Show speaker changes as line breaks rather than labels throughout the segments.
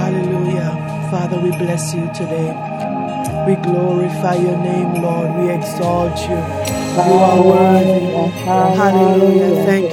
Hallelujah. Father, we bless you today. We glorify your name, Lord. We exalt you. You are worthy.
Hallelujah.
Hallelujah,
Hallelujah.
Thank you,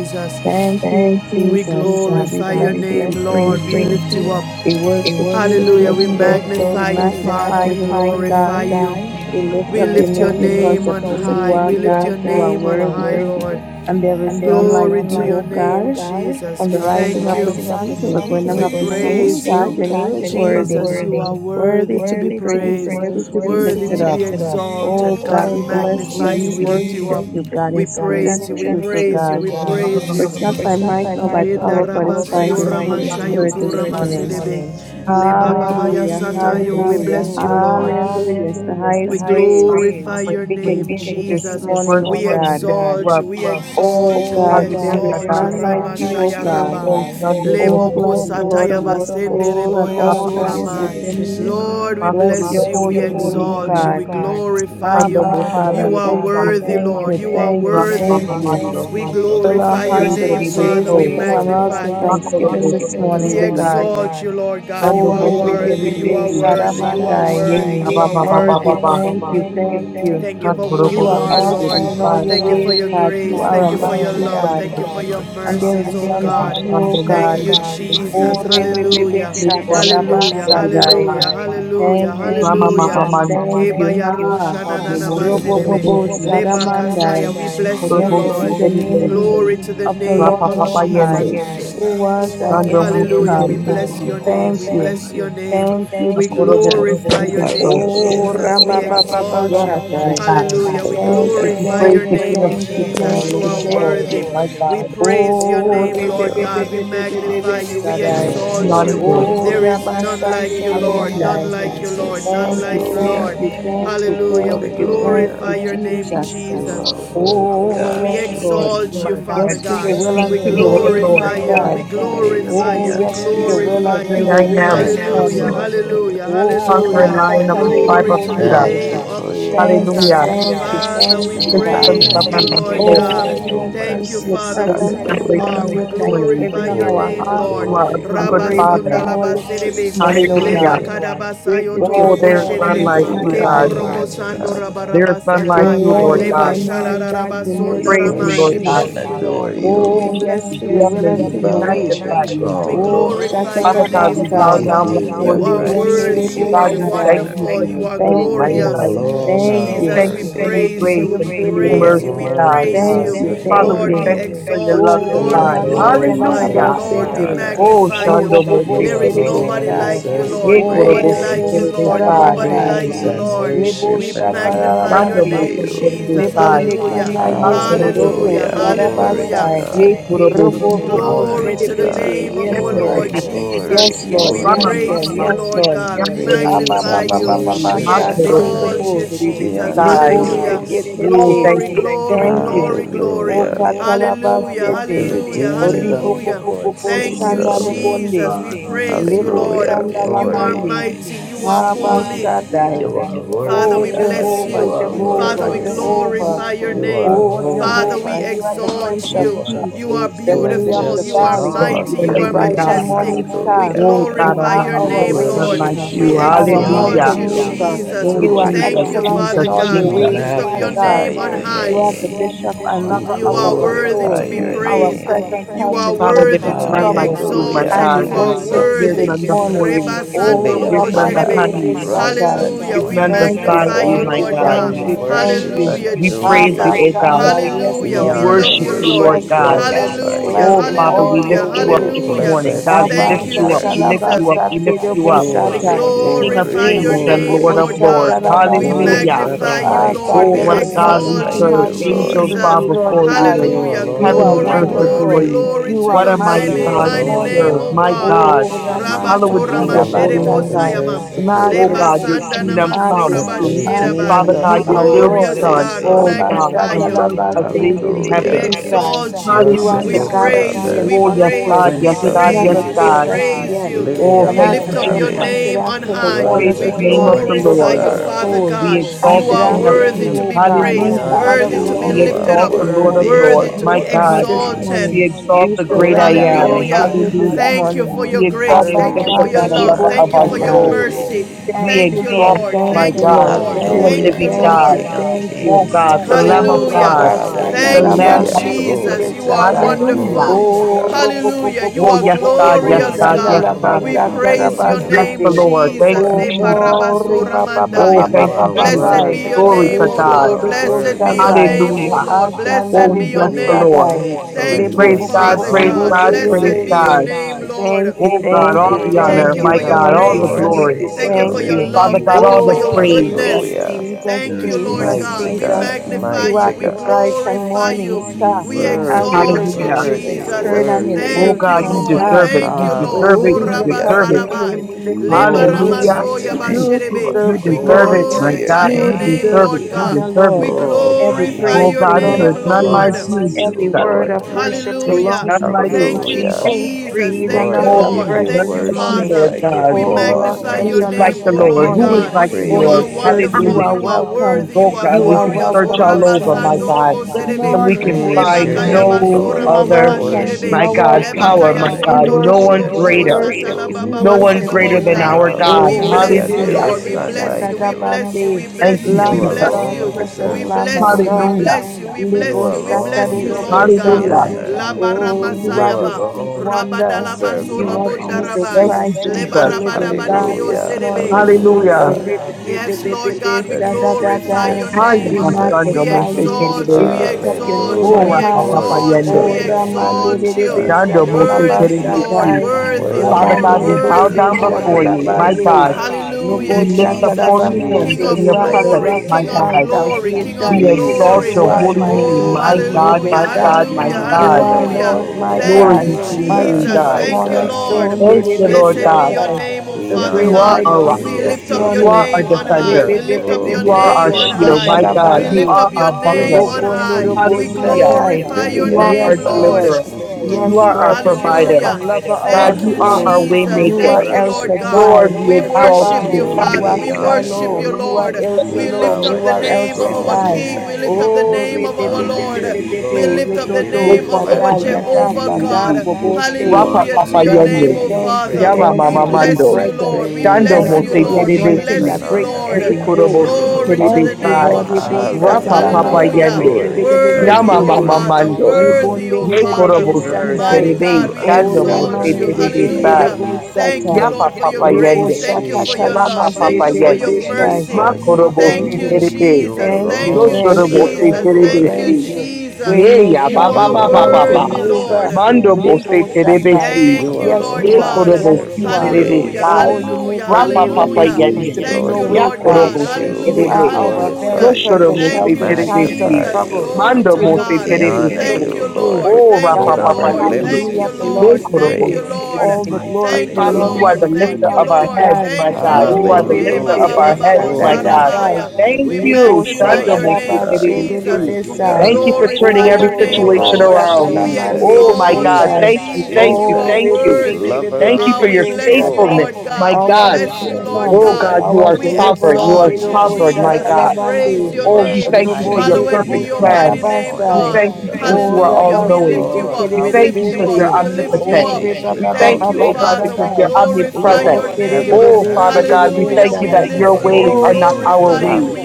Jesus.
Thank you,
Thank you, We
Jesus. God, we
glorify your
bless
name,
you. We
Lord.
praise
We
you.
Hallelujah.
lift you up.
We worship you. We
Hallelujah. We
exalt you. We
magnify you, Father. We
magnify you, Lord
glorify
God.
Thank
you.
We lift
We
up
lift
your
your
name
name
because of
on
who you
high. We
are,
lift your
God. You are
name on
worthy
high, Lord
and there is
and there is
none
you,
like
Glory none to
you,
like
Jesus.
your
O
like you, O name, O
God.
God. Jesus.
From the
We From the thank
rising
Thank
of
you.
the
rising
you,
of the
sun to the
Lord.
sun
going
to the We
down
going of
of the
the
same,
praise same,
God, your
you.
name
God, your name
is
is Jesus, you
worthy.
worthy,
Hallelujah.
are worthy,
Worthy to
to
be
be worthy to be
We
praised.
praised,
bless
Worthy
you
praised,
to
this
be
worthy to worthy be
morning.
lifted
to be
up.
lifted up.
We lift
Oh
exalted. God, Oh
God, we
we God, we
bless
magnify
you.
bless you,
We
bless we you, lift we
you
you up.
worship
we
you,
lift
worship
God,
We
you
you,
in
God, in
this
spirit
praise
and in
you, spirit we
morning.
and
truth,
truth,
oh
praise
Praise
you, O we
God.
the
God.
name of
We
the
praise
For
lift
you.
it's
you
Lord.
not
up
by
It's not
might
and
by
nor
we
might
by
nor by power,
lift
power,
you
but it's
but it's by
by
your
we
Father,
the
lift you
we
Holy
Holy
shine
Spirit
like
Spirit this
you.
this
morning.
Yeah,
morning
and so God,
God, we
Hallelujah,
honor
make
you.
me
we
open
hallelujah,
bless you, Lord.
and
hallelujah. It's
all
the
your
We
highest
things to be.
Father,
praise
we
glorify your
praise
we
name,
can
you.
give you this
We
Jesus.
We
morning,
We
oh
worship
praise
you. We
God.
you,
lift
we
you
exalt you,
up.
we
praise
Well,
and
exalt you, we
adore
Oh
you,
oh
God,
Father.
there
exalt
Hallelujah,
there
is
you. is
God.
none
none like
like
you,
You
oh
are God
God.
Oh,
and
Sunday,
you are
most
Oh,
we
Oh,
King.
bless
pray
the
this
Lord,
Lord, oh
you.
my
Basende Rebo
soul,
soul,
and
God,
all that
Papa,
You
is
are the
within
remember.
Holy
me.
God.
Lord, we
God,
bless
for
you,
Bless
the
your
best
we
we
holy
You are
pray
name,
the
this
oh
exalt you,
you.
only
God.
we
one that is
glorify you.
Sunday,
You
here,
Abba,
most
are
Father.
we
Father,
pray this
thank you,
worthy,
time.
We
thank
Lord.
you,
You are
thank
thank you,
you,
Run,
worthy.
Almighty
Mama,
thank
God,
you.
for
Mando.
We
who you
Fill
are.
our
glorify your
Yay,
hearts
name,
with
pray this
Father.
praise
We
and
soul.
fill our
God,
mouths
magnify you.
with
you know,
Akorobo
thanksgiving
this
this
si
morning,
We
morning,
terebe,
O
God,
God.
exalt you, Lord God.
sando
You
Oh,
we
are
mo
honor
si
ribby,
you
worthy.
and
terebe
You are
we
si,
lift you
worthy.
up,
You are
Sarabandai.
Almighty
ye na
worthy. You
ba
God.
are
ba ba ba
Thank
ba
worthy.
you,
ba,
thank
You are
you, thank
worthy,
you.
Thank
O
you for
Lord
who
akorobo
You
you
are
si
God,
are,
and the
Lord.
terebe
awesome in
Son.
all
sai,
your
Thank you for
ways,
your
God.
grace.
You
You
are
are
Thank
a
you
high
sento
for
mo
your
and
mighty
si
love.
lifted
Thank
God,
up,
terebe
you
O
for your
Lord
and there
God.
mercies,
is
si,
oh
none
ya ba
and
like
God.
you,
sando
O
mo si
God.
Thank you,
You are
terebe si,
Oh,
Jesus.
shining in the
ribby,
Hallelujah.
light
ye
of your
korobo si
glory.
Hallelujah.
terebe
Shadadabasatai.
sai,
Hallelujah.
You are
Hallelujah.
Thank you,
rama ma
Hallelujah.
ma
amazing,
Jesus.
mighty
Thank
God.
Keba
you.
ya
Ha.
rosha na na
sando
You
na
mo
ma
si
bless
Robo
terebe
your
Bobo
si,
name
Leba
this
Shadamandai.
kasaya.
morning,
We
ye
bless
Father.
you,
korobo
Blessed
si
be
Lord.
the
We
terebe,
name
Glory to the
of the
glorify
name
your
Lord
rapa
of
pa
Most
name,
High,
yende,
mighty
Jesus.
God.
who was and
sando
is to
mo si
Hallelujah. We
come.
terebe
You
bless
are
your
si,
name.
Thank
We
awesome,
you.
bless
mighty
your
God.
name. We
Thank you,
akorobo
You don't
si
Jesus.
have
glorify
terebe
your
so,
name,
magnificent in
Oh,
Hallelujah,
your
Jesus.
life,
Oh,
God
We
Ramba
I had
glory,
Baba
exalt you.
yes,
already.
my
Shaddai.
God.
Hallelujah. We
Thank you,
hallelujah.
We
glorify
praise
thank
your
the
you,
name,
King of
thank you,
Kings and
Jesus.
the
thank
you,
Lord
you,
are
of
thank
Lords,
worthy.
you.
my
We
God.
I Have
praise your
We
Oh,
name, Oh,
honor
Lord
you.
God. We
Heavenly Father,
Rebebebebebebebe
magnify you. We
We
Shaddai.
We
exalt
honor
adore
you.
praise,
you.
you.
Oh,
There is
Thank
Oh,
you.
none like you,
Rabashandere
praise,
Lord.
Thank
praise,
Hallelujah.
you,
None
Bondai.
like Kandai. you, Lord.
Jesus.
praise
None
Thank you,
like you,
thank
Lord.
Hallelujah.
you, thank you,
Hallelujah.
God,
thank
We
you,
praise,
thank
Hallelujah.
glorify
you,
your name,
praise
Jesus.
You
God,
are
Jesus.
for us
worthy,
Oh,
God.
We
yes,
to
You
stay
Thank
Lord.
exalt
are
you, my
in
you,
worthy.
this
God,
Yes
Father
year,
to
King
God.
your
of
that
will
We
Kings
and to
and
your
Lord of
way,
Glory and
Lords,
glorify
my
you.
we
We
honor
God.
and praise
glorify
Heavenly
be
Oh,
you. We
yes
unto
to
Father,
your will
you.
we
the
glorify
and to
you.
great
your
I
praise,
way
am,
this
Thank
we
you,
Hallelujah.
morning.
praise.
Lord, for your
Hallelujah.
the
Oh,
You
conquering
are
Hallelujah.
faithfulness.
lion of the
Rasatayede
tribe
worthy,
of
Glory to the
Judah.
mighty,
Bosai.
Thank you
name of
for
you are
your
Thank
worthy,
loving
you,
Hallelujah.
Jesus.
thank you,
kindness.
Father,
thank
The
you
you,
we
are
bishop
God.
and the
praise you,
Thank
governor
you
worthy,
of
for
Lord
your
Heavenly
Israel.
Oh,
brand
we
God.
new
Father.
Thank
intend
you,
for your
mercies.
Father,
dear
for
Lord, we
presence
who
God,
this
you
celebrate
Hallelujah.
are.
you
morning
We
this
with
We
morning.
glorify
thanksgiving on
your
our
name,
Glory,
Lord.
hearts
You are a
glory,
good,
and
good
glory.
praises on
father.
lift
our
your
lips
holy
this
name,
morning, oh
Hallelujah.
God.
Hallelujah.
Great is
my
your
Oh, there is
King,
none
faithfulness,
like
my
my
you,
Hallelujah.
God.
Lord,
God.
Glory
my
to God.
Savior,
There is none like
Your
my
you, Lord
morning by
God.
Glory.
God,
morning, God, your
like
We
We
you
praise
mercies we
you,
are.
Lord
We
worship
see.
God.
bless
and
you,
adore
Lord.
We give
you.
We
Oh,
you
bless Oh,
yes,
thanks
you, we
to
We
your
this
yes,
will
honor
bless
and
We
you.
to
We
morning,
your
bow
way.
at your
magnify
you.
God.
you.
we We glorify your name.
throne,
Oh,
Lord.
Father God,
Father
we
Praise
We
bow
your
Shatarabasai,
give
down
you
name,
before
You are
you.
King.
reverence. We
worthy, you
give
are
God, we
you
thank
honor.
Libonderebosarai.
wonderful,
you for
We
you
this
are
day,
Thank
adore
my
the
You
you,
glorious.
God.
name
alone
of
thank
are
We
you,
Jesus,
thank
we
you for
worthy.
Jesus
thank
new
praise
you for
you,
grace
and
your
lift
and
we
for new
You
God.
praise you,
faithfulness.
we
mercy,
alone
God.
praise
You are
Thank
you.
the
deserve
you,
the
Father,
thank
mighty
Lord,
we
we
you.
glory.
thank
God
you for your
exalt
love
you,
Oh,
and
You
Lord,
the
we oh
divine.
Holy
alone
glorify
One.
you,
Hallelujah.
deserve
Lord,
We
the
we
Lamashatarabasete,
praise
honor.
Oh,
magnify Oh, you.
Shando Mose
You
There is nobody
alone
Terebesi.
like
Lobobobosherebosai.
you,
deserve
you,
the
Lord,
Ye
nobody
praise.
Korobosi
like you,
Oh,
we
Si Lord,
praise you, we praise
Terebesi.
nobody
you,
like
Sharabashai,
you,
Praise and
Lord.
we
worship
praise
We
and
you,
honor
magnify
be unto
your
mighty
Shando
God.
Lebosatarabande,
name,
Mose
you.
Jesus.
Terebesi.
Hallelujah.
Yes, the
Lebondekana
Ha
Lord,
Korobosi
thank
Yesoroto,
Hallelujah.
Hallelujah.
Terebesi.
Glory
Hallelujah.
to
you.
Sarabasai,
God.
Ye
Your
Korobosi
desire
Terebesi.
Glory
Glory
to
to the
is
God.
Robobobosherebende.
to
name of
Yes,
our
Lord.
Lord
Glory,
inhabit.
Repetepepe.
Jesus.
glory,
Yes,
We
Lord.
We
lift
Rama
Yes,
glory.
you up
praise
Lord.
this
you,
Mama.
Yes,
Lord
Lord.
God.
morning
We
Yamba.
in
Abba,
Praise
the
ba,
magnify
and
ba, ba,
you.
ba,
grace
ba,
We
worship
Ma
of the
and
shande do
Korobosi
de
Lord
honor
exalt
and
you,
boy.
be
Jesus.
created
unto
Terebesi.
Lebo
you for
you.
sheke
you.
Hallelujah.
Oh,
tete.
thank
Glory,
you,
glory,
I'm
Thank
not
you.
glory, glory.
O
Hallelujah.
katalaba
Hallelujah.
unmerciful
Let the
sete.
God.
Hallelujah.
redeemed
Yes,
of
Oribo po
the
Hallelujah.
po po
Lord
po
say
Thank
There
you,
is
shanda
so.
no
Jesus.
lebonde.
God
We
like
praise you,
you.
Lebo
Lord.
Hallelujah.
shanda
You
There is
are
Glory.
lamande.
mighty.
no
You are
equal
Abba
with you
sadai.
You
in
are
holy.
this
Father,
worthy,
O
we
God.
God.
bless
Jehovah,
you.
You are
You
Father,
Jehovah,
are
we
high
worthy.
and
Jehovah.
glorify your
lifted up
You
name.
this
are
O
morning,
Father,
holy.
we
Jehovah, you are the
God
Lord,
exalt
Prince of
You
you.
Almighty.
Peace
are
You are
the
faithful and
lily of
beautiful.
Thank
the
You
just in
are
valley,
the
all of
true
mighty.
and
You
the
your
are
living
bright and
ways.
God.
majestic.
morning
We
star.
Hallelujah.
Oh, God
You
glorify
are
your
Almighty,
We
there
our
name,
is none
Lord.
worship
like
waymaker,
We
you.
you,
our
we honor
exalt
Hallelujah.
mountain
you,
you, we
mover.
Jesus.
Oh,
You
adore
are
Jesus,
Thank
you,
you,
excellent
Father
Jesus,
in all
God.
your
we
Jesus.
We
ways,
lift up
my
your
God.
magnify
name on
your
high.
You are the
name,
bishop and
we
lover
You
of
are
our
worthy to
soul,
glorify
be
your
our
praised.
name.
present
You
help
are
in
Father,
worthy
there
times of
is
worthy to be
none like
trouble.
you, my
Hallelujah,
exalted.
And
You
God.
we
are
Prince
worship
of
you
There's
worthy.
this
none
Peace,
before
morning.
you.
Oh,
Lily
There's
of the
none
Ramande de
behind
Valley,
you.
bright
Besatai.
and
Hallelujah.
There's
We
none
morning
Thank you,
beside
magnify
star.
you,
you,
thank
my
you,
Lord God.
God.
thank
We
you, thank
worship
you.
and
Hallelujah,
We
adore
praise
Jesus.
Abba
you, oh
you,
God.
Sanda, yes,
Hallelujah.
we
We
Lord.
We
honor
love
worship
you,
you,
you,
Lord.
we
Lord
Yes, Lord,
God.
glorify
Hallelujah.
excellent
Oh,
you.
in
Father,
all
we lift
Hallelujah.
your
you up
ways.
O
this
Hallelujah.
morning.
blessed
God, we
Abba
lift
Thank you,
you up.
Redeemer,
We lift
Shatalaba
Jesus.
you up. We lift you
Satidobo
up.
We
glory,
Shatai.
King
you.
of
glorify
glory,
your
Rebo
kings and
Bobo
name,
glory.
Lord of
Lord
lords.
God.
Thank
We
you.
Shatalabasi.
Lord
Hallelujah.
magnify
God
magnify
Ah,
you,
Almighty,
Lord.
God,
Oh,
We
there
there
Oh,
what a
is
is
God
none
we
nothing
exalt
too
like
you,
serve.
hard
you,
Jesus.
for you
Lord.
Angels
to
bow
do, Lord
before you
God.
Hallelujah.
and
You
Glory,
You
heaven
alone
are
and
glory,
are
earth adore
wonderful.
worthy.
you.
glory
You
to
are
What
your
a mighty
mighty
mighty,
You
mighty
this
God we
alone
name,
morning.
serve.
are
O
My
God. My God.
holy.
God,
Oh,
hallowed be
You
your holy
alone
name.
Ramasatadabasatai.
Sayama.
deserve the
Leba Oh
Oh
God,
glory.
God, your
Majesty,
Sanda
kingdom come.
Let
majesty,
the
majesty.
redeemed
Father
of
God,
You
the
your
are
will
Lord
be
Glorious
Lord.
say
done.
God, we Oh
Oh
so.
God,
magnify
on
you.
earth as it is in
We
heaven.
Hallelujah.
Abashatalabaseketerebesai.
exalt you. We
You are the
Hallelujah.
Merciful
God of
praise
the
you.
Father,
We
Oh
Oh
yes,
praise
impossible.
yes,
God,
you. We
yes,
Prince
You've
praise yes,
of
God,
praise you.
yes,
never
Peace,
failed
We
God.
us
praise
yet.
you.
Lily
Oh,
And
We
of
thank
as
the
the
lift
you,
up
death
your
Jesus.
Valley,
panted
name on
after the
high.
water
Praise
Bright
We
this
the
and
name of
morning,
the
Morning
so
glorify
does
Lord.
you,
our
Star, we
Father
soul
We
God.
worship
exalt
You
panted
the
you,
are
King of
after
Lord.
worthy
you,
Kings.
to
O
be
God.
We
praised,
Hallelujah.
honor
Father,
worthy
we
you.
to be
We
long
You
for
are
lifted
you
exalt
up,
the
this
Lord of
worthy
morning.
of
We
Lords,
worthy to
all
yield
my
be
of
to
our
you
God.
this
exalted.
praise,
We
morning.
exalt
We
the great I
surrender
worthy
all
am.
of
to
Hallelujah.
the
you this
Thank
Hallelujah.
honor.
Thank you
morning.
for your
We
grace.
exalt the
Abba,
Thank you
Worthy
for
bishop
is
Father,
your
and the
the
love.
lover
Debo
of
Thank
Lamb,
you
our
for your
souls.
worthy.
mercy.
We
Thank
Thank
you,
you,
exalt,
Lord.
Lord.
Thank
my
Thank
you,
you,
God,
Lord.
the
Lord.
true
Thank
and
you.
Thank
Hallelujah
you,
living
to the
Thank
Lord.
you.
God.
King
Thank
of
you, Lord.
Thank you.
Oh
Kings.
God, the Lamb of
Oh,
Hallelujah.
God,
Rabasa,
the
Thank you,
Dadabas,
Lamb that
Hallelujah.
was
Glory
Jesus.
slain.
You
to
are
God.
Dedibisatai.
Hallelujah.
wonderful.
Glory to
Oh,
God.
Hallelujah. You
Oh
are
yes, God, yes,
glorious,
God,
Glory,
Rupupupupupupupupushana,
yes,
God.
God.
We
Labasa,
glory,
praise
We
your
glory.
bless
name,
the
Tarabasiti.
Lord. Thank
Jesus.
you,
Oh,
Hallelujah.
Ne
Jesus.
Mori,
parabasora
Papa,
Oh,
Papa,
mandaya.
You
thank
Papa,
you,
are
Papa.
Jesus.
Blessed be
worthy,
your
Glory
name,
God.
to
O
You
Liso,
Lord.
God.
are
Blessed be your
worthy.
Dodobusatai.
name, O
Hallelujah.
Lord.
Oh,
Ashana,
Blessed
we
be your
bless
You
the
are
name.
Lord.
Libusadai.
faithful
Thank
and
Praise
you,
just
God,
in
Father
praise
all
God.
of
God,
your
praise
Blessed be
Libupupupupupushiribini.
your
ways.
God.
name,
you.
Lord.
Thank you,
Oh God,
Let
thank
all
the
you,
the
There
Thank
thank
honor.
you
you,
My
for
redeemed
your
of
God,
the
thank
all
you,
the
grace.
Lord
thank
glory.
you,
say
Thank you
thank
for
so.
your
you.
Father
love.
God,
Thank you
all
for
the
Oh,
your
praise.
Jesus,
goodness.
Hallelujah.
Jesus,
Thank you,
is
Lord
no
Jesus,
Mighty
God.
God
We
Jesus.
like
God,
you,
magnify
Lord
You
you.
are
mighty
We
the
God.
God.
bright and
glorify
We
morning
honor
you.
your
star.
We
name this
And we
Worthy,
morning.
exalt
worship
you,
Hallelujah.
you in
worthy,
Jesus.
We
spirit and in
worthy.
Oh
truth,
Thank
glorify
God,
you,
my
you
your
Lord.
God.
deserve
name
it.
this
Thank
You
you, Lord.
deserve
Oh,
it.
Oh,
morning.
we
You
lift
Rabba
up
deserve
Hallelujah.
your
it.
name, we
Sarabai.
lift
We
up
Leba
your
lift
Glory
Rama
name.
Hallelujah.
to your
Soya
You
name, Lord.
high
deserve
you
Basherebe.
the
We
your
deserve
Glory
it.
glory.
to
name.
My
your
this
glorify
God,
your
You
you
morning.
name.
name,
deserve
deserve
Lord
it.
the
You
God.
honor,
deserve it.
We
Lord.
We
Oh,
lift
Every
my
your
glorify
Oh
praise
your
God,
name.
name,
belongs
there
hallelujah
is
this
to
none
you.
Lord.
like
belongs
morning.
to
you,
you,
Every
Jesus.
We are
word
Lord.
of
holy,
worship
God,
There's
God,
Hallelujah.
belongs
none
to
God,
like
you.
you,
Thank you,
Hallelujah.
Jesus.
you
Oh,
Jesus. Thank
breathe
own the
on
you,
Lord,
us
I
Oh,
spirit.
there
Lord.
give
oh,
is
afresh
you
Thank
none
you,
this
like you,
worship.
Father.
morning.
We
Lord
I give
We
God.
you
Fall
lift
magnify
honor.
you
afresh
Who
your
is
on
up.
name,
like
us
the
O
We
like
this
I
Lord?
Lord
call
give
Who is
God.
morning.
you
like the
You like
Holy
are
Lord?
praise.
Spirit, you
wonderful.
Hallelujah.
You
are
Jesus,
are
welcome.
worthy. You are
Oh
Jesus.
God,
You
we
are
glorious.
can
we
You
search
welcome
are
all
this
over, my
morning.
God,
Robo
the
Good
We
Serebe.
and
refuge.
we
morning,
can
We
Holy
praise your
find
You
Spirit.
name,
no
Basora no
You
Lord.
are
Mama
We
other,
welcome.
worship
You
Serebe.
my
are
My
God,
you.
Reba God,
welcome.
We
power, my
honor
We
God,
you.
no
We
worship
one
you.
no
We
greater,
adore
worship
you.
you.
baba
We
no
no one
are
worship
greater than
you.
our God.
We
Oh,
bless
Hallelujah.
you,
There
Hallelujah.
Lord. We
is
ribibibibib,
none
bless
like
you. We
you.
bless you. We
satadabande.
Thank
bless
you,
you. We
Lamb
You
Jesus.
of
bless
God,
the
alone
you.
precious
We bless
deserve
strong
you. We
the
Lamb
bless
of
tower.
you.
glory.
We
God.
Hallelujah.
bless you.
You
Libo
We bless
alone
You
you,
satadidobo
Lord
are
deserve the
God.
Hallelujah.
satai.
Hallelujah.
the
honor.
La
help
barama
Oh,
in
you
this
are
You
the
sayaba.
time.
sweet
alone
wonder.
Rabadala
deserve
You
the
basolo
You
are
are
our
bunda
praise.
Jesus
rabai.
Thank
hope
Thank
you,
Christ, the
Le you, Jesus.
in
true
Jesus.
and
you to
barabada
living
badi
come.
God this
Hallelujah.
sedebe.
You are
morning. Oh,
Hallelujah.
Hallelujah.
the
Yes,
danger.
Lord
ribibibibibib,
God, we
Not
Jesus,
to God,
glorify
sadadadai.
your
you
Jesus,
are
name.
Haya
We
the
Jesus.
basando
We
mose
magnify you.
exalt you,
We
terebe.
we
lift up your
exalt
name
you,
Oh,
on
we
Lord.
Hallelujah.
rapa
high.
papa
Glory
exalt
to
We
you, we
yende.
God.
Ora
Glory
exalt
to
mandere
lift
de
you.
God.
besta
Shando
you up
mose
Worthy,
terebe
talabasa
Lord,
si.
You
tai.
are
worthy,
high
La
Father
Worthy
Lord,
God,
and
is
bandere
we
the
de
bow
lifted up
worthy,
Lamb.
down
Lord.
besta
in
before
Worthy
you, my
multitude.
is the
talabande.
God.
Lamb.
O
Lobo
Hallelujah,
We lift
God,
up
Jesus,
holy
shatarabaste.
and
King
hands in
of
You
Jesus,
your
are
my
the
presence,
glory,
rock
my
of
King of
we
my
Savior.
God.
bless
glory,
your
King of
We
salvation.
name,
exalt
glory.
Jesus,
O
You
your
are
my
holy
my
God.
name,
true
Oh,
my
and
Redeemer.
God,
hallelujah,
my
living God.
God, my
hallelujah,
Jesus,
You
God.
are Lord
hallelujah.
we
my
Hallelujah.
Glory
God.
Thank
thank
be
you,
to
you
My
your
that
My
name,
God,
you
chief
Jesus.
God.
my
Thank you,
are a
God, we
Lord.
cornerstone
Thank
strong
de
you,
worship
Lord
Blessed
besta
you.
be
God.
foundation.
your
tai.
name, O
The
We
We
Father
great
You
honor
are
thank
God.
high
our
you.
you,
rock.
priest
We
We
Lord
this
lift up
God,
You
your
adore
that
morning.
are our
name
you.
on
you are
high.
defender.
We lift
our
up
solid
Oh,
your
You are
rock
name
our
in
on
blessed
Rebebebebebebesta
shield,
which
high.
my
we
God.
We
stand.
You
Redeemer,
lift
talabande.
up
are our
your name
buckler.
Lebo
Prince
on
Blessed
of
high.
kondoro
be the
bo
We
Peace,
name
Hallelujah.
of
shatai.
glorify your
Lily
You
of
are
Jehovah.
name,
our
the
Yes, Lord.
Valley,
deliverer.
Rebeshe
Lord.
You
Yes,
are
kurondo
our
Lord, the
bright
kuhike.
and
bishop
provider.
Hallelujah.
and
morning
lover of
God,
our
star.
Thank you,
you are
soul.
our
Rebende
Jesus.
We
kuya.
You
Thank
are
waymaker.
you,
El
Lord
worship
God.
you,
Shaddai,
Lord,
We
we
we
worship
exalt
you,
adore
you this
Abando.
you,
You
Father. We
are
we
morning.
Rebeshe
honor
worship you,
Shalom.
you.
You are
Lord.
El
kuya.
We
We lift
Shalom.
bow
up
You
the
at
are
your
El
name of
Lord,
our
throne,
we
Shaddai.
King.
lift
Lord.
We lift
you
up
up.
the
Oh,
name
We
rebe,
of
be,
We
our
be,
bow at
be,
Lord.
lift
your
be,
you
be,
up,
We
Lord.
be,
lift
throne. We
up the
give
yododo,
name
you
of our
sada,
Rekodobo
We praise
reverence.
yada,
Jehovah
you,
dada,
God.
sikerebisi.
We
we
give
praise
you
boboshe.
Rapa
you,
Hallelujah to
honor.
Papa
we
your
We
Thank
give
you,
name,
Yende.
O
praise
you
thank you,
Father.
Yama
We
thank you
praise.
you.
Mama
for your
bless you,
Mando.
Jesus,
presence.
Lord.
we
We
love
Praise
Shando
Thank
us.
bless
you
you,
and
for
Mose
the
Lord. We
worship
anointing
bless
Terebesi.
and
that
you,
breaks
honor
Lord.
Ye
be
every yoke.
unto
korobo si
God,
you.
Glory to
my
terebe
Thank
the
you,
name
sai,
of
Lord.
God,
Ebo
we
Jesus.
thank
Rapa Papa
you.
Hallelujah.
shatalamaseke
Yende,
Hallelujah.
Glory to
We
God.
Worthy,
Yama
O
lift you
Mama
tebedebeseke.
up,
Glory
we
Father,
to
Mando,
God.
God,
worthy,
Lebonde
we
O Father.
honor
Yekorobo
you.
Worthy
Mighty
dedebesatai.
is
We
the
Terebe,
God, we
O
Chando
Lamb.
praise
exalt
Mose
you.
ramande
you, we
Worthy is the
debende
praise
Hallelujah.
sai,
you,
Lamb.
we
Thank you,
praise
debosatai.
you.
Yapa
Lord, for your
Papa
Oh,
Lebo
grace.
Yende,
Thank you for your
shakatala
Rapa
Jesus,
love. Thank
Papa
you
masete
for
de
your
Jesus,
Yende,
You
debesai.
mercy.
are
ma
Jesus.
most
Makorobo
Thank
Thank you,
you.
worthy.
Terebe,
You
Jesus.
Thank
We
you.
Thank
Zo
you,
alone
Thank you.
shorobo
deserve
se
the
Jesus.
Thank you.
Thank
terebe
you,
glory.
Thank
si,
you.
Jesus.
ye ya ba
You
Waymaker,
ba
are
You
Worthy
ba ba ba ba,
mountain
alone
worthy, Lord.
mover,
deserve the
Mando Mose
honor.
libo
Terebesi, terebe
satai.
si.
Thank
You
you,
Yes,
Lord
you
Ye
alone
are.
God.
korobo
Yes,
deserve the
you
si
are.
terebe
Hallelujah.
praise.
Oh,
sai,
you
and
make
Hallelujah.
a
Rapa
way where
Papa
there
remain
Hallelujah.
seems
Yende,
to
worthy,
be
O
Thank
Lord,
no
you,
we
ya
Lord.
way,
Lord
God.
God.
Yakorobo
praise
Hallelujah.
you.
You
We
Hallelujah.
are
Terebe,
our very
Hallelujah.
glorify
I trust
Yoshoro
you.
present
Mose
We
Thank
help
you,
in
in you, O
times of
my
Terebesi,
magnify
Jesus.
trouble.
you.
God.
Glory
Mando
to
We
Abide
look
with
Mose
God.
to
We
you.
Terebesi,
We
honor
look
Thank you,
to
you,
you.
Lord.
Lord.
O
With the
Thank
That
you,
Rapa
fruit of
Papa
our
the
our
Lord.
Yendo,
lips,
Thank
beginning
you,
hallelujah
we give
and
Lord.
the
belongs
you
to
Yekoro
Thank
Mose
end.
you,
you.
praise.
Lord.
All the
Terebe.
Mighty
glory
Thank you,
Father,
God,
you
belongs
we
are
Lord.
to
the
Hallelujah.
you,
Thank
lifter
praise
you,
of our
mighty
Lord.
heads,
God.
you.
my
Thank you.
God.
You
You
O
are the
are
Eh,
the
lifter
ba,
of
ba,
rebebebe
ba,
our
Hallelujah.
King
ba,
heads,
and
my
Glory
the
to
God.
God.
satagadai.
Thank
We
you,
Lebo
magnify
Shando
your
Glory
Lord.
Mose
to
name,
shataraba
God.
Jesus.
Terebesi.
You
Mighty
are
We
the
sedebesai.
Thank
God.
you
light
for
that
glorify
turning
is
every
your
O
we see
name,
situation
Oh,
Lord.
around.
and
We
mercy.
rabashatalamande
Jesus,
Oh my
exalt
God,
you,
debosai.
thank
Jesus,
you,
You
Jesus.
thank
are
you,
You
O
are
Jesus.
thank
the
you.
worthy.
Lover
Thank
of
you
Ah,
for
we
my
your
rebebebebebebe
bless you,
satai.
faithfulness,
soul.
Lord
my
God. We
Our
God.
bless you,
Yeah, the
Lord
Redeemer,
Oh
bread
God.
God,
of
Hallelujah.
Oh
you
our
are
We
heaven,
sovereign.
Deliverer,
You are
exalt
kingdom
You Jesus.
is
Debo
sovereign, my
Hallelujah.
glory.
We
God.
Shatalamande,
praise your
You
Robo
Oh, we
are
name. Oh,
thank you
high
for
shaking
your
and
the
Robonde
Hallowed be
perfect
Debo
lifted
your
up
mighty
plan.
creator.
this
name,
We
morning,
Shatabasai,
God.
thank
O
you because
God.
Rabanda
O
you are
Hallelujah.
all
We
Kirita,
knowing.
lift you
Rabaseke
Oh,
up. We
We
how
lift
thank
you
you because
up.
you're
Tedebende,
We
majestic
lift
is
Robo
you
your
O
omnipotent.
up.
shake
name
the
in
We
Thank
thank
you,
all
you,
the
oh
oh
creator.
God,
Father. We
earth.
because
Rebabababadadai,
you're
Mighty
glorify
God,
omnipresent.
your
Oh,
name.
heaven
mighty
and
Oh,
Oh,
earth
Father
King,
God, we
Hallelujah.
thank
we
declares
you
Lebo-sidi-di-di-bi-sidi-di-bi-sai.
your
that
lift
on
your
you.
the
We
ways
glory.
Oh,
are
wind
not
this
our
glorify you.
Jesus.
ways.
morning.
We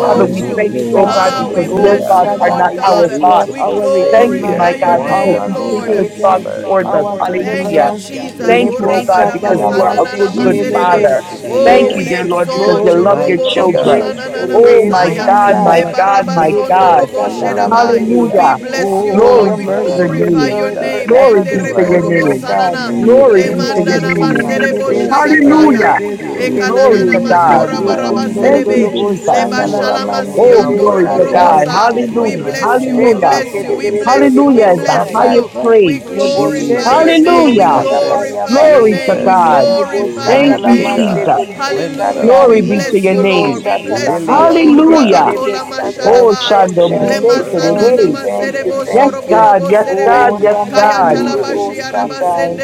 Father, we
you.
thank you,
oh
oh
Jesus.
God,
deserve
Ah,
the
we
because your
Oh,
bless
Hallelujah.
glory,
you,
thoughts are
Lord
not
Shaddai.
mighty
our
God.
Yes,
God.
We
Lord,
thoughts.
Beautiful
our
Thank
You
you,
glorify
Redeemer,
my
Savior,
your
God,
deserve
because
the
name,
our
you
wonderful
think
Lord.
good
glory,
Savior,
thoughts
Counselor,
Father
towards us.
God.
our
Prince
Thank
Hallelujah.
Rabanda
you,
of
Deliverer.
Kirita,
Jesus.
Thank
Peace.
Robo
Oh,
you, oh
shake
God,
the
because
creator.
you are
Oh,
a good, good
You
Lebo-shakalamasiki-di-di-di.
deserve
father.
Jesus,
the
Thank
Oh,
you,
Grace
glory,
we
dear
to
Jesus,
mighty
Lord, because
God.
you
exalt you.
glory,
love your
Robo
mighty
from
Robo
Jesus,
children.
God,
grace to
Sanana
Lord,
Oh
the
grace,
my
Masaya.
my
God,
mighty
honor of
my
God.
God.
God, my
Jesus,
Lebarabasondo
God.
Robo
Oh,
Lord, worship you,
Lebo-shakalamandi.
Shedabai.
hallelujah.
We
Hallelujah.
bless you,
because
Oh,
Glory
Lord.
your
We
be
Alpha
to
I'm
your
and
mercies
glorify
just
name.
your
endure it
Omega,
lift
name.
Glory
forever
Ende
be
you
this
to
are
Rebo
your
the
morning,
Robo
oh
name.
God.
beginning
Sanana.
and the
Glory
you
Le
be
up
end.
to
bonde
your
this
Lemandana
de
name.
bende
morning,
Father,
de
Maserebo
there
oh
beste
is none
God.
tere
Shayataya.
de
Hallelujah.
like
beste
We
you,
Glory
Ekanana
tere.
to
praise you
God.
Masora
none
Ye
like
beyond
kondo do
Thank
do
you.
measure
do
you,
this
bo
Barabaserebe.
Jesus.
Leba
shanda la
You
morning.
la mande
alone
de
We
Oh,
are
Shalamasiando
glory
Robo
besta
to
worthy.
tai.
God.
praise you, oh
Robosa.
our
We
Hallelujah.
Le
God,
bo
bless you.
you
God,
We
sheke
Hallelujah.
bless
tere
you.
alone
de
We
Almighty,
de be
deserve
bless
de
the
you. We
bo
Hallelujah is
because
the
bless
glory.
you are
highest
God,
you. We
praise.
Le
you are
bo
well
glorify
shende
your
di
Jesus,
bo
name. We
deserving
Hallelujah.
of
sada
it
ba
Jesus,
all.
glorify your
bande.
Glory to
name. We
Jesus,
God.
Glory,
Le bo
glorify
glory,
shata
Thank
your
la
you,
mighty
glory,
name.
maste
Jesus.
God,
tere de
God,
besta
Prince of
Hallelujah.
tai.
We
Glory be
hallelujah,
to
bless
your
Peace,
you,
Le bo
Lord.
name.
We
God,
shata
I
la
bless you,
thank
Lily
maste
of
Lord.
the
ke
you for
Hallelujah.
tere
Valley.
Rabatola
besta
this,
tai.
Oh,
Oh,
masharabaya.
Father,
Shando
we
Thank
Lema
Mose
you,
worship
thank
sanana
you,
today.
and
thank you,
adore
Yes,
you.
thank you.
God.
soroborobo
Yes,
serebe.
We
Jesus,
God.
Oh,
Yes,
give you
Kaya
God.
Ramande de
glory.
talabashi
We
araba
give
Jesus.
Bosatai.
you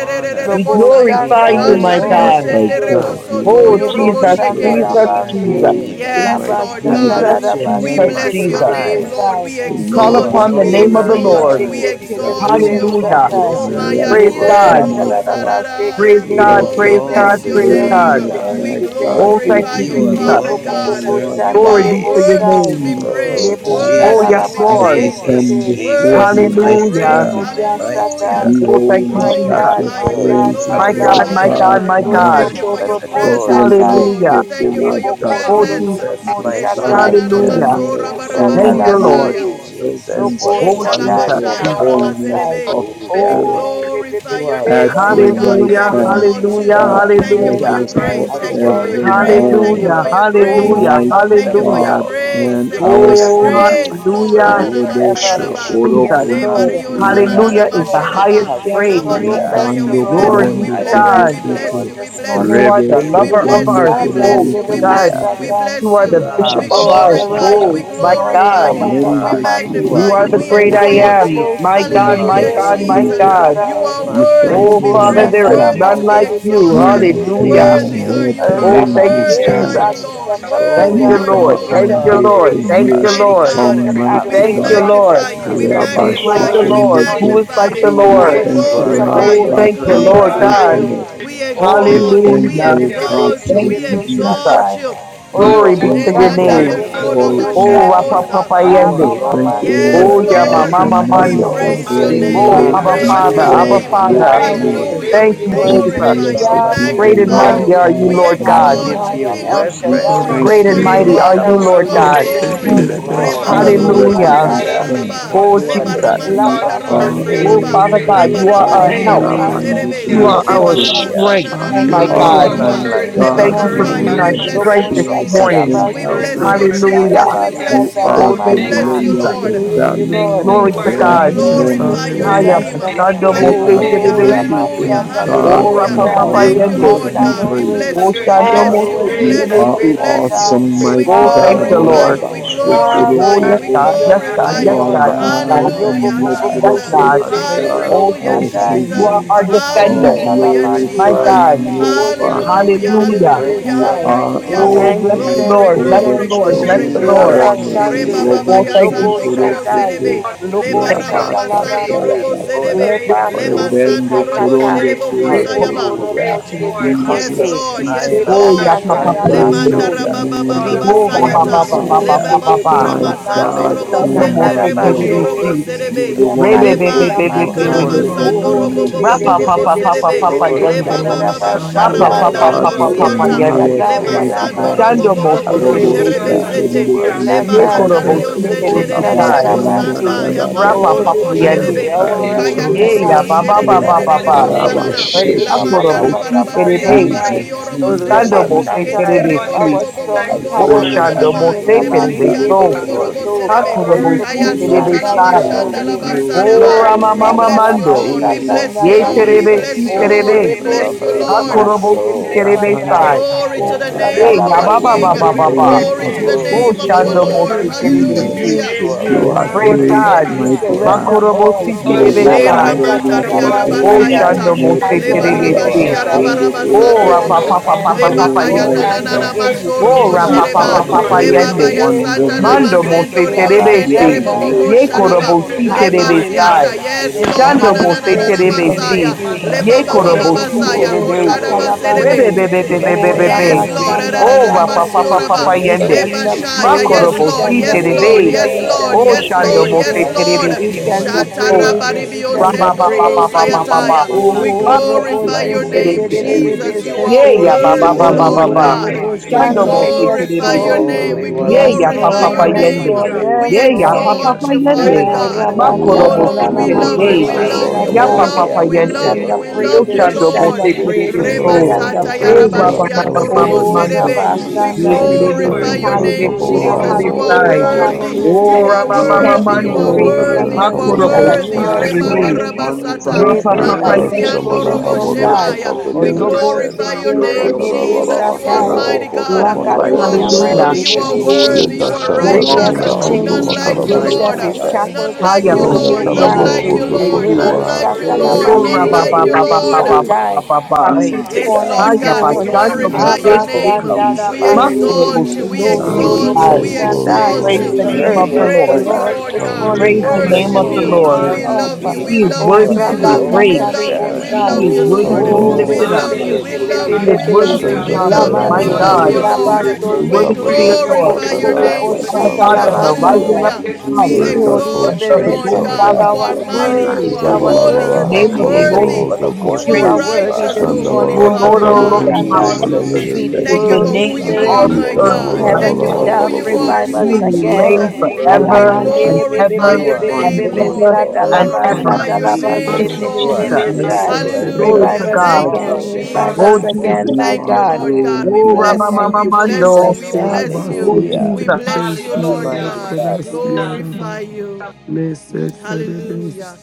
We
honor.
Lobo
We
glorify
Sandai,
you,
the
Oh,
my
bless your
Atario
Lord
most
God.
is
high
name,
good.
senderebo
God,
Lord.
we
soto
Oh,
lift you up
Lebo
yorobo
Jesus,
We
today and
sheke.
Jesus,
bless
we
your
Jesus,
Sandalabande.
praise
name.
the
Yes,
mighty
Lord
We
God.
Labasata
God.
We
Jesus,
are
lift your
We
Jesus,
thankful
name
Rabasete
on
for
bless your
this
Jesus.
de
name,
high.
day.
Lord.
Besai.
We
We
You
You
call
Thank
exalt
are
upon
you.
the
We
you,
alone
name of the
are
holy,
exalt
Lord.
you.
God.
We
mighty God.
You
exalt you.
Hallelujah.
alone
You are
Roma
deserve the
Praise
righteous,
yariye,
oh
glory.
God.
my God.
Praise
You
God.
Oh,
Praise
we
Righteousness
God.
alone
bless
and
your
Praise
deserve
thank
name.
God.
you,
the
holiness,
thank
We
my
honor.
you,
God,
thank
Oh,
is
you.
thank
glorify
you,
You
you,
in
Jesus.
Eh,
you,
Father
bo- bo-
alone
our
bo-
God.
bo-
deserve
Lord
the
You
shana
Glory be
God.
are
lebo
to your
praise.
worthy
sai.
to
name.
be
Oh,
Jesus,
praised.
Lebo
Father,
Oh,
shada
Worthy
yes,
la
to be
Jesus,
as
praised
Lord.
we
Jesus,
come
masekete.
praised,
before
worthy
Jesus,
thee
to be
this
mighty
Lebebebe
Hallelujah.
praised.
morning.
God,
sodia
mighty
Hallelujah.
satai.
We
God.
Oh,
We
thank
hold
you,
My
not back
Jesus.
God,
our
glorify
my
you. We
Oh,
God,
praises,
my
My
Lord
God,
God.
my
glorify
hallelujah.
you.
God
God,
We
my
Lo
We
God.
thank
Therefore,
you
Almighty,
worship
soto
for your
and
robo
but
adore
we'll
presence,
shandai.
lift
you.
Lord. We
you
Hallelujah.
up, O
thank you for
Lord
your
Leboko
God.
do
Oh,
do
presence.
do
Jesus.
do
Jesus,
bo
My
my
God,
shatai.
my
Savior.
Hallelujah.
Lebo
Lord,
Thank
Oh,
in
you,
your
Lord.
shatalamande.
sweet Jesus,
presence
what
Lobo
a
Oh,
our
there
shatai
wonder
is
you
Jesus.
are.
fullness
yadabosai.
of
We
Hallelujah.
joy.
Oh, rebe be
glorify
You
be
your
are
be.
At
name,
so
your
Lord
do
brighter
do
God.
do
than
right
We
the
Hallelujah.
bo
hand
morning
exalt you.
Hallelujah.
there
Thank
star.
are
you,
Thank you for
thank
Hallelujah.
your
you,
pleasures
God,
thank
grace.
you
you,
are
Thank you for
thank
your
worthy
you,
Hallelujah.
grace.
thank
Thank you
forevermore.
you.
You
Hallelujah.
for
are
your
the
grace.
Oh,
Hallelujah.
fairest of
Mighty
Thank
them
you
Lamande,
for your
Hallelujah.
God
you're
all.
grace.
good,
and
you're
Thank you for
our
good,
your
of
and
Oh,
your
life.
Hallelujah.
Savior.
grace,
mercy
My
Lord.
hallelujah.
endureth
soul
Rebe
Hallelujah.
cries
forever.
out.
shokoro
Jesus.
Yes,
konde
Lord.
Hallelujah.
Yes,
kiyanda
Hallelujah is the
Lord.
katata.
highest
Yes,
praise.
Lord. Oh,
Hallelujah. I
bless the
give
Rabando
We
you
Lord.
Glory
bless you.
the
be
We
korondi
to
Oh,
bless you.
highest
God.
We
bless
we
the
kiyekete.
Lord
bless
praise.
you. We
this
bless
You
you.
morning.
are
Rebe
the
We
lover of
bless
Hallelujah.
sekondo
our
you. We
Rebosanda,
korondi
bless
souls,
you're
you. We
the
bless
most
God.
Hallelujah.
you.
kiyekete.
We
high.
bless
You are
you.
the
Let
bishop
We
of
God
our
glorify you.
Hallelujah.
arise
We
souls,
this
Rabashakatata.
my
morning,
God.
glorify
Oh
you.
Abba
We
God,
Yende
you
Mamande.
You
magnify
are
are
you.
the
We
great
Libo
worthy.
kiyokuyekete.
I
exalt
am.
you.
Bobo,
My
Sede,
You
God,
Hallelujah.
are
my
Hallelujah,
Jesus,
God,
Sede,
my
holy.
Jesus.
Jesus.
God.
You
Sede,
are
You
We
are
worthy
thank
to
Oh,
be
you,
Lebo
mighty.
Father,
Lord
praised,
there
sanda
is
la
God.
worthy
none
to
mande
be
like
Oh
de de de
you.
de
exalted.
Lord,
You
se
have been
Hallelujah.
de.
Jesus,
our
Worthy are
help
you,
in
Jesus,
La
Oh,
Lord.
thank
ages
mande,
you,
Worthy
hallelujah.
are
Jesus.
Jesus.
God,
you,
past.
we
Lord.
send up
Oh,
Thank
Worthy
Judah.
you,
You
what
are you,
are
a
Lord.
good
We
Thank
our
send
you,
Lord.
up
father
hope for
Lord.
you
Glorify
Thank
your
praises.
you,
are.
years
name,
to
Mighty
We
Lord.
God,
send
come,
up
Spirit.
we
mighty
Thank you,
God.
adoration.
Lord.
magnify
Hallelujah.
We
you, we
Your
send
Who
up
is
name,
like
magnify
Hallelujah.
the
glory
you,
Lord.
we
this
Lord?
Give
Who
morning.
Rabashokundeke.
is
magnify
like the
you,
us
We
Oh,
we
Lord?
great
with the
Jesus,
thank
you
you,
fruits
are
of
a
Lord
glorify
our
praise.
Oh,
you,
good,
lips,
God,
we
thank
we
for
good
you,
will
your
give
Lord
you
glorify
Hallelujah.
father.
God.
you,
faithfulness.
glory.
we
Oh,
We
Oh,
rebe, be,
exalt you,
thank
we
be,
you,
Hallelujah.
be,
O
be, be,
God,
Jesus,
exalt
for
she,
you,
your
Thank
we
you,
rebe, sherebe,
exalt
Jesus.
Jesus.
peace.
satai.
you.
Oh,
We
Glory
You
Lord,
be
robo
thank
to your
you
alone
for
shanda,
your
name.
deserve the
yendo,
joy,
robo
hallelujah.
glory.
mighty
Oh,
shai.
Rapa
God.
Papa
Lord,
You
We
Abba,
Yende.
thank
mama,
you,
alone
Yes,
Lord
Oh,
deserve
Yama
the
God
Lord.
rebendo.
Mama
honor.
Oh,
We
Almighty,
Mando.
for
robo,
praise
there
your
are
sheke,
Carrabasien,
name.
Oh,
rebe,
We
no
Toro
hallelujah.
Abba
Father,
praise
Lord,
we
sheke.
Father,
your
Gosiri,
your
Abba
name,
equals
name.
worship and
with
Father.
great,
adore
you.
Yahweh,
Hallelujah.
great,
We
Thank
you.
we
you,
Oh,
worship
Jesus.
Yaseterabasion,
We
great.
you,
glorify you. We
Toro
bow
blessed be
at
the
your
Yahweh,
Great and
magnify
Gosiari,
Hallelujah.
Lord
you.
mighty
throne.
are
Yahweh,
you,
God
We
Lord
You
We
God.
Almighty.
give
exalt you.
Adonai
you
and
King of
El
Rebasian,
We
glory.
Shaddai.
reverence.
are
thank
the
Great
King of
you,
and
We
praise,
You
mighty
mighty
Carrabasioro,
are
are
shall
glory.
you,
El
you
back
God.
are the
King
Lord
Shalom
of
God.
praise,
you.
this
glory.
You
morning,
are
Oh,
Lord.
our
Neseterabesioro,
Jehovah
refuge
Your
Hallelujah.
Reba
and
name
Conoso,
hallelujah.
Jireh
strength.
this
Toro
raba
Lord,
Oh,
You
morning.
le
are the
Jesus.
Gosiere.
barama
You
sanda
Lapa
ancient
you
of
raba
are
are
Seke
great,
Oh,
our
siaraba
days.
Father
great,
Hallelujah,
le
God,
strong
you are
baraba
tower,
di
our
Tedededebesai.
Hallelujah.
great.
help.
Ah,
biorobo
Rabban
Hallelujah,
Thank you
serebe
You
for
Hallelujah.
your
are
le
our
Jesus.
Korokote.
barama
presence.
Hallelujah.
strength,
sana na na
Thank
na
You
my
you
God,
There
for the
you
are
God.
is
are
Hallelujah,
none
mashoraba
my
anointing
word,
like
We
le
this
God,
thank
you.
you for
word,
my
morning.
bakasaya
being
God,
we
our
you are
Lord,
Hallelujah,
There
the
bless
is
word,
you
Lobo
strength
none
this
fierce
Shata
of
above
morning.
great,
Jesus
Laba
you.
we
There's
word,
bless
none
Sete,
10,000.
you
Hallelujah,
Lord.
beside
Hallelujah.
Jesus we
you.
Hallelujah.
You
bless
There's
you
none
are
Oh,
Lord we
the
thank
Thank
you,
bless you
lily
We
of
Jesus.
after
the
Lord
need
you.
you,
thank
valley
Lord.
Glory
and
you,
Hallelujah,
Oh
to
Lord.
We
we
bright
God,
God.
need
and
Jesus,
you,
Oh,
morning
and
glorify your
star.
bless
there's
Haya
Jesus.
name.
none
Hallelujah.
your name,
Sando
before
bless
You
Mose
are
your
you.
name,
Hallelujah,
Oh,
bless
great,
Terebesi.
hallelujah,
O
Ramashanda little
God,
You
Oh,
hallelujah.
Rapa
your
and
name.
Ikarabasya,
Bosai,
Papa
alone
Thank you,
are
greatly
have
Yende.
to
Lord
be
thine
God.
Karabasya.
worthy.
We
own way.
bless
Lord,
Oh,
you,
your
we
praised.
name
Sando
You
bless
Mose
you,
Hallowed
we
great
alone
You
be
bless
and
your
you,
are
are
we
great,
name,
Terebesi.
Thank
O
bless
holy.
you,
God.
awesome,
great.
you. We
Jesus.
mighty
Oh,
You
thank
God.
you,
glorify
Lord.
Oh
you,
Hallowed,
alone
Rabba
we
God, I
Love
deserve
thank
the
our
Shokoro
glorify
Oh,
you,
you.
yes,
past,
hallowed
we
glory.
be
God,
your
yes,
and last,
I
name,
God,
glorify
you
yes,
you.
Mighty
are
Lord.
Lord.
thank
God, yes,
you.
God,
Word,
high
O
God,
Robo
mighty
and
Hallelujah,
God,
Jesus,
Bobo
I
God,
lifted
yes,
up, O
Boshe,
thank
God.
Jesus.
Lord
love
you.
your
Rebende
Prince
great
God,
of
Oh,
Hallelujah,
name,
our
Jesus,
Rebosatai,
In
Peace.
you
Savior.
are
Jesus.
our
Lord.
Jesus' name,
We
defender.
I
Reboshanda
Oh,
Hallelujah,
Prince
My
Lamandi,
glorify
of
your
God,
Jesus.
name,
Peace,
Hallelujah,
thank
Reboshe
Father.
Hallelujah,
you.
Ketele
hallelujah.
hallelujah,
Prince
You
of
Rebesai,
hallelujah.
are
Your
hallelujah.
our
Oh,
Peace.
word,
Thank
bless
you,
God,
the
bridge
your
thank
Glory,
Lord,
you,
word,
bless
over
the
glory,
thank you.
Lord,
great,
bless
glory,
troubled
the
your
In
Lord.
glory.
word,
Laba
Jesus,
waters.
great.
Jesus,
Reba
Shande,
baba
Jesus,
Robo
Oh,
ya
thank you.
Lobo
sando
Yeah.
robo
Jesus,
Shaddai,
shokorokote
Hallelujah.
serebe. Le
Lobo
thank
King of
barama
Praise,
masando
kings
Shadalabande,
robo
and Lord
rabatatata.
serebe.
of
praise,
you.
Leba
Le
lords.
Dose
masando
Rebendo
Lord.
robo
Katata,
korondo
Praise,
sherebo
praise,
Lebo
kosayaba.
keyakete.
praise,
Korobo
Hallelujah.
thank you. Lord
Lord. Hallelujah.
Jesus.
Yes,
Jesus,
Sheketete,
Conquering
Lord. Yes,
lion of
Jesus.
Oh,
Reba
the
Lord.
yeah, papa,
Oh God,
We
papa,
tribe of
I
praise
yende.
Lemanda
thank you.
your
Katarabasoya,
Judah.
rababa
name
baba
God of
this
Ribo
Oh, ba,
We
Lord,
ba,
morning,
Kondo
ba,
basayata.
bless
ba,
your
ba,
Dodo
Father.
ba,
Hallelujah.
ba,
Lebeba
ba,
name,
ba.
kura
Shedede,
My
Lord God.
Baba
masando
God
robo
Sodo
Sando
Hallelujah.
Lord.
Our
and
mo
sende
my
se
Father,
rebo
Lord.
we
Praise,
terebe
shorobo
God.
love
Glory
Katarabasete,
si.
your
to
You're
serebe.
the
your
name, Lord
one
name.
Rebe,
who
Yakatu
be, be,
Leba
God.
be,
opened
be,
our
be,
Worship,
Yamande,
be,
mikada
For
eyes
you
be.
Glory
are
that
to
basando
we
Oh,
your
worthy
robo
may
to
Rebe,
bobo
name.
be
bobo
Rapa,
see,
Bebe,
bobo
papa,
Bebe,
papa,
praised.
Bebe,
serebe.
papa,
Bebe,
I
praise,
Glory,
yende.
Leba baba
glory,
hallelujah.
glorify you,
O
Mapa,
Lord
Sadarabasadai,
glory.
sharamanda
papa,
God,
God,
God.
you
papa,
are
that we
papa,
Lobo
worthy.
rabasiata.
yende.
Oh
knew us,
God,
Shaddai
Lema
Praise,
Hallelujah.
mighty
sando
God.
robo
Yanamande,
Shando mo
bobo
se
bobo
Robo
terebe
hallelujah.
serebe
si.
Hallelujah.
Rebekende
We
sete.
Shekende
Rebe
Hallelujah.
worship
Leba
Ye
Kiyoko
and
Shaddai,
I
korobo
adore
katario
si
thank you
Lebo
you.
for
Oh,
sende
this
Rabba
terebisai.
yes,
rebo
day
praise, praise,
that
We
Shanda
came
Shatarabande,
sanda.
of
honor
praise,
Kada
me,
you.
Rapa
O
We
Yamasolo
papa
bo
Tata
and I will
Rebende,
yende.
serebe.
glorify
our
Robo
praise.
Kaya
you.
refuge and
rejoice
Ye ya
Ndekoro
torobo
ba
hiding
and
ba
We
be
ba
place
Kete
glad
ba
this
ba
God,
in
ba.
your
it.
sherererererebo
morning,
magnify
name,
Rabba
sarara.
your
praise,
Oh,
La
Ha
name,
Reba
God,
Baba
I
praise,
Lord.
mandara
korobo
Shekete
Baba
thank
si
baraba
Baba
you for
praise.
terebe.
Shandai,
Jesus,
Hallelujah.
orobo
this day.
Jesus,
Robo
Shando
serebe.
mo
Hallelujah.
se
Jesus,
Kete
Shatai,
terebe
God,
Jesus.
there is
our
si.
robo bo bo
none
strong
like you,
We
O
tower
Lord.
praise
this
you,
Hallelujah.
shando mo
we
morning,
se
Glory to
praise
terebe
Amande
you, we
God.
Rebe
so.
robo
Hallelujah.
praise you.
Glory to
Soto,
You
Ha
are
serebe.
God.
O
korobo
We
worthy.
si
Robo
Kaya
terebe
glorify
sota
Praise,
la
Shandai
Mighty
you are
sai.
you,
mashanda
worthy,
God.
Yemonde,
we
God. You
O
are
Mighty
glorify
worthy.
Lobo
God.
rama
We
you,
mama
bless
Shandala
Rabba,
you,
mando.
Lord. We
Praise,
Spirit,
bless
Jesus,
Mastakanda
you,
Ye
yeah,
Lord.
Spirit,
We
Yandi,
terebe
bless
si
Jesus,
you,
hallelujah.
Onde
Lord.
Spirit,
de
terebe.
We
Jesus,
bless
Thank,
bonde
you,
lover of
Ha
my
Lord.
Spirit,
korobo
yamande de
si
thank you,
soul.
terebe
Lord.
Rabanda,
besatai.
sai.
Glory
Kata,
to
O
the name
Bless
Ye
Kata,
of
ya
our
your
ba ba
name.
King.
ba
in
Hallelujah.
the
ba
Bless
ba
Oh,
shadalabashekete.
ba.
your
name
God,
Glory
Glory,
of
I
to
name.
Yea,
the
we
bless
O
name
glory,
of
you
Jesus,
yield
our
and
shando
to
bless
mo
Lord.
Lord,
glory.
you.
we
se
lift
We
you.
terebe
up your
Jesus.
si.
yield
Hallelujah.
name,
to
You
you
You
God.
this
are
alone
Praise
Blessed
morning.
great,
be
God.
deserve
Hallelujah.
We
the
this
mighty
day.
God.
surrender
glory.
Oh, God, I thank
Makorobo
you
all.
si
You
Lord, you
are
for this
terebe
You
well
are
Shera
sai.
worthy
worthy
alone
Labasata
of
of
day.
mataria
all
all
deserve
Oh,
praise.
the
You
praise,
rabasatai.
honor.
rabasayata.
Shando
are
Mose
mighty
worthy,
Alpha
Leba
God,
hallelujah.
and
You are
Rabba,
Terebesi.
rabashia
You
Omega,
Spirit,
the
rabaraba
worthy,
are
Oh,
beginning
worthy,
God.
and
and
Rapa
Spirit,
God.
the
sandorobo.
You
Papa
God,
are
I
Worthy.
end.
Papa
worthy,
Leba
bless
Papa
Oh,
kaya
you
Oh,
Yende.
praise.
and
mighty
and
bless
Worthy
You
the
are
nananana
is
God.
the
in
worthy,
Lamb.
Oh,
masorobo
between.
You
Rapa
exalt,
Oh,
shereba.
are
Papa
the
Lord.
Papa
rebe,
you.
be,
great
Leba
Worthy
be,
Yende.
baya
is
Oh,
the
wonder,
satana
Lamb.
Mando
mighty
Blessed
Lord,
God.
Mose
be
Let
mazendorio
the
You are
Terebesi.
the
this
senderebo
be,
redeemed of
bobo
day.
great
Ye
the
high
Bless
sharaba.
Lord
your
priest.
Korobosi
say
name,
You
Leba
are
Lord.
so.
my
Hallelujah.
Hallelujah.
siata.
Terebesi.
Yes,
Kokoro
It's
Lord,
the
Lord.
Shando
Koto.
highest
Mose
Your
Hallelujah.
praise
Ananana
we can give
masaya.
Terebesi.
Jesus,
you
voice,
you.
Hallelujah.
your
Ye
Leba
are
Jesus,
worthy.
baba
Glory,
voice,
Korobosi
there is
basaya.
Robobobobo
You
glory,
are worthy.
no
Terebe.
Kotaraba
glory.
serebe.
equal
shatalabase.
Minister,
to
Oh,
you,
Blessed
Minister,
Yes,
Rebebebebebebebe.
mighty
Lord.
God.
your
Rabastanda
Oh,
Redeemer,
Rapa
There
Yamande.
Papa
is
Arararabasioraba.
Papa
We
Prince
none
of
Yende.
like
stand
We
the
up
lift you.
Ma
Lebashaya.
Peace,
Judah,
Father.
Yes,
we
Lord.
Korobosi
stand
Yes,
up
Lily of
Lord
Lord.
Terebe.
Carabastia,
Judah,
the
Yes,
we
Valley,
God
Lord.
stand
Oh,
up
Yes,
Almighty,
Shando
Lord.
this
Yes,
praises.
Mose
morning
Bright
Lord.
Lift you
We
we
and
Terebesi.
bless
stand up
Minister,
Morning
your
Oh,
up,
Star.
praises,
matchless
we
Minister,
stand
name.
Rabba
up
Baba Baba
praises.
Baba
We
your
Hallelujah.
Shatarabaribiosenolobosayataya.
God.
We
praise your
Oh,
Baba
name
Robo
Jesus,
glorify
this
Up
my
Carabastia.
your
Sheke te
name,
morning,
to you.
de de
Savior.
terebesi.
de
Holy
Jesus.
de
You
Lift
se
God,
Ye
are
te.
ya ba ba
worthy,
ba
Oh,
you up.
ba
Holy
Jesus,
ba
Lord
my
ba.
One
Hallelujah,
of
Praise,
Robobobobo
God. We
Shando
Redeemer.
Shanda.
mo
Israel.
Jesus.
praise,
se
Yes,
glorify
We
your
Lord.
terebesi.
name.
Holy
We
praise.
celebrate
One
Ye
your
of
Yes,
ya
Hallelujah,
pa
name
glorify
pa
Lord.
this
pa
your
Israel.
Yes,
Jesus.
morning,
name.
yende.
Lord.
Hallelujah.
We
Ye
Yes,
ya
Hallelujah.
Almighty
pa
Lord.
Remember
pa
exalt
pa
that
you,
you
Thank
Father
yende.
are
Oh,
God.
God.
Makoro
Oh,
Hallelujah.
mo
Rabasanda
We
la
Lord,
se
la
we
you,
You're
love
bless
Lord.
mande
you.
terebe.
de
We
you.
God,
love you.
Ya
We
pa
besatai.
pa
love
pa
you.
Hallelujah.
We
We
We
We
love
yende.
send
you.
the
We
worship
Yo
love you,
praises,
Bless
we
shando
you.
your
mo
send
Lord.
the
se
name. Bless
praises,
your
terebeso.
we
Reba
Oh,
send the
Hallelujah.
O ba,
praises.
ba, ba, ba,
bless
Jesus,
ba
Thank,
ba
Oh,
Mando.
Jesus,
you. We
we
Ye
thank you,
Rabasanda.
Jesus.
Lord.
terebesi
glorify your name,
terebeso
You
You
Hallelujah,
are
are
Jesus. You are
worthy
terebesai.
hallelujah,
of
worthy.
all
worthy.
hallelujah.
Oh,
You
praise.
bless
are
you.
Rabba
You
Worthy
Mama
Thank
are
worthy.
you
You
for
are
Mando.
of
grace
all
holy.
and
worthy.
praise.
You are
mercies
Hakoro
that
mo
are
se
worthy.
new
You
Hallelujah.
every
Reba
deserve
terebe.
the
the
morning.
glory,
Thank
Ra
on-time
Great
God.
Barabasata.
pa,
is
God.
you.
pa pa
You
thy
Lama
deserve
Yende.
You're
Siando
the
faithfulness,
the
Robo
O
honor.
God.
magnificent
Hallelujah,
We
You
God.
Lord.
Olobo
deserve
You
glorify
the
are
your
seke
You're
said
the
name,
worthy.
praise.
terebe
Jesus. You
holy
are
satai.
God.
mighty
Oh,
God. You
Father,
are
Lakaturia
we
Worthy.
man
Hallelujah.
holy.
Righteousness
You
worship
and
are
derebe
you.
se.
worthy. You
Leka
holiness
are
Hallelujah.
Oh
sata
Break
de
We
righteous.
Jesus,
every
mina
belongs to
call
koto
chain.
you
None
you,
makara
like you,
Abba
Loose
Lord.
bedesi.
mighty
every
God.
Father.
shackle
None
this
like
haya
you,
Glory
morning,
Renda
to
O
Lord.
bashando
your
None
God.
Roboso
kalaboro
like
name.
Jesus,
you,
hozo
Lord.
mosekerebe.
koto
Lebo
Korokete,
None
Adonai,
bara
like
Glory
you,
to your
glory,
shakalama
Lord.
Oh
None
name.
se
Reverendo
rabba, ba
like you,
glory,
ba
terebe
ba ba ba
Lord.
Korokete,
ba
glory.
satai.
ba ba
A
Bless
ba.
your
chief
Mighty
name.
Jesus,
Yes, Lord
God,
Haya
God, we
Jesus,
cornerstone.
God.
bashando
glorify
Jesus.
your
Exalt
Abba
wonderful
name.
mosekerebe.
We
sandara
We
you.
counselor.
praise
bande.
Makoro
you,
exalt you. We
mighty
Lord,
You
God.
are
mosekerebe
no,
Glory,
We
exalt you. We
sai.
glory,
Jesus,
praise
glory,
you,
worthy.
we
exalt
no,
Praise
you.
Jesus,
glory.
the
the
Worthy.
praise
name
We
you,
earth
of
lily
the
God.
we
of
is
You
the
the
are
Lord.
praise you,
praise
worthy.
Lord's
you.
Lord
You
valley.
this
are
God. We
worthy,
morning
Praise
Hallelujah,
the
and
Lord.
the
name of
worship
the
hallelujah,
you.
God,
fullness
Hallelujah.
Lord.
the
We
hallelujah,
thereof.
Jesus,
love
mighty
you. We
He
God,
is
Jesus,
love
you
O
you.
worthy
are
We
the
to be
oh
love you.
rose
We
mighty
of
praised.
love you.
God,
We
Sharon.
you're
He
Rabakatalibosai.
love
is
you,
worthy
Lord.
holy
to be
O
hallelujah.
and
We
lifted
Oh,
up.
love
you're
Hallelujah.
you. We love you
righteous.
love
He
you.
is
We
hallelujah,
worthy
Rebebebebebebebe.
love
to
you.
be
Hallelujah.
We
We
Shanda
are
honored.
love
kaya
you.
hallelujah.
My
We
master
Lamande.
God,
love
you
you,
God,
manahabes.
are
We
Lord.
worthy.
he is
Korokete,
We
Labasoto.
worthy
worship
to
Praise
be
Ikabados
you,
adored.
Lord.
Reverendo
glorify
We
your
makadash.
God.
bow
name,
at your
Father
Korokete.
God,
Hallelujah.
Jesus.
from the
throne.
We
rising
Hallelujah. We thank you,
Ikalamandahashate.
Roboboboboboshakalabasanai.
of
Hallelujah.
the
adore
We
We
your
sun
give
Sweet
you
name
Holy
Rekatosh
this
exalt
until
you,
the
Spirit,
Lord
reverence,
morning.
kamika
going
O
God.
down of
God.
You
thou
the
bedese.
are
art
You are the
Lord,
mighty. You
sun
worthy,
are
matchless
thou art
and
holy.
The
You
Jesus,
worthy
are
Zabalabaraha
name
to
of
unkind
the
be
God.
Lord
Jesus,
worthy.
is
praised.
what a
to
kolaborohozo
be
You
You
are
koto.
wonder
are
praised.
you
Jesus,
worthy
for
righteous,
are.
this
oh
Shanda
Holy
morning,
O
Jesus,
the
O
Lord,
Father
barakata
we
O Lord,
wonderful
God.
dedosh
how
Rodobosanai.
bless
God
you,
kalimana
we
Jesus,
is.
excellent
Sweet
bedese.
is
bless
Thank you
your
you
for
Holy
Jesus,
name
who you
in
beyond
Spirit.
all
are,
Hallelujah.
the
my
measure
Jesus,
earth,
Sweet
this
you
Ikalahanda
God.
my
are
Thank you
morning.
heavenly
God.
for
varaha
who
dove,
you
holy.
We
are,
revive
kolaborosha.
us
You
sweet
will
You
glorify
again.
are
Jesus.
reign
you, we
In the
We
name
forever
worthy.
of
Alamande
glorify
and
de
you.
be
Jesus.
be
glorify
be
We
ever
You
be
your
be
are
be
honor
and
be
name,
you,
be
Lord.
ever
mighty
We
sata
God.
faithful.
and
We
lama
honor
ever.
glorify
you,
sata
your
laba
Jesus.
Thank
name,
sete
you,
Jesus,
de
you
de
Lord.
de
are
We
be
Jesus.
Hallelujah.
bless
sai.
you,
faithful and
we
Glory
that
Hallelujah.
Revive
to
just
bless
us
in
you,
in
we
Thank
God.
all
you,
of
again,
bless
your
you.
revive
the
Oh,
Jesus.
us
For
ways.
Jesus.
again, my
you
Thank
are
you,
God.
Lord God. We
Oh,
worthy.
Hallelujah.
Oh,
bless you.
thank
You are
We
you,
worthy,
bless you.
Ramamamamando.
We
Jesus. Thank you,
bless
you
Irabasi
you.
are
Oh,
worthy. You are worthy. You are worthy. You are
and
Jesus.
Hallelujah.
worthy.
We
You
bless you,
Terebesi
What a
Lord
Oro
Hallelujah.
mighty
God. We
God. We
Kodasi Araba.
glorify you.
Mese
Hallelujah.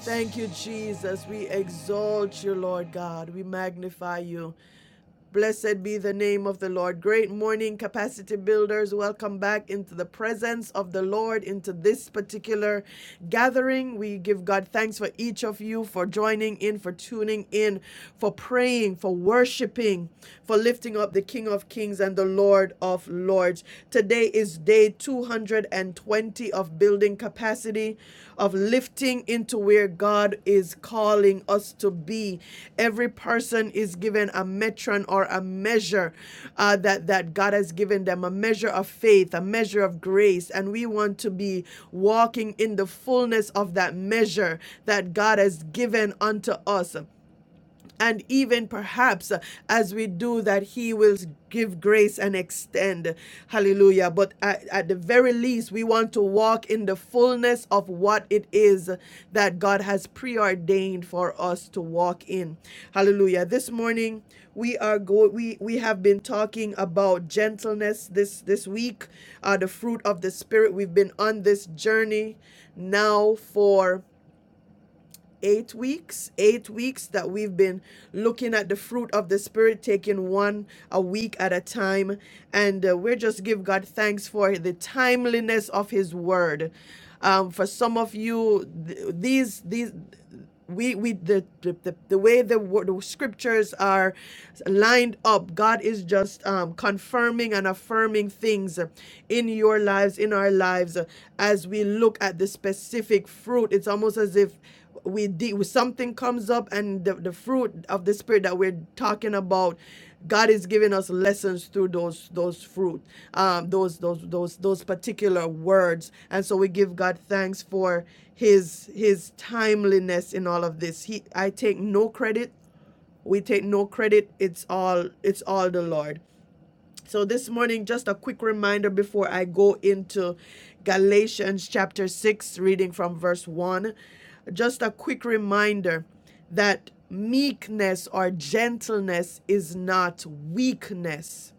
Thank you, Jesus. We exalt you, Lord God. We magnify you. Blessed be the name of the Lord. Great morning, capacity builders. Welcome back into the presence of the Lord, into this particular gathering. We give God thanks for each of you for joining in, for tuning in, for praying, for worshiping, for lifting up the King of Kings and the Lord of Lords. Today is day 220 of building capacity of lifting into where God is calling us to be. Every person is given a metron or a measure uh, that, that God has given them a measure of faith, a measure of grace. And we want to be walking in the fullness of that measure that God has given unto us. And even perhaps uh, as we do that, He will give grace and extend. Hallelujah. But at, at the very least, we want to walk in the fullness of what it is that God has preordained for us to walk in. Hallelujah. This morning, we are go we we have been talking about gentleness this this week uh the fruit of the spirit we've been on this journey now for eight weeks eight weeks that we've been looking at the fruit of the spirit taking one a week at a time and uh, we're just give god thanks for the timeliness of his word um, for some of you th- these these we we the the, the, the way the, wo- the scriptures are lined up god is just um, confirming and affirming things in your lives in our lives as we look at the specific fruit it's almost as if we de- something comes up and the, the fruit of the spirit that we're talking about god is giving us lessons through those those fruit um those those those those particular words and so we give god thanks for his his timeliness in all of this he i take no credit we take no credit it's all it's all the lord so this morning, just a quick reminder before I go into Galatians chapter 6, reading from verse 1. Just a quick reminder that meekness or gentleness is not weakness.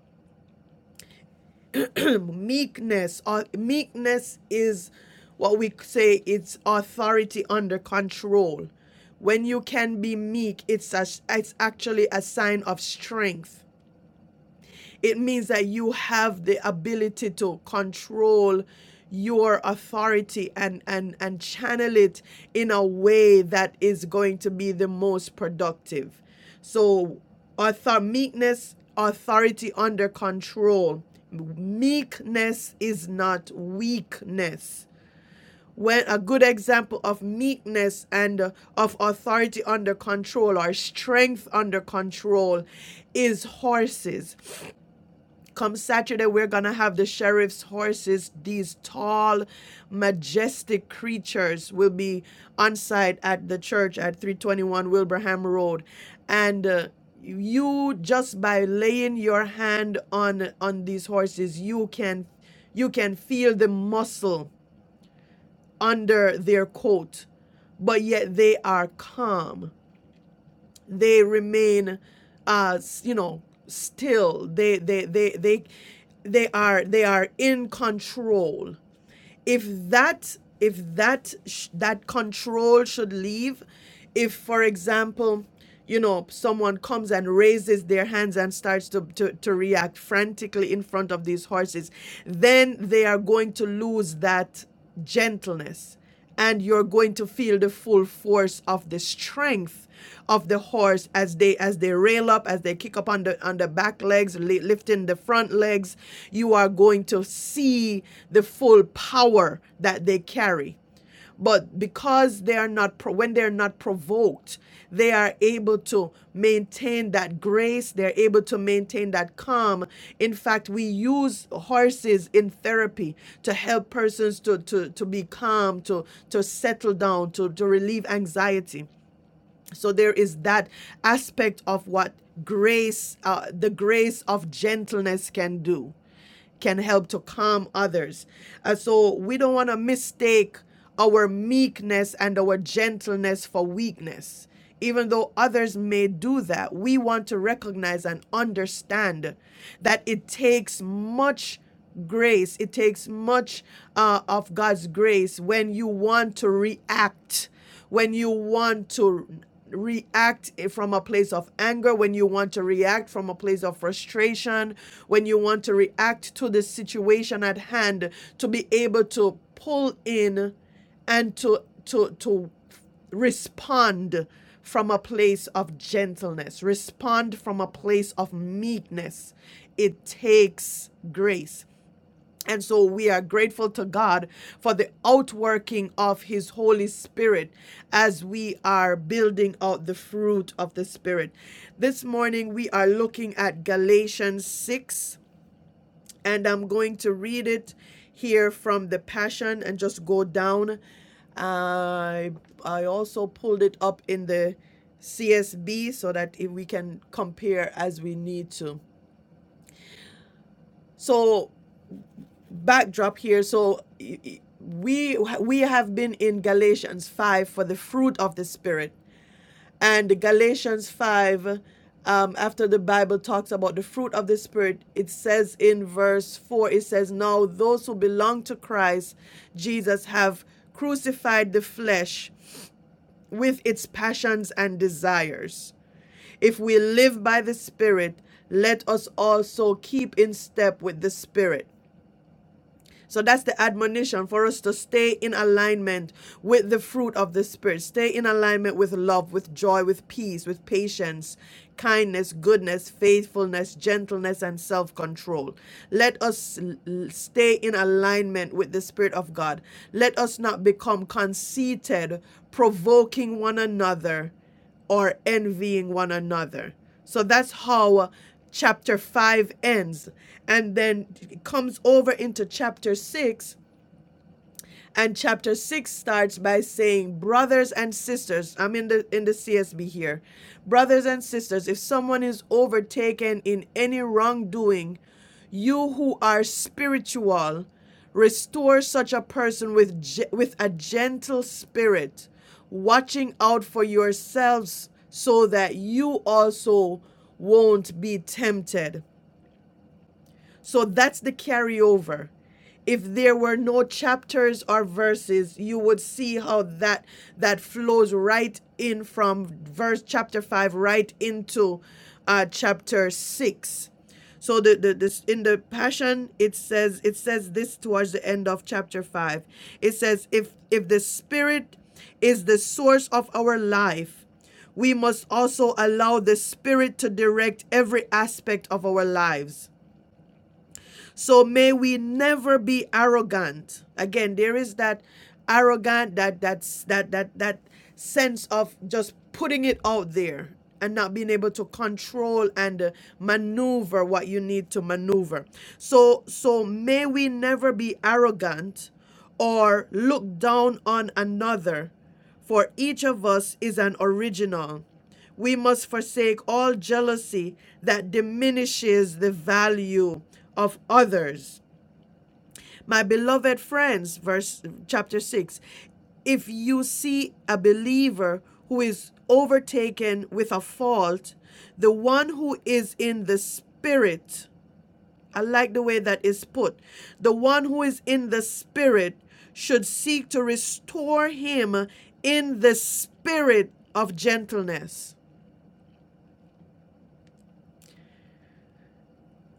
meekness or meekness is what we say it's authority under control. When you can be meek, it's a, it's actually a sign of strength it means that you have the ability to control your authority and and and channel it in a way that is going to be the most productive so author meekness authority under control meekness is not weakness when a good example of meekness and uh, of authority under control or strength under control is horses Come Saturday, we're going to have the sheriff's horses. These tall, majestic creatures will be on site at the church at 321 Wilbraham Road. And uh, you just by laying your hand on on these horses you can you can feel the muscle under their coat but yet they are calm they remain uh s- you know still they they they they they are they are in control if that if that sh- that control should leave if for example you know someone comes and raises their hands and starts to, to, to react frantically in front of these horses then they are going to lose that gentleness and you're going to feel the full force of the strength of the horse as they as they rail up as they kick up on the on the back legs li- lifting the front legs you are going to see the full power that they carry but because they are not, pro- when they're not provoked, they are able to maintain that grace. They're able to maintain that calm. In fact, we use horses in therapy to help persons to, to, to be calm, to, to settle down, to, to relieve anxiety so there is that aspect of what grace uh, the grace of gentleness can do can help to calm others Uh, so we don't want to mistake our meekness and our gentleness for weakness even though others may do that we want to recognize and understand that it takes much grace it takes much uh, of god's grace when you want to react when you want to react from a place of anger, when you want to react from a place of frustration, when you want to react to the situation at hand, to be able to pull in and to to to respond from a place of gentleness, respond from a place of meekness. It takes grace. And so we are grateful to God for the outworking of His Holy Spirit as we are building out the fruit of the Spirit. This morning we are looking at Galatians 6, and I'm going to read it here from the Passion and just go down. I, I also pulled it up in the CSB so that if we can compare as we need to. So backdrop here. So we we have been in Galatians five for the fruit of the spirit, and Galatians five. Um, after the Bible talks about the fruit of the Spirit, it says in verse 4, it says, Now those who belong to Christ Jesus have crucified the flesh with its passions and desires. If we live by the Spirit, let us also keep in step with the Spirit. So that's the admonition for us to stay in alignment with the fruit of the Spirit. Stay in alignment with love, with joy, with peace, with patience, kindness, goodness, faithfulness, gentleness, and self control. Let us l- stay in alignment with the Spirit of God. Let us not become conceited, provoking one another or envying one another. So that's how chapter 5 ends. And then it comes over into chapter 6 and chapter 6 starts by saying, Brothers and sisters, I'm in the, in the CSB here. Brothers and sisters, if someone is overtaken in any wrongdoing, you who are spiritual, restore such a person with, ge- with a gentle spirit, watching out for yourselves so that you also won't be tempted. So that's the carryover. If there were no chapters or verses, you would see how that that flows right in from verse chapter 5 right into uh, chapter 6. So the, the this in the passion it says it says this towards the end of chapter 5. It says if if the spirit is the source of our life, we must also allow the spirit to direct every aspect of our lives. So may we never be arrogant. Again, there is that arrogant that that's that that that sense of just putting it out there and not being able to control and uh, maneuver what you need to maneuver. So so may we never be arrogant or look down on another for each of us is an original we must forsake all jealousy that diminishes the value of others. My beloved friends, verse chapter 6. If you see a believer who is overtaken with a fault, the one who is in the spirit, I like the way that is put. The one who is in the spirit should seek to restore him in the spirit of gentleness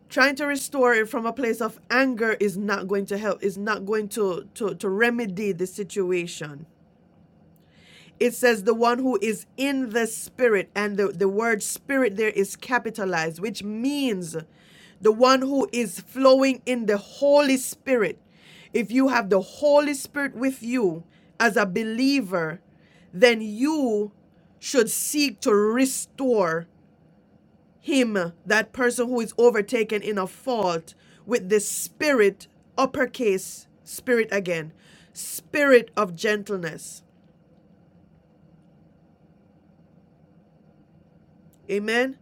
trying to restore it from a place of anger is not going to help is not going to to to remedy the situation it says the one who is in the spirit and the, the word spirit there is capitalized which means the one who is flowing in the holy spirit if you have the holy spirit with you as a believer then you should seek to restore him, that person who is overtaken in a fault, with the spirit, uppercase, spirit again, spirit of gentleness. Amen.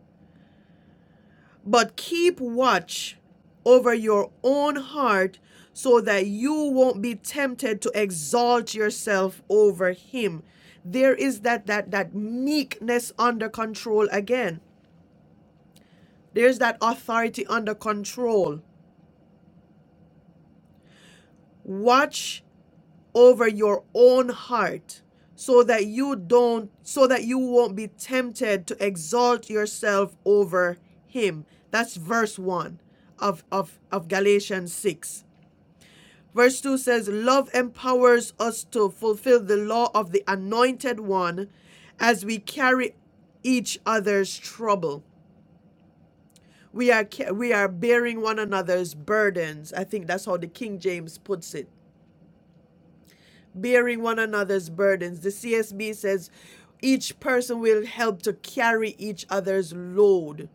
But keep watch over your own heart so that you won't be tempted to exalt yourself over him. There is that that that meekness under control again. There's that authority under control. Watch over your own heart so that you don't so that you won't be tempted to exalt yourself over him that's verse 1 of of of Galatians 6 verse 2 says love empowers us to fulfill the law of the anointed one as we carry each other's trouble we are we are bearing one another's burdens i think that's how the king james puts it bearing one another's burdens. The CSB says each person will help to carry each other's load.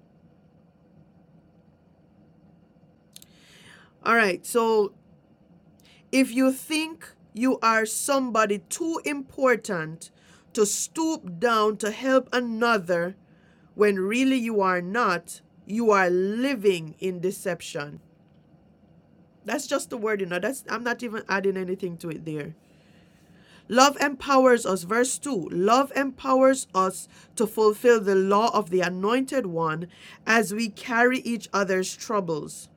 All right, so if you think you are somebody too important to stoop down to help another when really you are not, you are living in deception. That's just the word, you know. That's I'm not even adding anything to it there. Love empowers us, verse 2 love empowers us to fulfill the law of the Anointed One as we carry each other's troubles.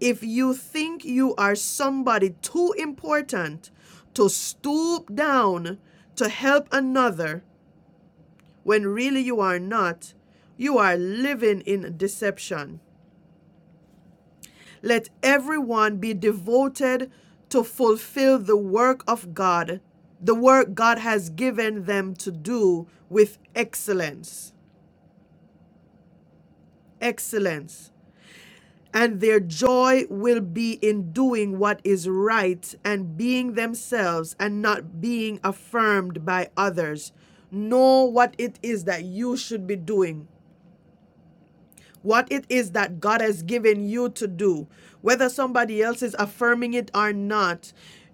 If you think you are somebody too important to stoop down to help another when really you are not, you are living in deception. Let everyone be devoted to fulfill the work of God, the work God has given them to do with excellence. Excellence. And their joy will be in doing what is right and being themselves and not being affirmed by others. Know what it is that you should be doing what it is that God has given you to do, whether somebody else is affirming it or not.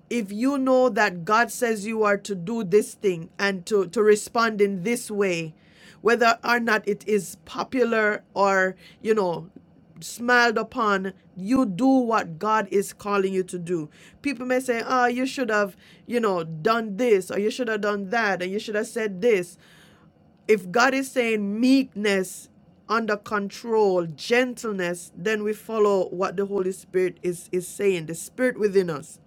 If you know that God says you are to do this thing and to, to respond in this way, whether or not it is popular or, you know, smiled upon, you do what God is calling you to do. People may say, oh, you should have, you know, done this or you should have done that and you should have said this if God is saying meekness, under control, gentleness, then we follow what the Holy Spirit is, is saying, the Spirit within us.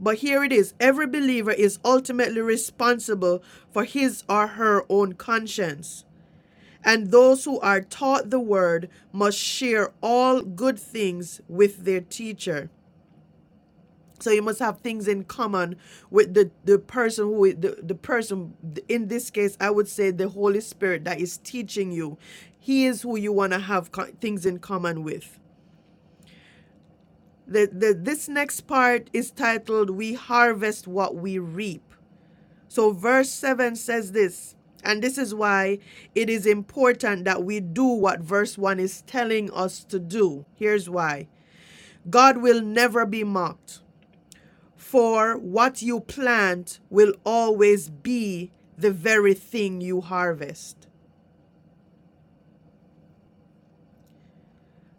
But here it is every believer is ultimately responsible for his or her own conscience. And those who are taught the word must share all good things with their teacher. so you must have things in common with the, the person who the, the person in this case i would say the holy spirit that is teaching you he is who you want to have co- things in common with the, the, this next part is titled we harvest what we reap so verse 7 says this and this is why it is important that we do what verse 1 is telling us to do here's why god will never be mocked For what you plant will always be the very thing you harvest.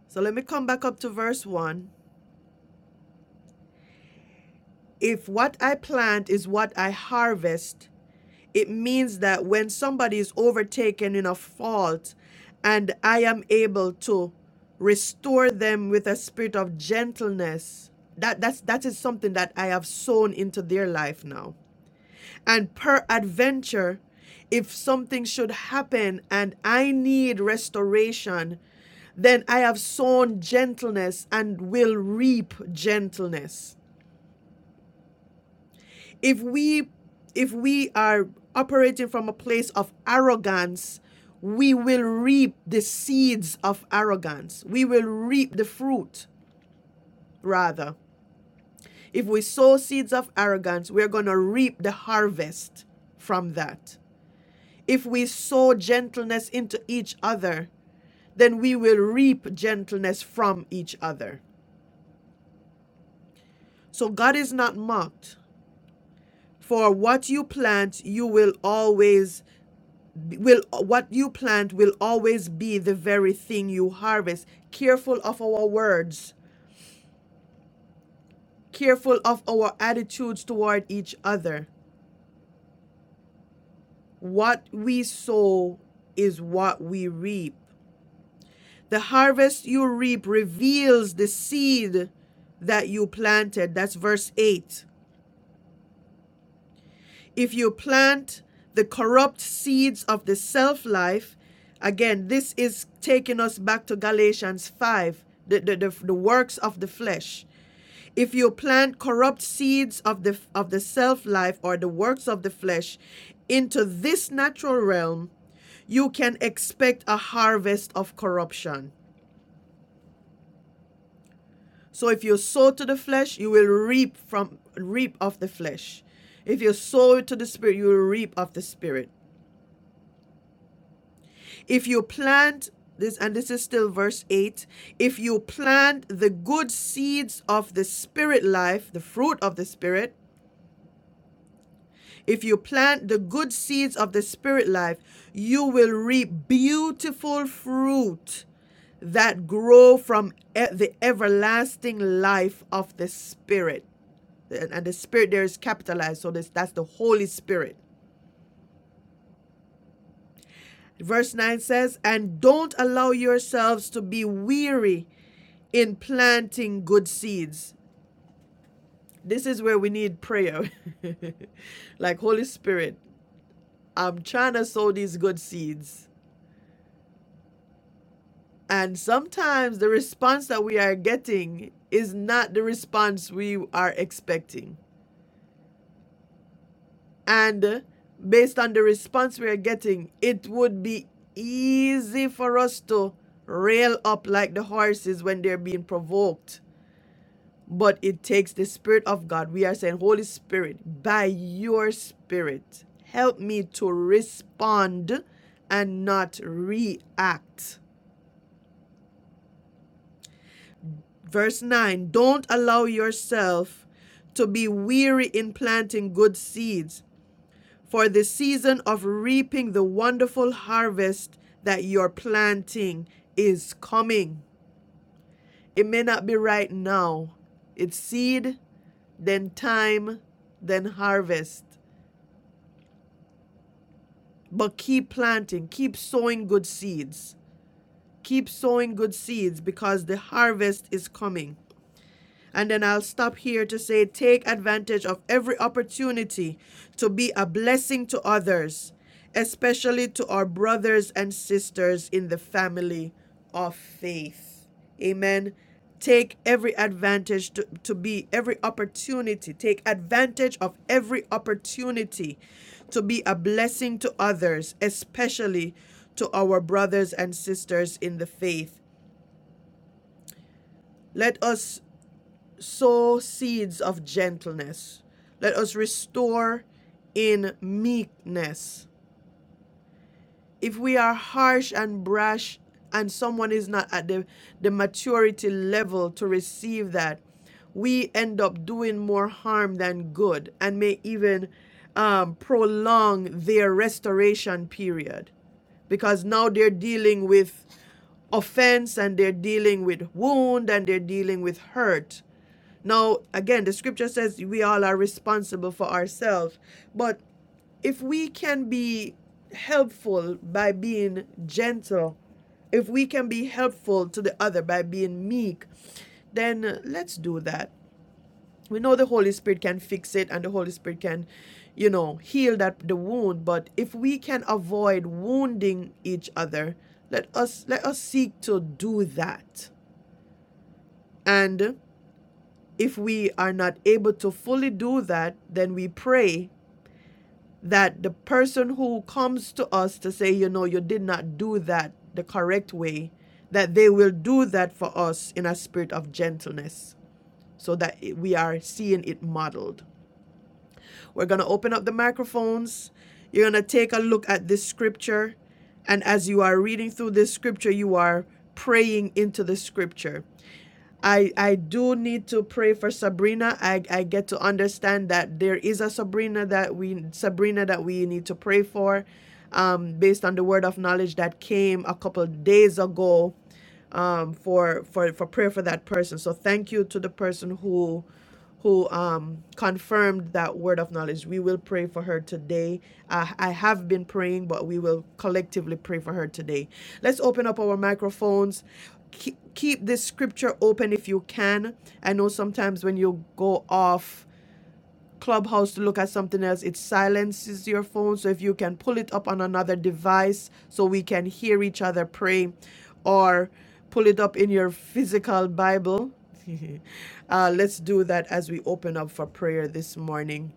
So let me come back up to verse 1. If what I plant is what I harvest, it means that when somebody is overtaken in a fault and I am able to restore them with a spirit of gentleness, that, that's, that is something that I have sown into their life now And peradventure, if something should happen and I need restoration, then I have sown gentleness and will reap gentleness. If we if we are operating from a place of arrogance, we will reap the seeds of arrogance. We will reap the fruit, rather. If we sow seeds of arrogance, we're going to reap the harvest from that. If we sow gentleness into each other, then we will reap gentleness from each other. So God is not mocked. For what you plant, you will always will what you plant will always be the very thing you harvest. Careful of our words, careful of our attitudes toward each other. What we sow is what we reap. The harvest you reap reveals the seed that you planted. That's verse 8. If you plant the corrupt seeds of the self life, again, this is taking us back to Galatians 5, the, the, the, the works of the flesh. If you plant corrupt seeds of the, of the self life or the works of the flesh into this natural realm, you can expect a harvest of corruption. So if you sow to the flesh, you will reap from reap of the flesh. If you sow to the spirit, you will reap of the spirit. If you plant this, and this is still verse 8 if you plant the good seeds of the spirit life, the fruit of the spirit, if you plant the good seeds of the spirit life, you will reap beautiful fruit that grow from e- the everlasting life of the spirit. and, and the spirit there is capitalized so this that's the holy spirit verse 9 says and don't allow yourselves to be weary in planting good seeds this is where we need prayer like holy spirit i'm trying to sow these good seeds and sometimes the response that we are getting is not the response we are expecting And based on the response we are getting, it would be easy for us to rail up like the horses when they're being provoked. But it takes the Spirit of God. We are saying, Holy Spirit, by your Spirit, help me to respond and not react. Verse 9 Don't allow yourself to be weary in planting good seeds, for the season of reaping the wonderful harvest that your planting is coming. It may not be right now. It's seed, then time, then harvest. But keep planting, keep sowing good seeds. Keep sowing good seeds because the harvest is coming. And then I'll stop here to say take advantage of every opportunity to be a blessing to others, especially to our brothers and sisters in the family of faith. Amen. Take every advantage to, to be every opportunity. Take advantage of every opportunity to be a blessing to others, especially to our brothers and sisters in the faith. Let us sow seeds of gentleness. Let us restore in meekness. If we are harsh and brash and someone is not at the, the maturity level to receive that, we end up doing more harm than good and may even um, prolong their restoration period because now they're dealing with offense and they're dealing with wound and they're dealing with hurt now, again, the scripture says we all are responsible for ourselves, but if we can be helpful by being gentle, if we can be helpful to the other by being meek, then uh, let's do that. We know the Holy Spirit can fix it and the Holy Spirit can, you know, heal that the wound, but if we can avoid wounding each other, let us let us seek to do that. And if we are not able to fully do that, then we pray that the person who comes to us to say, you know, you did not do that the correct way, that they will do that for us in a spirit of gentleness so that we are seeing it modeled. We're going to open up the microphones. You're going to take a look at this scripture. And as you are reading through this scripture, you are praying into the scripture. I I do need to pray for Sabrina. I I get to understand that there is a Sabrina that we Sabrina that we need to pray for, um, based on the word of knowledge that came a couple of days ago, um, for for for prayer for that person. So thank you to the person who who um, confirmed that word of knowledge. We will pray for her today. Uh, I have been praying, but we will collectively pray for her today. Let's open up our microphones. Keep, keep this scripture open if you can. I know sometimes when you go off, Clubhouse to look at something else, it silences your phone. So if you can pull it up on another device so we can hear each other pray, or pull it up in your physical Bible, uh, let's do that as we open up for prayer this morning.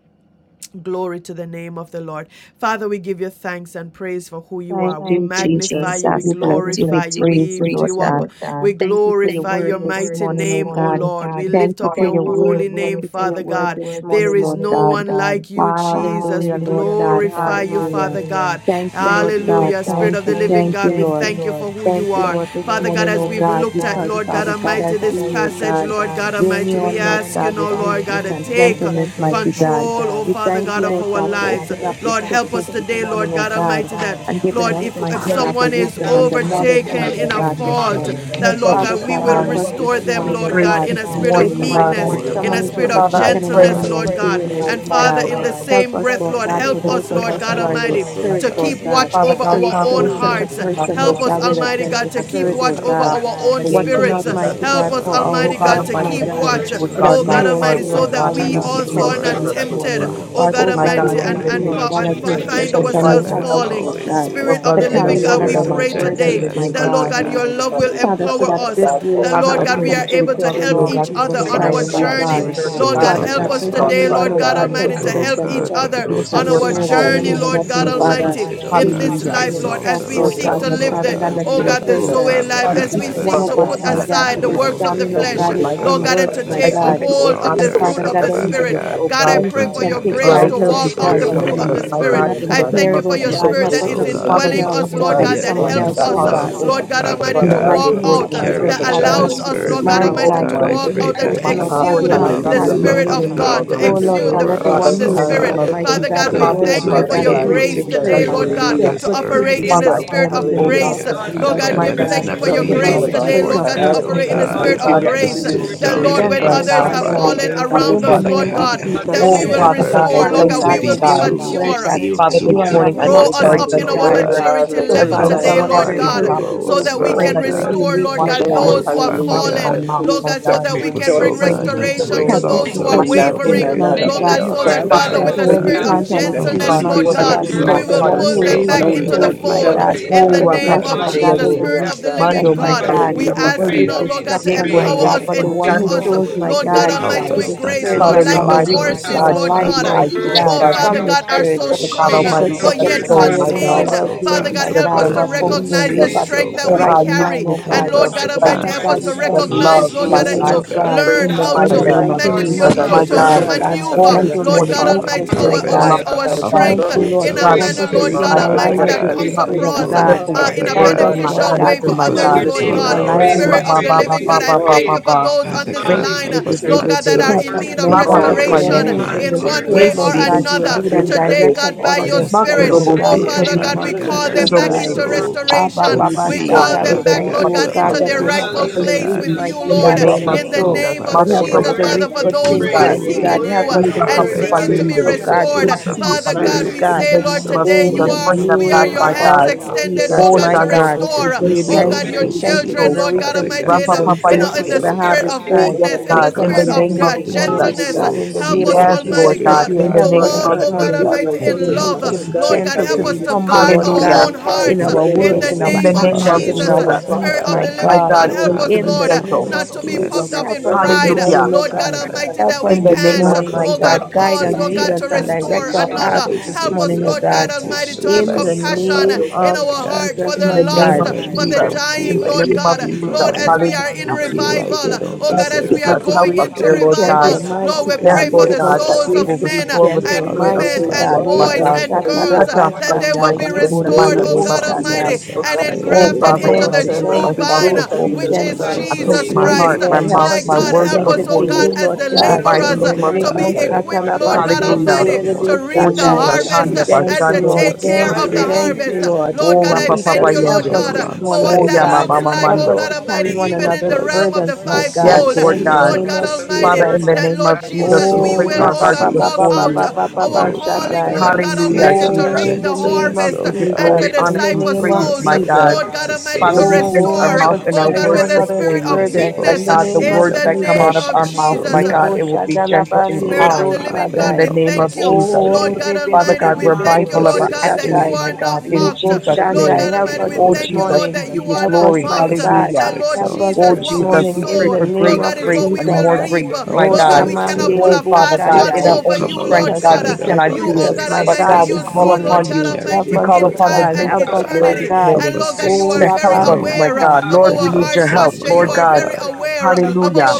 Glory to the name of the Lord. Father, we give you thanks and praise for who you
thank
are. We Thank
you,
magnify
Jesus.
you, you, we
God,
Jesus. God,
we
we
bless
glorify
you. We
bless you, you. we We
praise
lift
you,
praise you
Lord
you, up.
God.
Lord God. We Thank
Thank you for your
glorify you
word
your for your word
this
mighty this
morning,
name,
oh
O
God.
morning, oh Lord. We God.
Thank
lift
you
up
Thank you.
your
for
Thank you
your
for your
word.
holy name,
Thank
word. Thank
you for your
Father you for your
word
God. word
this
this
morning,
There is
Lord
morning, no Lord one
God.
God. like you, Jesus. We
Hallelujah,
Hallelujah, Lord
Lord God.
glorify God. you, Father
Hallelujah.
Hallelujah. God. Thank
Thank
you,
you,
Lord
Lord God.
Hallelujah. God. Spirit
Thank
of the
you.
Thank living you.
Thank
God,
you,
we Thank you,
Lord.
thank you Lord. for who
Thank
you
you,
are.
Lord,
Thank you, Lord,
this
Father this God,
morning,
this as
oh
we've morning, oh
God,
looked at, God. We
because
Lord God thank Father
Father God,
Almighty,
as
God this as you,
we, oh
passage, Lord
God,
Lord God. God
journey
Almighty, we Journey
on,
on,
Lord
ask you Lord
God,
now,
with
God, Lord with God,
meekness
to meekness
and
take people and
gentleness,
gentleness, mighty
mighty God.
control, God. oh
We
Father We
thank
God,
you,
of thank
Lord
you, our you,
God,
Lord God,
for
lives. for
opening up
opening
the
Lord, opening up help
scriptures
us
this
today,
morning,
Lord
oh
God
God,
Almighty, that,
and giving
Lord,
us,
if, if
mighty
Yes,
Hallelujah.
God, the
God,
someone is
in
wisdom
the
and the
name of
knowledge,
God,
overtaken in
mighty
Jesus.
a
I'm
God,
not
this
fault,
morning.
Sarayana
that,
Help
i
us,
Lord
Father
God, we
God,
had
will
help
God,
us
been
this
restore
to
them,
try
with
morning,
to
Lord
oh
collect
grace
God,
God.
in
this
a
the
spirit
thank you
If,
of
for
morning,
my
conduct
God.
your
meekness,
God,
for
if
your
in a
someone
word.
is
only
spirit of
person
Father,
to
I
overtaken
the
in
pray
I
any
level
gentleness,
in
Lord
Jesus'
God.
wrongdoing,
Hallelujah.
And
name,
mighty
my
Oh
Father,
God,
of
in
God.
the
God.
the
help
same
us,
breath,
Lord
Lord,
God, for
help
the
those
us,
of
spirit
Lord
of
us
Hallelujah.
God
who are in
Help
Jesus,
the
Almighty,
us, oh
God.
spirit,
to
God.
Lord
keep
God,
watch
Father
over
to
God,
our
stop
own
me
restore
to be
such
to
a
hearts.
used in my
person, oh
Help
words,
work
us,
God,
in
with
speech, and
a
Almighty
gentle
God, to
gentleness,
keep
spirit,
oh
actions,
oh
watch
my
God.
over
God,
God.
our
in
own
the name of
Watching
spirits.
out,
Help us,
Jesus.
mighty
oh
After
Help
that,
God,
we
us,
will
God,
for
Oh
go
Almighty
to
God
God,
ourselves,
to
Almighty,
help
my
I
keep
praise
in
pray
God,
that
watch,
you,
you
into
would
so that
oh
gentleness,
guard
we
my
oh
God
heart,
God,
Almighty,
also,
my
to
so
Lord
Thank
that
help
God,
God,
to
will
we
in the
not be
name
also
of
are
tempted
restore
not
God.
this
Jesus.
tempted,
morning.
oh
those
Guard
God
it,
that
Oh
my
are
God, we
Almighty,
God,
and,
in
thank
the
you,
fallen
and,
name
Lord
in
of
God,
and,
that
Jesus,
you'll
as
teach
find
gentleness, oh
us
we
and
try
God.
you'll
ourselves
Let
to
help
us
us,
help
falling.
Lord
always
God,
our
use
Spirit of
to
the
brother and
the
our
carry
living
one
God,
Lord,
we
sister,
spirit
my
of
another's
pray
we
God, in
come
today
burdens,
the
to
my
gentleness,
name
you
that,
of
this
God
Lord
Father
God,
Jesus.
God.
morning
your
in the
love
Father,
will
we
Father,
are
so
empower
that
Father
us.
this
God
way,
for
That,
Lord
the
Father,
Lord
God,
blood
I
we
God,
and
pray
we
that
can
are
you
serving
would
able
my
to
fulfill
help
the
me,
help
oh
law
country.
of
God,
each
to
other
Jesus
stay
As
on
in
we
our
Christ,
Father
my
alignment
God,
seek
with the
journey.
to
we
God.
are
Spirit of
Lord
restore
God,
God.
overtaken
Father
with
God,
a
help us
others,
so if
Help
fraud,
me
Father
today,
to
anyone,
Father
Lord
stay
oh
God.
God
in
God,
God.
alignment
Almighty,
with
So
to
Oh
considers
the
help each
Spirit,
God,
themselves
but
to
other
be
with
those
help
the
who
on
I
can
Word
us
our
something,
of
oh
not
God,
God,
spirit
when
journey,
in
to
he's
the
us in
Lord
the
name
God
nothing,
be
of
school of
Father,
Almighty,
man,
Jesus.
tempted, oh
and
he
in
is
God,
this
to
Hallelujah.
deceiving
life,
and
Lord,
exalt
himself,
as
the
we
Oh,
Lord
spirit
seek
of
God.
to
ourselves,
Shanda,
Thank
But
my
oh
meekness
live
to
Father
the,
thank
God,
God.
you,
let
we
oh
each
consider
God, the
Oh
thyself.
person,
Zoe
Father
life,
let
Father,
God,
as
Please,
I
each
we
let
thank
one
seek
of
Father
you,
us
to
O
us,
put
God,
God,
that
my
that
not
we
God,
aside
to
you.
the
meekness
do
lord
not
is
works
not
of
in
over
the
examine, oh
heaven
weakness,
flesh,
God,
anyone,
his
below
my
Lord
own
to
Father
God.
God, and
God.
God,
works,
to
Let
but
my
I
take
us
that
a
thank
God.
not
you,
you.
O
hold
to
of
God,
exalt
the
that
And
the
restore
Jesus.
fruit
Father
spirit
of
order,
God,
ourselves,
the
of
Thank
Lord
then he
Father
can,
Spirit.
meekness,
Father God.
God,
O
God, I
God,
then
pray
but
he
for
to
your
can
have a
take
grace
Father,
pride
dwells
to
help
gentle
and
in
us
walk
to
out
himself
the
resides
bear
spirit,
one
oh
fruit
alone
within
of
me,
the
another's
God.
my
Spirit.
and
God,
not
Spirit.
burdens,
in
Thank
I
the
you,
Father,
name
thank
compare,
you
of
for
Lord
your
and so
God.
Jesus.
Help
Spirit
Help
us,
that
us
is
oh
not to
fulfill the
God
Father,
compare
this
indwelling
love of
us,
morning
Lord
ourselves
to
I
Master.
with
God,
Christ,
yet
pray
that
that
someone
you
Father
helps
would
else,
lose
God,
oh
cause
Do
me,
God.
love,
us,
O
hallelujah.
Lord God
that.
God,
But
Father
Almighty,
In
Father
the
to
God,
God,
yes,
mighty
walk
there are
name
Lord
to
out,
of
things,
God,
carry
Jesus,
Father
that
each
to
God,
Father,
have
allows
other's
when we
us,
meekness,
Lord
can
God
burden.
my
my
move
Oh
oh
Almighty,
God,
God,
to
God,
so
someone
I
under
for
to.
walk
each
pray
out and
give
control,
that
to
my
person,
we
Lord
Ah,
God,
authority,
exude
you'll
my
have to
love,
God,
the
that
the
Hallelujah.
carry
you
their
have
love
Spirit
To
of
of
given
load.
be
me
God
our
God,
under
will
to
Oh,
burden.
Lord
exude
control
God,
the
let
empower
the
fruit
one
of
us,
Father
the
who
in
is
oh
the
God,
name
Spirit.
taught,
God,
of
help us
mighty
Father
God
God,
Jesus.
God,
not
the
we
a
to
Father,
to,
think,
word,
I
thank
pray
my
you
to
praise
for
Father
for
God,
be
the
your
or who
God,
is
grace
able
in
to
to
grace
the
be
that
today,
spirit,
carry
Lord
gentle,
one
God,
my
hallelujah,
God.
Said
another's
to
good
your
things,
operate
burden.
name.
in
Father,
the
I
mighty
himself,
thank
Spirit
God,
of
in
you,
the
O
hallelujah,
name
Father
God,
of
grace.
God,
for
God,
grace
Lord
Father
to
Jesus,
something
your
God,
be
God,
my
let
give
when
word
it
us
thank
God.
is
gentle
you for
in
never
the
your
be
nothing,
Give
name
praise.
us
too
grace
of
Father
the
God.
today,
spirit
Jesus.
Lord
of
That
God,
Hallelujah.
to
important,
our
I
oh
meekness,
operate
Bless
in
the
God,
the
thank
you.
God,
you,
God,
O
Spirit
spirit
hallelujah,
God,
of
of
we are
for
bless
to
the
grace.
acting
grace
your
in
to
word
the
stoop
be
That,
by
down
spirit
meek,
of
your
Lord,
to
when
name.
my
help
pride,
gentleness,
others
God,
my
have
Father
in
God.
God,
the
somebody
fallen
Hallelujah.
name
And
of
oh,
around
in the
us,
Father
Father
Jesus.
name
Lord
God, we
of
God,
God,
you.
help
God,
deceive
Jesus,
your
that
us
we
my
Oh,
ourselves.
name
will
God,
Father
Thank
because
never
God,
is
I
restore,
a
Father
Lord
thank
God,
to
you,
we
God, your
be
will
Almighty
my
be
word
God,
God.
too,
in your
declares
mature.
that
feel
Father, this
you
too
are
praise.
sovereignty.
not
morning I
Grow
pray
mocked,
us
for a
up
important,
Patrick,
mighty
in
oh
gentle
Thank
our
God.
Lord
God,
spirit,
God,
maturity
let
So,
to
a
level
every
help
Father God,
gentle
man,
today, Lord
heart,
whatever a
somebody
my
hallelujah,
God,
person
God.
prove
below
his
so
sows,
own
us,
that
I
so
we
work
pray
Father
can
also
and
that
the
will
God.
he
measure.
you
restore,
even
reap,
Lord
watch
Lord
God,
the
Then,
God.
words
Oh,
those who
that
have
come
Father
out
hallelujah,
of
fallen,
my
God,
we
mouth,
Lord
my
God,
preach,
so
God.
that
Thank
we
help
you.
can
us,
I
oh
bring
rejoice
pray
in
God,
in
him
not
Jesus'
to
restoration to
Help
name
alone
that
us
you
those
exalt
to
who
would
are
sow
watch
and
good
the
not
ourselves
in
seeds,
wavering,
words,
higher
my
another.
mighty
than
God.
Lord
you,
we
God.
God,
Help
so
ought
us
Lord.
that,
to
to,
be
Father
Father,
Father,
Hallelujah.
I
God,
with
Father
careful
a
pray
for
where
that
we
God.
you,
spirit
you would
of
plant
touch
everything
our
that
my
we
Help
seeds,
Lord,
gentleness,
heart.
us
do
Lord
not
is
Lord,
mighty
I
to
your
God,
unto
God,
give you
you,
word
my
we
because the
exalt
will
Father
heart
one
God.
in
pull
the
who
them
praise,
name
ourselves
of
And
back
really
oh
higher
Jesus.
into the
word
sows,
Lord
than
my
we
fold
God,
ought
God,
praise.
to,
Father,
in
Oh,
the
the
that
Father
is
Rapa
name
unto
flesh,
God.
the
of
my
Papa
Hallelujah.
God,
Jesus,
will
Yende.
glory
Spirit
of
reap
of the
the
God.
Jesus.
flesh,
living
Mando
Father
my
God.
Lord,
Mosi
God,
God,
We
Hallelujah,
Father
Terebe
will
ask
Father
you
God,
reap
praise,
Si.
now,
God.
help
Lord God,
us,
to
Ye
oh
destruction,
Each
praise,
my
and
empower
God.
Korobo
God.
us,
every
But
and
one
the
Si.
of
one
praise,
endue
us
who
Chando
is
Lord.
sows,
us,
worthy
Mosi
my
of
Lord God
God,
worthy
Terebe
for
Hallelujah.
Help
Almighty,
the
Sai.
to
with
the
us not
grace,
Spirit,
to
Lord,
Father,
my
And
God,
like
we
the
will
remind
exalt
are
reap
me that
horses, Lord.
God,
ourselves,
eternal
Lord
responsible
life,
God,
truly,
to
Father.
Your
I
who,
mighty
should,
do
word,
it.
you.
oh
God,
oh
God,
God.
Father
he,
from
Your
Hallelujah.
the
God,
word
are
Help,
Spirit.
so
oh
Everything
God
So
strong
from
praise.
let
the
us
Almighty,
hallelujah.
Jesus,
Your
what
but
not
I've
get
word,
And
yet
I
sown,
God.
Jesus,
tired
my
thank
in
European
you,
help
our
God,
Hallelujah.
contained.
us,
Father,
oh
that
well-doers,
Union
Father
you
God,
seeds
God,
my
to
of
help
have
God,
us
and
to
but
plant
others
gentleness,
for we
in
good
the
the
will
seeds
recognize
Your
the
reap
of,
name
Japan
at
seeds,
this
the
in
is
oh
strength
the
that
oh
morning,
we
also
right
God.
God,
kingdom
carry.
time,
of
meekness,
O
the
And
God.
seeds
Help
Lord.
important.
Lord
of
us
God
to
Thank you for
Almighty,
Father
plant
I
your
help
Lord.
beloved this is
righteousness,
us
God,
Hallelujah.
your
to
we
think
this
seeds
work
of
God.
it's
thank you
good
Hallelujah.
recognize,
this
love,
lovely
Lord
my
God,
and
seeds,
and
morning,
God
Almighty
to
just
oh
O
God, I
God.
one
God.
pray,
learn
in the
how
In
mighty
to
Father
the
God.
Spirit
name of
mighty
filled
Lord,
thing
name
Father,
of
Jesus,
manipulate,
your
that
that
to,
my
seed,
was
every
to,
Jesus,
to
God.
word,
Father
oh
Europe
man,
God,
God, so
Father
from
All
maneuver,
God,
that
this
that
we
from
Lord
is
can
gentleness,
morning,
God
reap
caught
God,
from
a
in
I
the
Almighty,
meekness,
speak
my
world,
our,
my
our,
God.
mouth,
harvest
Father
rather
Hallelujah.
our
God,
things
we
of
that
God.
the
Thank
I've
strength
run
you,
the
been
fruits
Oh
Lord
in
of
using
a
God.
world,
the
God,
Help
Praise,
manner,
us
before
to
to
Lord
you,
stay
Spirit,
God
in
God,
Father
and
Father
I
Almighty,
God,
ask
alignment
praise,
that
that
with
God.
and
the
you
praise
we
would
comes
help me
Spirit
pray
to
in
of
be
our
across
Oh,
God.
express
careful
heart,
with
uh,
my
your
the
in
Father
a
name.
life,
Help
words
God,
us,
in
Father
my
my
Lord
God,
beneficial
eyes,
God,
way
life,
let
for
us
and
this
help
my
and my
Lord,
us
others,
morning
God.
your
to
not to
Lord
name
stay
is
communicate
in
God.
allow
unto
Oh,
praise,
life
Him
ba
is
alignment.
Spirit
ourselves
of
ba
to
the
praise,
ba
now
that
ba
get
living
ba
God,
teacheth
I
ba
moving
ba
weary.
all,
thank
ba
praise.
you for
ba.
forward.
those
in
It's
on
the
Father
this
a lot
God,
comfort
Ready,
line,
help
and
baby,
us
arm
baby,
Hallelujah,
teacheth
Lord
of
not
God,
of
that
the-
baby.
are
to
different
Help
in
us,
need
things
of
in
Lord
be
and
Rapa
God,
hallelujah.
all
that the
papa
so
weary
good
one
in
restoration
who
on.
yende.
is
Lord,
things,
in the
in
planting
one
Father
worship
And
Spirit,
the
good
God,
Ye
way or
Lord
tere de
God,
seeds,
you
si
will
that
another.
lead
language.
tere
Father
you,
and
Him
de
that
God.
Today,
so.
direct
is
worship
and
God,
you.
by
order
caught
Let
your
their
Thank you
us
for the
steps,
in
Spirit,
the
oh
Makorobo
grace
world,
Bless
and
oh
God,
si
in
persevere,
your
the
Father
tere
name,
name
blessings
si.
God,
Father
of
we
God.
of our
peace.
God,
call
Bless
communicate
Savior,
as
them
Thank
Jesus
Sando
we
Lord,
your
mo
back
name,
unto
Christ.
se
into
and
Him
God.
tere
the
sow
de
Lord,
si
Abba,
that
restoration.
good
Baba,
We
Bless
and
teacheth
seed,
your name.
the
call
Shatta,
In
we
them
in
the
Father
back,
you,
thank
Savior,
name
all
you,
Lord
of
God,
oh
God,
good
to
Jesus,
God,
into
Jesus.
that
their
things,
you
God.
others,
Father
help
Jesus,
rightful
God.
Hallelujah,
us
Father
Praise
to
to
Lord,
place
Jesus,
reap,
God,
with
you
you,
mighty
and
in
Father
the
the
Lord,
God,
because
Lord,
what
name
we
hallelujah.
of
we
in
for
the
your
sow.
know,
Jesus.
Jesus,
name
work. Thank you, are very
But
of
You
Father
are
help
Jesus,
us
God,
worthy.
Makorobo
Jesus,
to
worthy
that
si
Father,
reap
of
for
tere
good
Lord,
those
we
who
things,
praise.
are
will
mighty
Okay,
God.
seeking
reap
Worthy,
you
Help
and the Lord, and the Lord, and
a
us
Oh,
you
to
are
the
Rapa
and
sow
worthy.
good
Papa
seeking
harvest
to
God,
Hallelujah,
things,
be
for
oh
Yende.
of
your
the
Lord,
God,
restored.
good
and
work.
fruits
Papa
of the
seeds,
the
Father
Papa
Lord,
God,
Yende.
mighty
hallelujah.
Spirit
we
if
God
In
say,
the
we
Lord,
name
sow
of
Father,
today
Lord,
in
you
Jesus,
we
the
are,
thank
bring
seeds,
you
them
we are
back,
for
Lord,
name
your
the
my
hallelujah,
Father
hands
of
God.
God,
perfect
of the
gift
extended,
of
Jesus,
Lord
Oh,
hallelujah.
God,
my
to
Spirit.
Shando,
Father,
God.
Bose,
restore,
If we
We
for the
Terebe,
oh
thank
God,
sow
Si,
perfect
you.
Thank
your
We
children
good
Terebe,
thank
Son,
you for
children,
So.
the
seeds,
Lord
hallelujah,
God
reaping
Father
Almighty,
we
God,
in,
Rapa
a,
season.
so
thank
We
Papa
in, a,
you
thank
help
you,
you
in
for
us,
the
Yende.
the
oh
spirit
God,
harvest
for the
of
Oh,
Thank
time.
yes,
perfect
meekness, in
Son,
We
the
help
God, in the
spirit
us
of
contend
name
this
of
uh,
hallelujah,
to
for
morning,
do
hallelujah,
Jesus.
you.
oh
the
God,
Thank
sow
gentleness.
in the
Help
name
you.
seeds
us,
of
Yes,
of the
perfect
Almighty
Jesus,
Lord
that
God,
Spirit,
God,
you
in
will
the
to
help
Father
us
name
God
walk,
this
of
God,
oh
broken
for
God
heart,
morning
being
Jesus.
Almighty,
your
The
to
and
be
to
in
word,
hallelujah,
meek,
love.
help
to
us
Father
we
to
be
Lord
God,
thank
take
God,
you
gentle,
for
to
help
the
us
be
hallelujah.
to
Lord,
advantage,
humble,
for
oh
guard
Lord
the
God.
our
You
God,
Hallelujah.
God,
own
will
to
find,
in
hearts
be a
our
perfect
in
words,
the
hallelujah,
Son,
in our
how
blessing
In
we
the
name
to
should
of
name of
actions,
God,
and in
others,
Jesus.
operate,
our
hallelujah,
Jesus.
Father
deeds,
Spirit
Father
of
God.
God.
my
the
Thank
My
living
God.
God,
And
God,
Oh
oh,
grace
help
God,
Father
us,
to
God,
In
be
let
the
Lord,
us
gentle.
name of
not
always
to be
you will
puffed
Jesus,
bless
praise
up
not
help
in
err
us this
pride.
in
others,
Hallelujah.
morning,
error,
oh
Lord
Father
God
God.
Father
my
God.
God.
Almighty,
Help
that we
us
In the
You
this
Help
will
name
can't,
us
not
of
morning,
come
to,
my
oh
to
God.
Jesus.
Father,
God,
to
comfort,
Guide
pause,
us,
take
Lord
the
comfort.
lead
God,
us,
to
You
oh, God,
and
Lord.
will come to
direct
restore
advantage,
our
love,
God,
paths
another.
Father. You
always
this
Help
will
take
be
us,
morning,
the
oh
Lord
God
God
comfort, God.
advantage
Almighty,
to
to
process
have
You
in
bless
will
the
be
of
compassion
name
somebody,
your
compassion in
of
living
Father
our
Father.
God,
heart for
Jesus,
In
my
the
the
name
lost,
God,
even
of
when
for
we
the
praise
Jesus.
don't
In
dying,
feel
the
like
Lord
name
it,
of
God.
Yes,
even
refinement
Lord,
Jesus.
Father
as
when
we
my
God.
are
and
in
we
transformation
Hallelujah.
And you
feel
will
like
revival,
show
they
the
don't
oh
love
Father,
Help
God,
was
as
determined
give
we
deserve
are
of
us
Jesus.
it,
oh
the
the
Help
going
us,
God.
Father
grace
into
to
Yes,
dear
be
God.
Lord
yes,
Help
Thank you,
God.
revival,
gentle,
you.
us to
through the
Lord,
mighty
Keep
we
process
Yes,
always
pray
God.
them
for
be
Lord
a
the
both
Give us
God,
the
that
together,
of
souls
you
grace
of
will
blessing
Lord.
to
Father.
be
men
restore with
to
the
gentle,
and
spirit of
others,
women
mighty
Oh,
meekness,
and
God.
Father
Father
my
God
boys
Yebo
Hallelujah.
God,
God.
and girls
Touch
hallelujah.
our
Lord,
that
hearts,
they will
my
shakarabasandai,
be
God,
Help
that
us
in
yebo
the
we
not
are
restored,
mighty
to
not
oh
name of
God
exalt
deceived.
Jesus.
praise
ledeboshanai.
Almighty,
For
ourselves
my
and
God
Father.
is
higher
not
Oh,
Thank
than
far
you,
engrafted
we
Father
for
refinement
into
God,
thank
ought
I
you,
the
to,
place
whatsoever
thank
true
Father
he
you.
myself
vine,
so
Grace
God,
it
to
has
before
be
which
done
you.
but
you.
is
gentle.
You are
I
help
place
so
us
Jesus
to
my
Yes,
be
Christ.
rude
heart,
to
able
my
Lord,
the
help
to
mouth,
My
us
mighty
to
my
be
God,
stoop
God.
words
help us,
connected
you.
oh
to
before
down,
you
Oh,
you,
God, as
Lord
the
in
Father,
the
my
God.
stoop
help
mighty
Thank
laborers
to
name
down,
of
do
to be
Rebo
Jesus.
good.
Father,
equipped,
and
Don't
Lord
and
refinement.
God
shakarabasete
help
Hallelujah.
help
Almighty,
us to
to
walk
someone.
in
Oh,
reap
the
the
Jesus.
spirit.
harvest
Handa
uh,
Thank
and
Jesus,
you,
to
bashando
help
Lord.
mose
take
us,
care
oh
Thank
of
you.
the
God.
Thank
terebesi.
you,
Help
harvest.
Hallelujah.
Uh,
us to
Lord.
Lord
love
Oh,
God, I
Holy
Rapa
Teach
and
Papa
thank
our
us.
you,
Spirit,
Help
Lord
Yende.
come
us
people
God, uh,
and
this
to
for
morning,
what
Oh,
oh
alongside
love
that
Yama
us,
God.
looks
oh
Mama
like,
Help
God,
oh
us
God
Mando.
to carry
Almighty,
and
one
even
help
in
another's
the
us
realm of
burdens,
the
to
my
Yes,
God,
sow
fivefold.
Lord
Uh,
in the
seeds
God.
Lord
of
name
God
the
of
Father,
Almighty,
in
Jesus.
Spirit,
the
that
name
Lord
of
to
Jesus,
Jesus,
we
we
sow
Oh,
place
will,
our
good
oh
hearts
God, walk
seeds.
before
out
you.
uh, our
Oh,
calling,
Father
Shaddai.
Lord
God,
God
Hallelujah,
seeds
Almighty,
of
to
Jesus.
Oh,
reap
in
the
the name of
gentleness,
We
harvest uh,
give
oh
you
God
and to
Jesus.
glory,
In
honor,
the
and
disciple
name
Help
of
praise,
souls.
us,
my
Uh,
O
Jesus.
God.
Lord
God,
God
to
Almighty,
sow
to
Father, we
seeds
place
of
Oh,
our
restore,
help
uh,
mouth
us to
and
oh
our
carry
God,
one
words
with
gentleness
the
another's
before
spirit
you.
of
as
burden
That
in
meekness
opposed
the
uh,
to
God, the
name of
seeds
in
words
the
of
that come out
name
Jesus.
of
of
our
harshness,
mouth,
O
Jesus.
my God,
Lebo
it
God.
will be gentle and
Shadalabandi
Spirit
O
of
Lebo
the
kind
living
in
Father,
God,
Sadai.
the
we
you.
help
name
them
of
thank
us
you.
Jesus.
this
Lord
Oh,
day.
God
Production
Father
Almighty,
God,
we
we're
Help
Thank
thank you,
mindful of
us
Rebebebebebebebe
Lord
our
this
God,
of
that
actions,
you
Satai.
day.
are
my
not
God, in
mocked.
Lebo
Jesus'
Have
Lord
your
name.
Shandai,
God
help
way,
Almighty, we
us
Oh,
this
thank
Lord.
you,
Jesus,
Lord,
morning.
we
that
give
you
the
you
are
Help
not
us,
glory.
my
Help
mocked.
us
God.
not
Hallelujah.
to
That, Lord
Help us
exalt
Oh,
Jesus,
this
what
Jesus,
we
ourselves
we
morning
higher
in
pray
the
sow,
for
than we
name
Lord
grace,
structure
of
God,
ought
is
grace,
and
what we
to.
and
correction
Jesus.
will
more
reap.
grace,
Help
my
Oh,
Lord
us
God,
God.
we
to,
cannot
to,
Ramandi
pull
Oh,
a
Lebo
Father
fast
God.
God,
to,
one
in
Shandai.
our
to
over
own
come
you,
Teach
strength,
Lord
us,
God.
God, we
alongside
teach
our
us,
cannot
You,
teach
do
brothers
oh
it.
us,
and
God
my
But
God,
Almighty,
sisters
God,
you
we
this
and
call
help
see,
them
Lord
morning.
upon
to
God
you.
carry
Help
Almighty,
We
their
us,
call
in
oh
upon the
burdens,
time
God.
and
grace
O
Help
of the
us,
God.
my
Lord this
eternity.
God.
Help
And
morning
Lord
us to
God, you
Oh,
are
to
stoop
very
help us, my
down
aware
Labasata.
God.
of
Lord,
to
we
our
need
help
heart
your help.
posture.
someone,
You
Lord
O
are
God,
very
God.
aware of
hallelujah.
our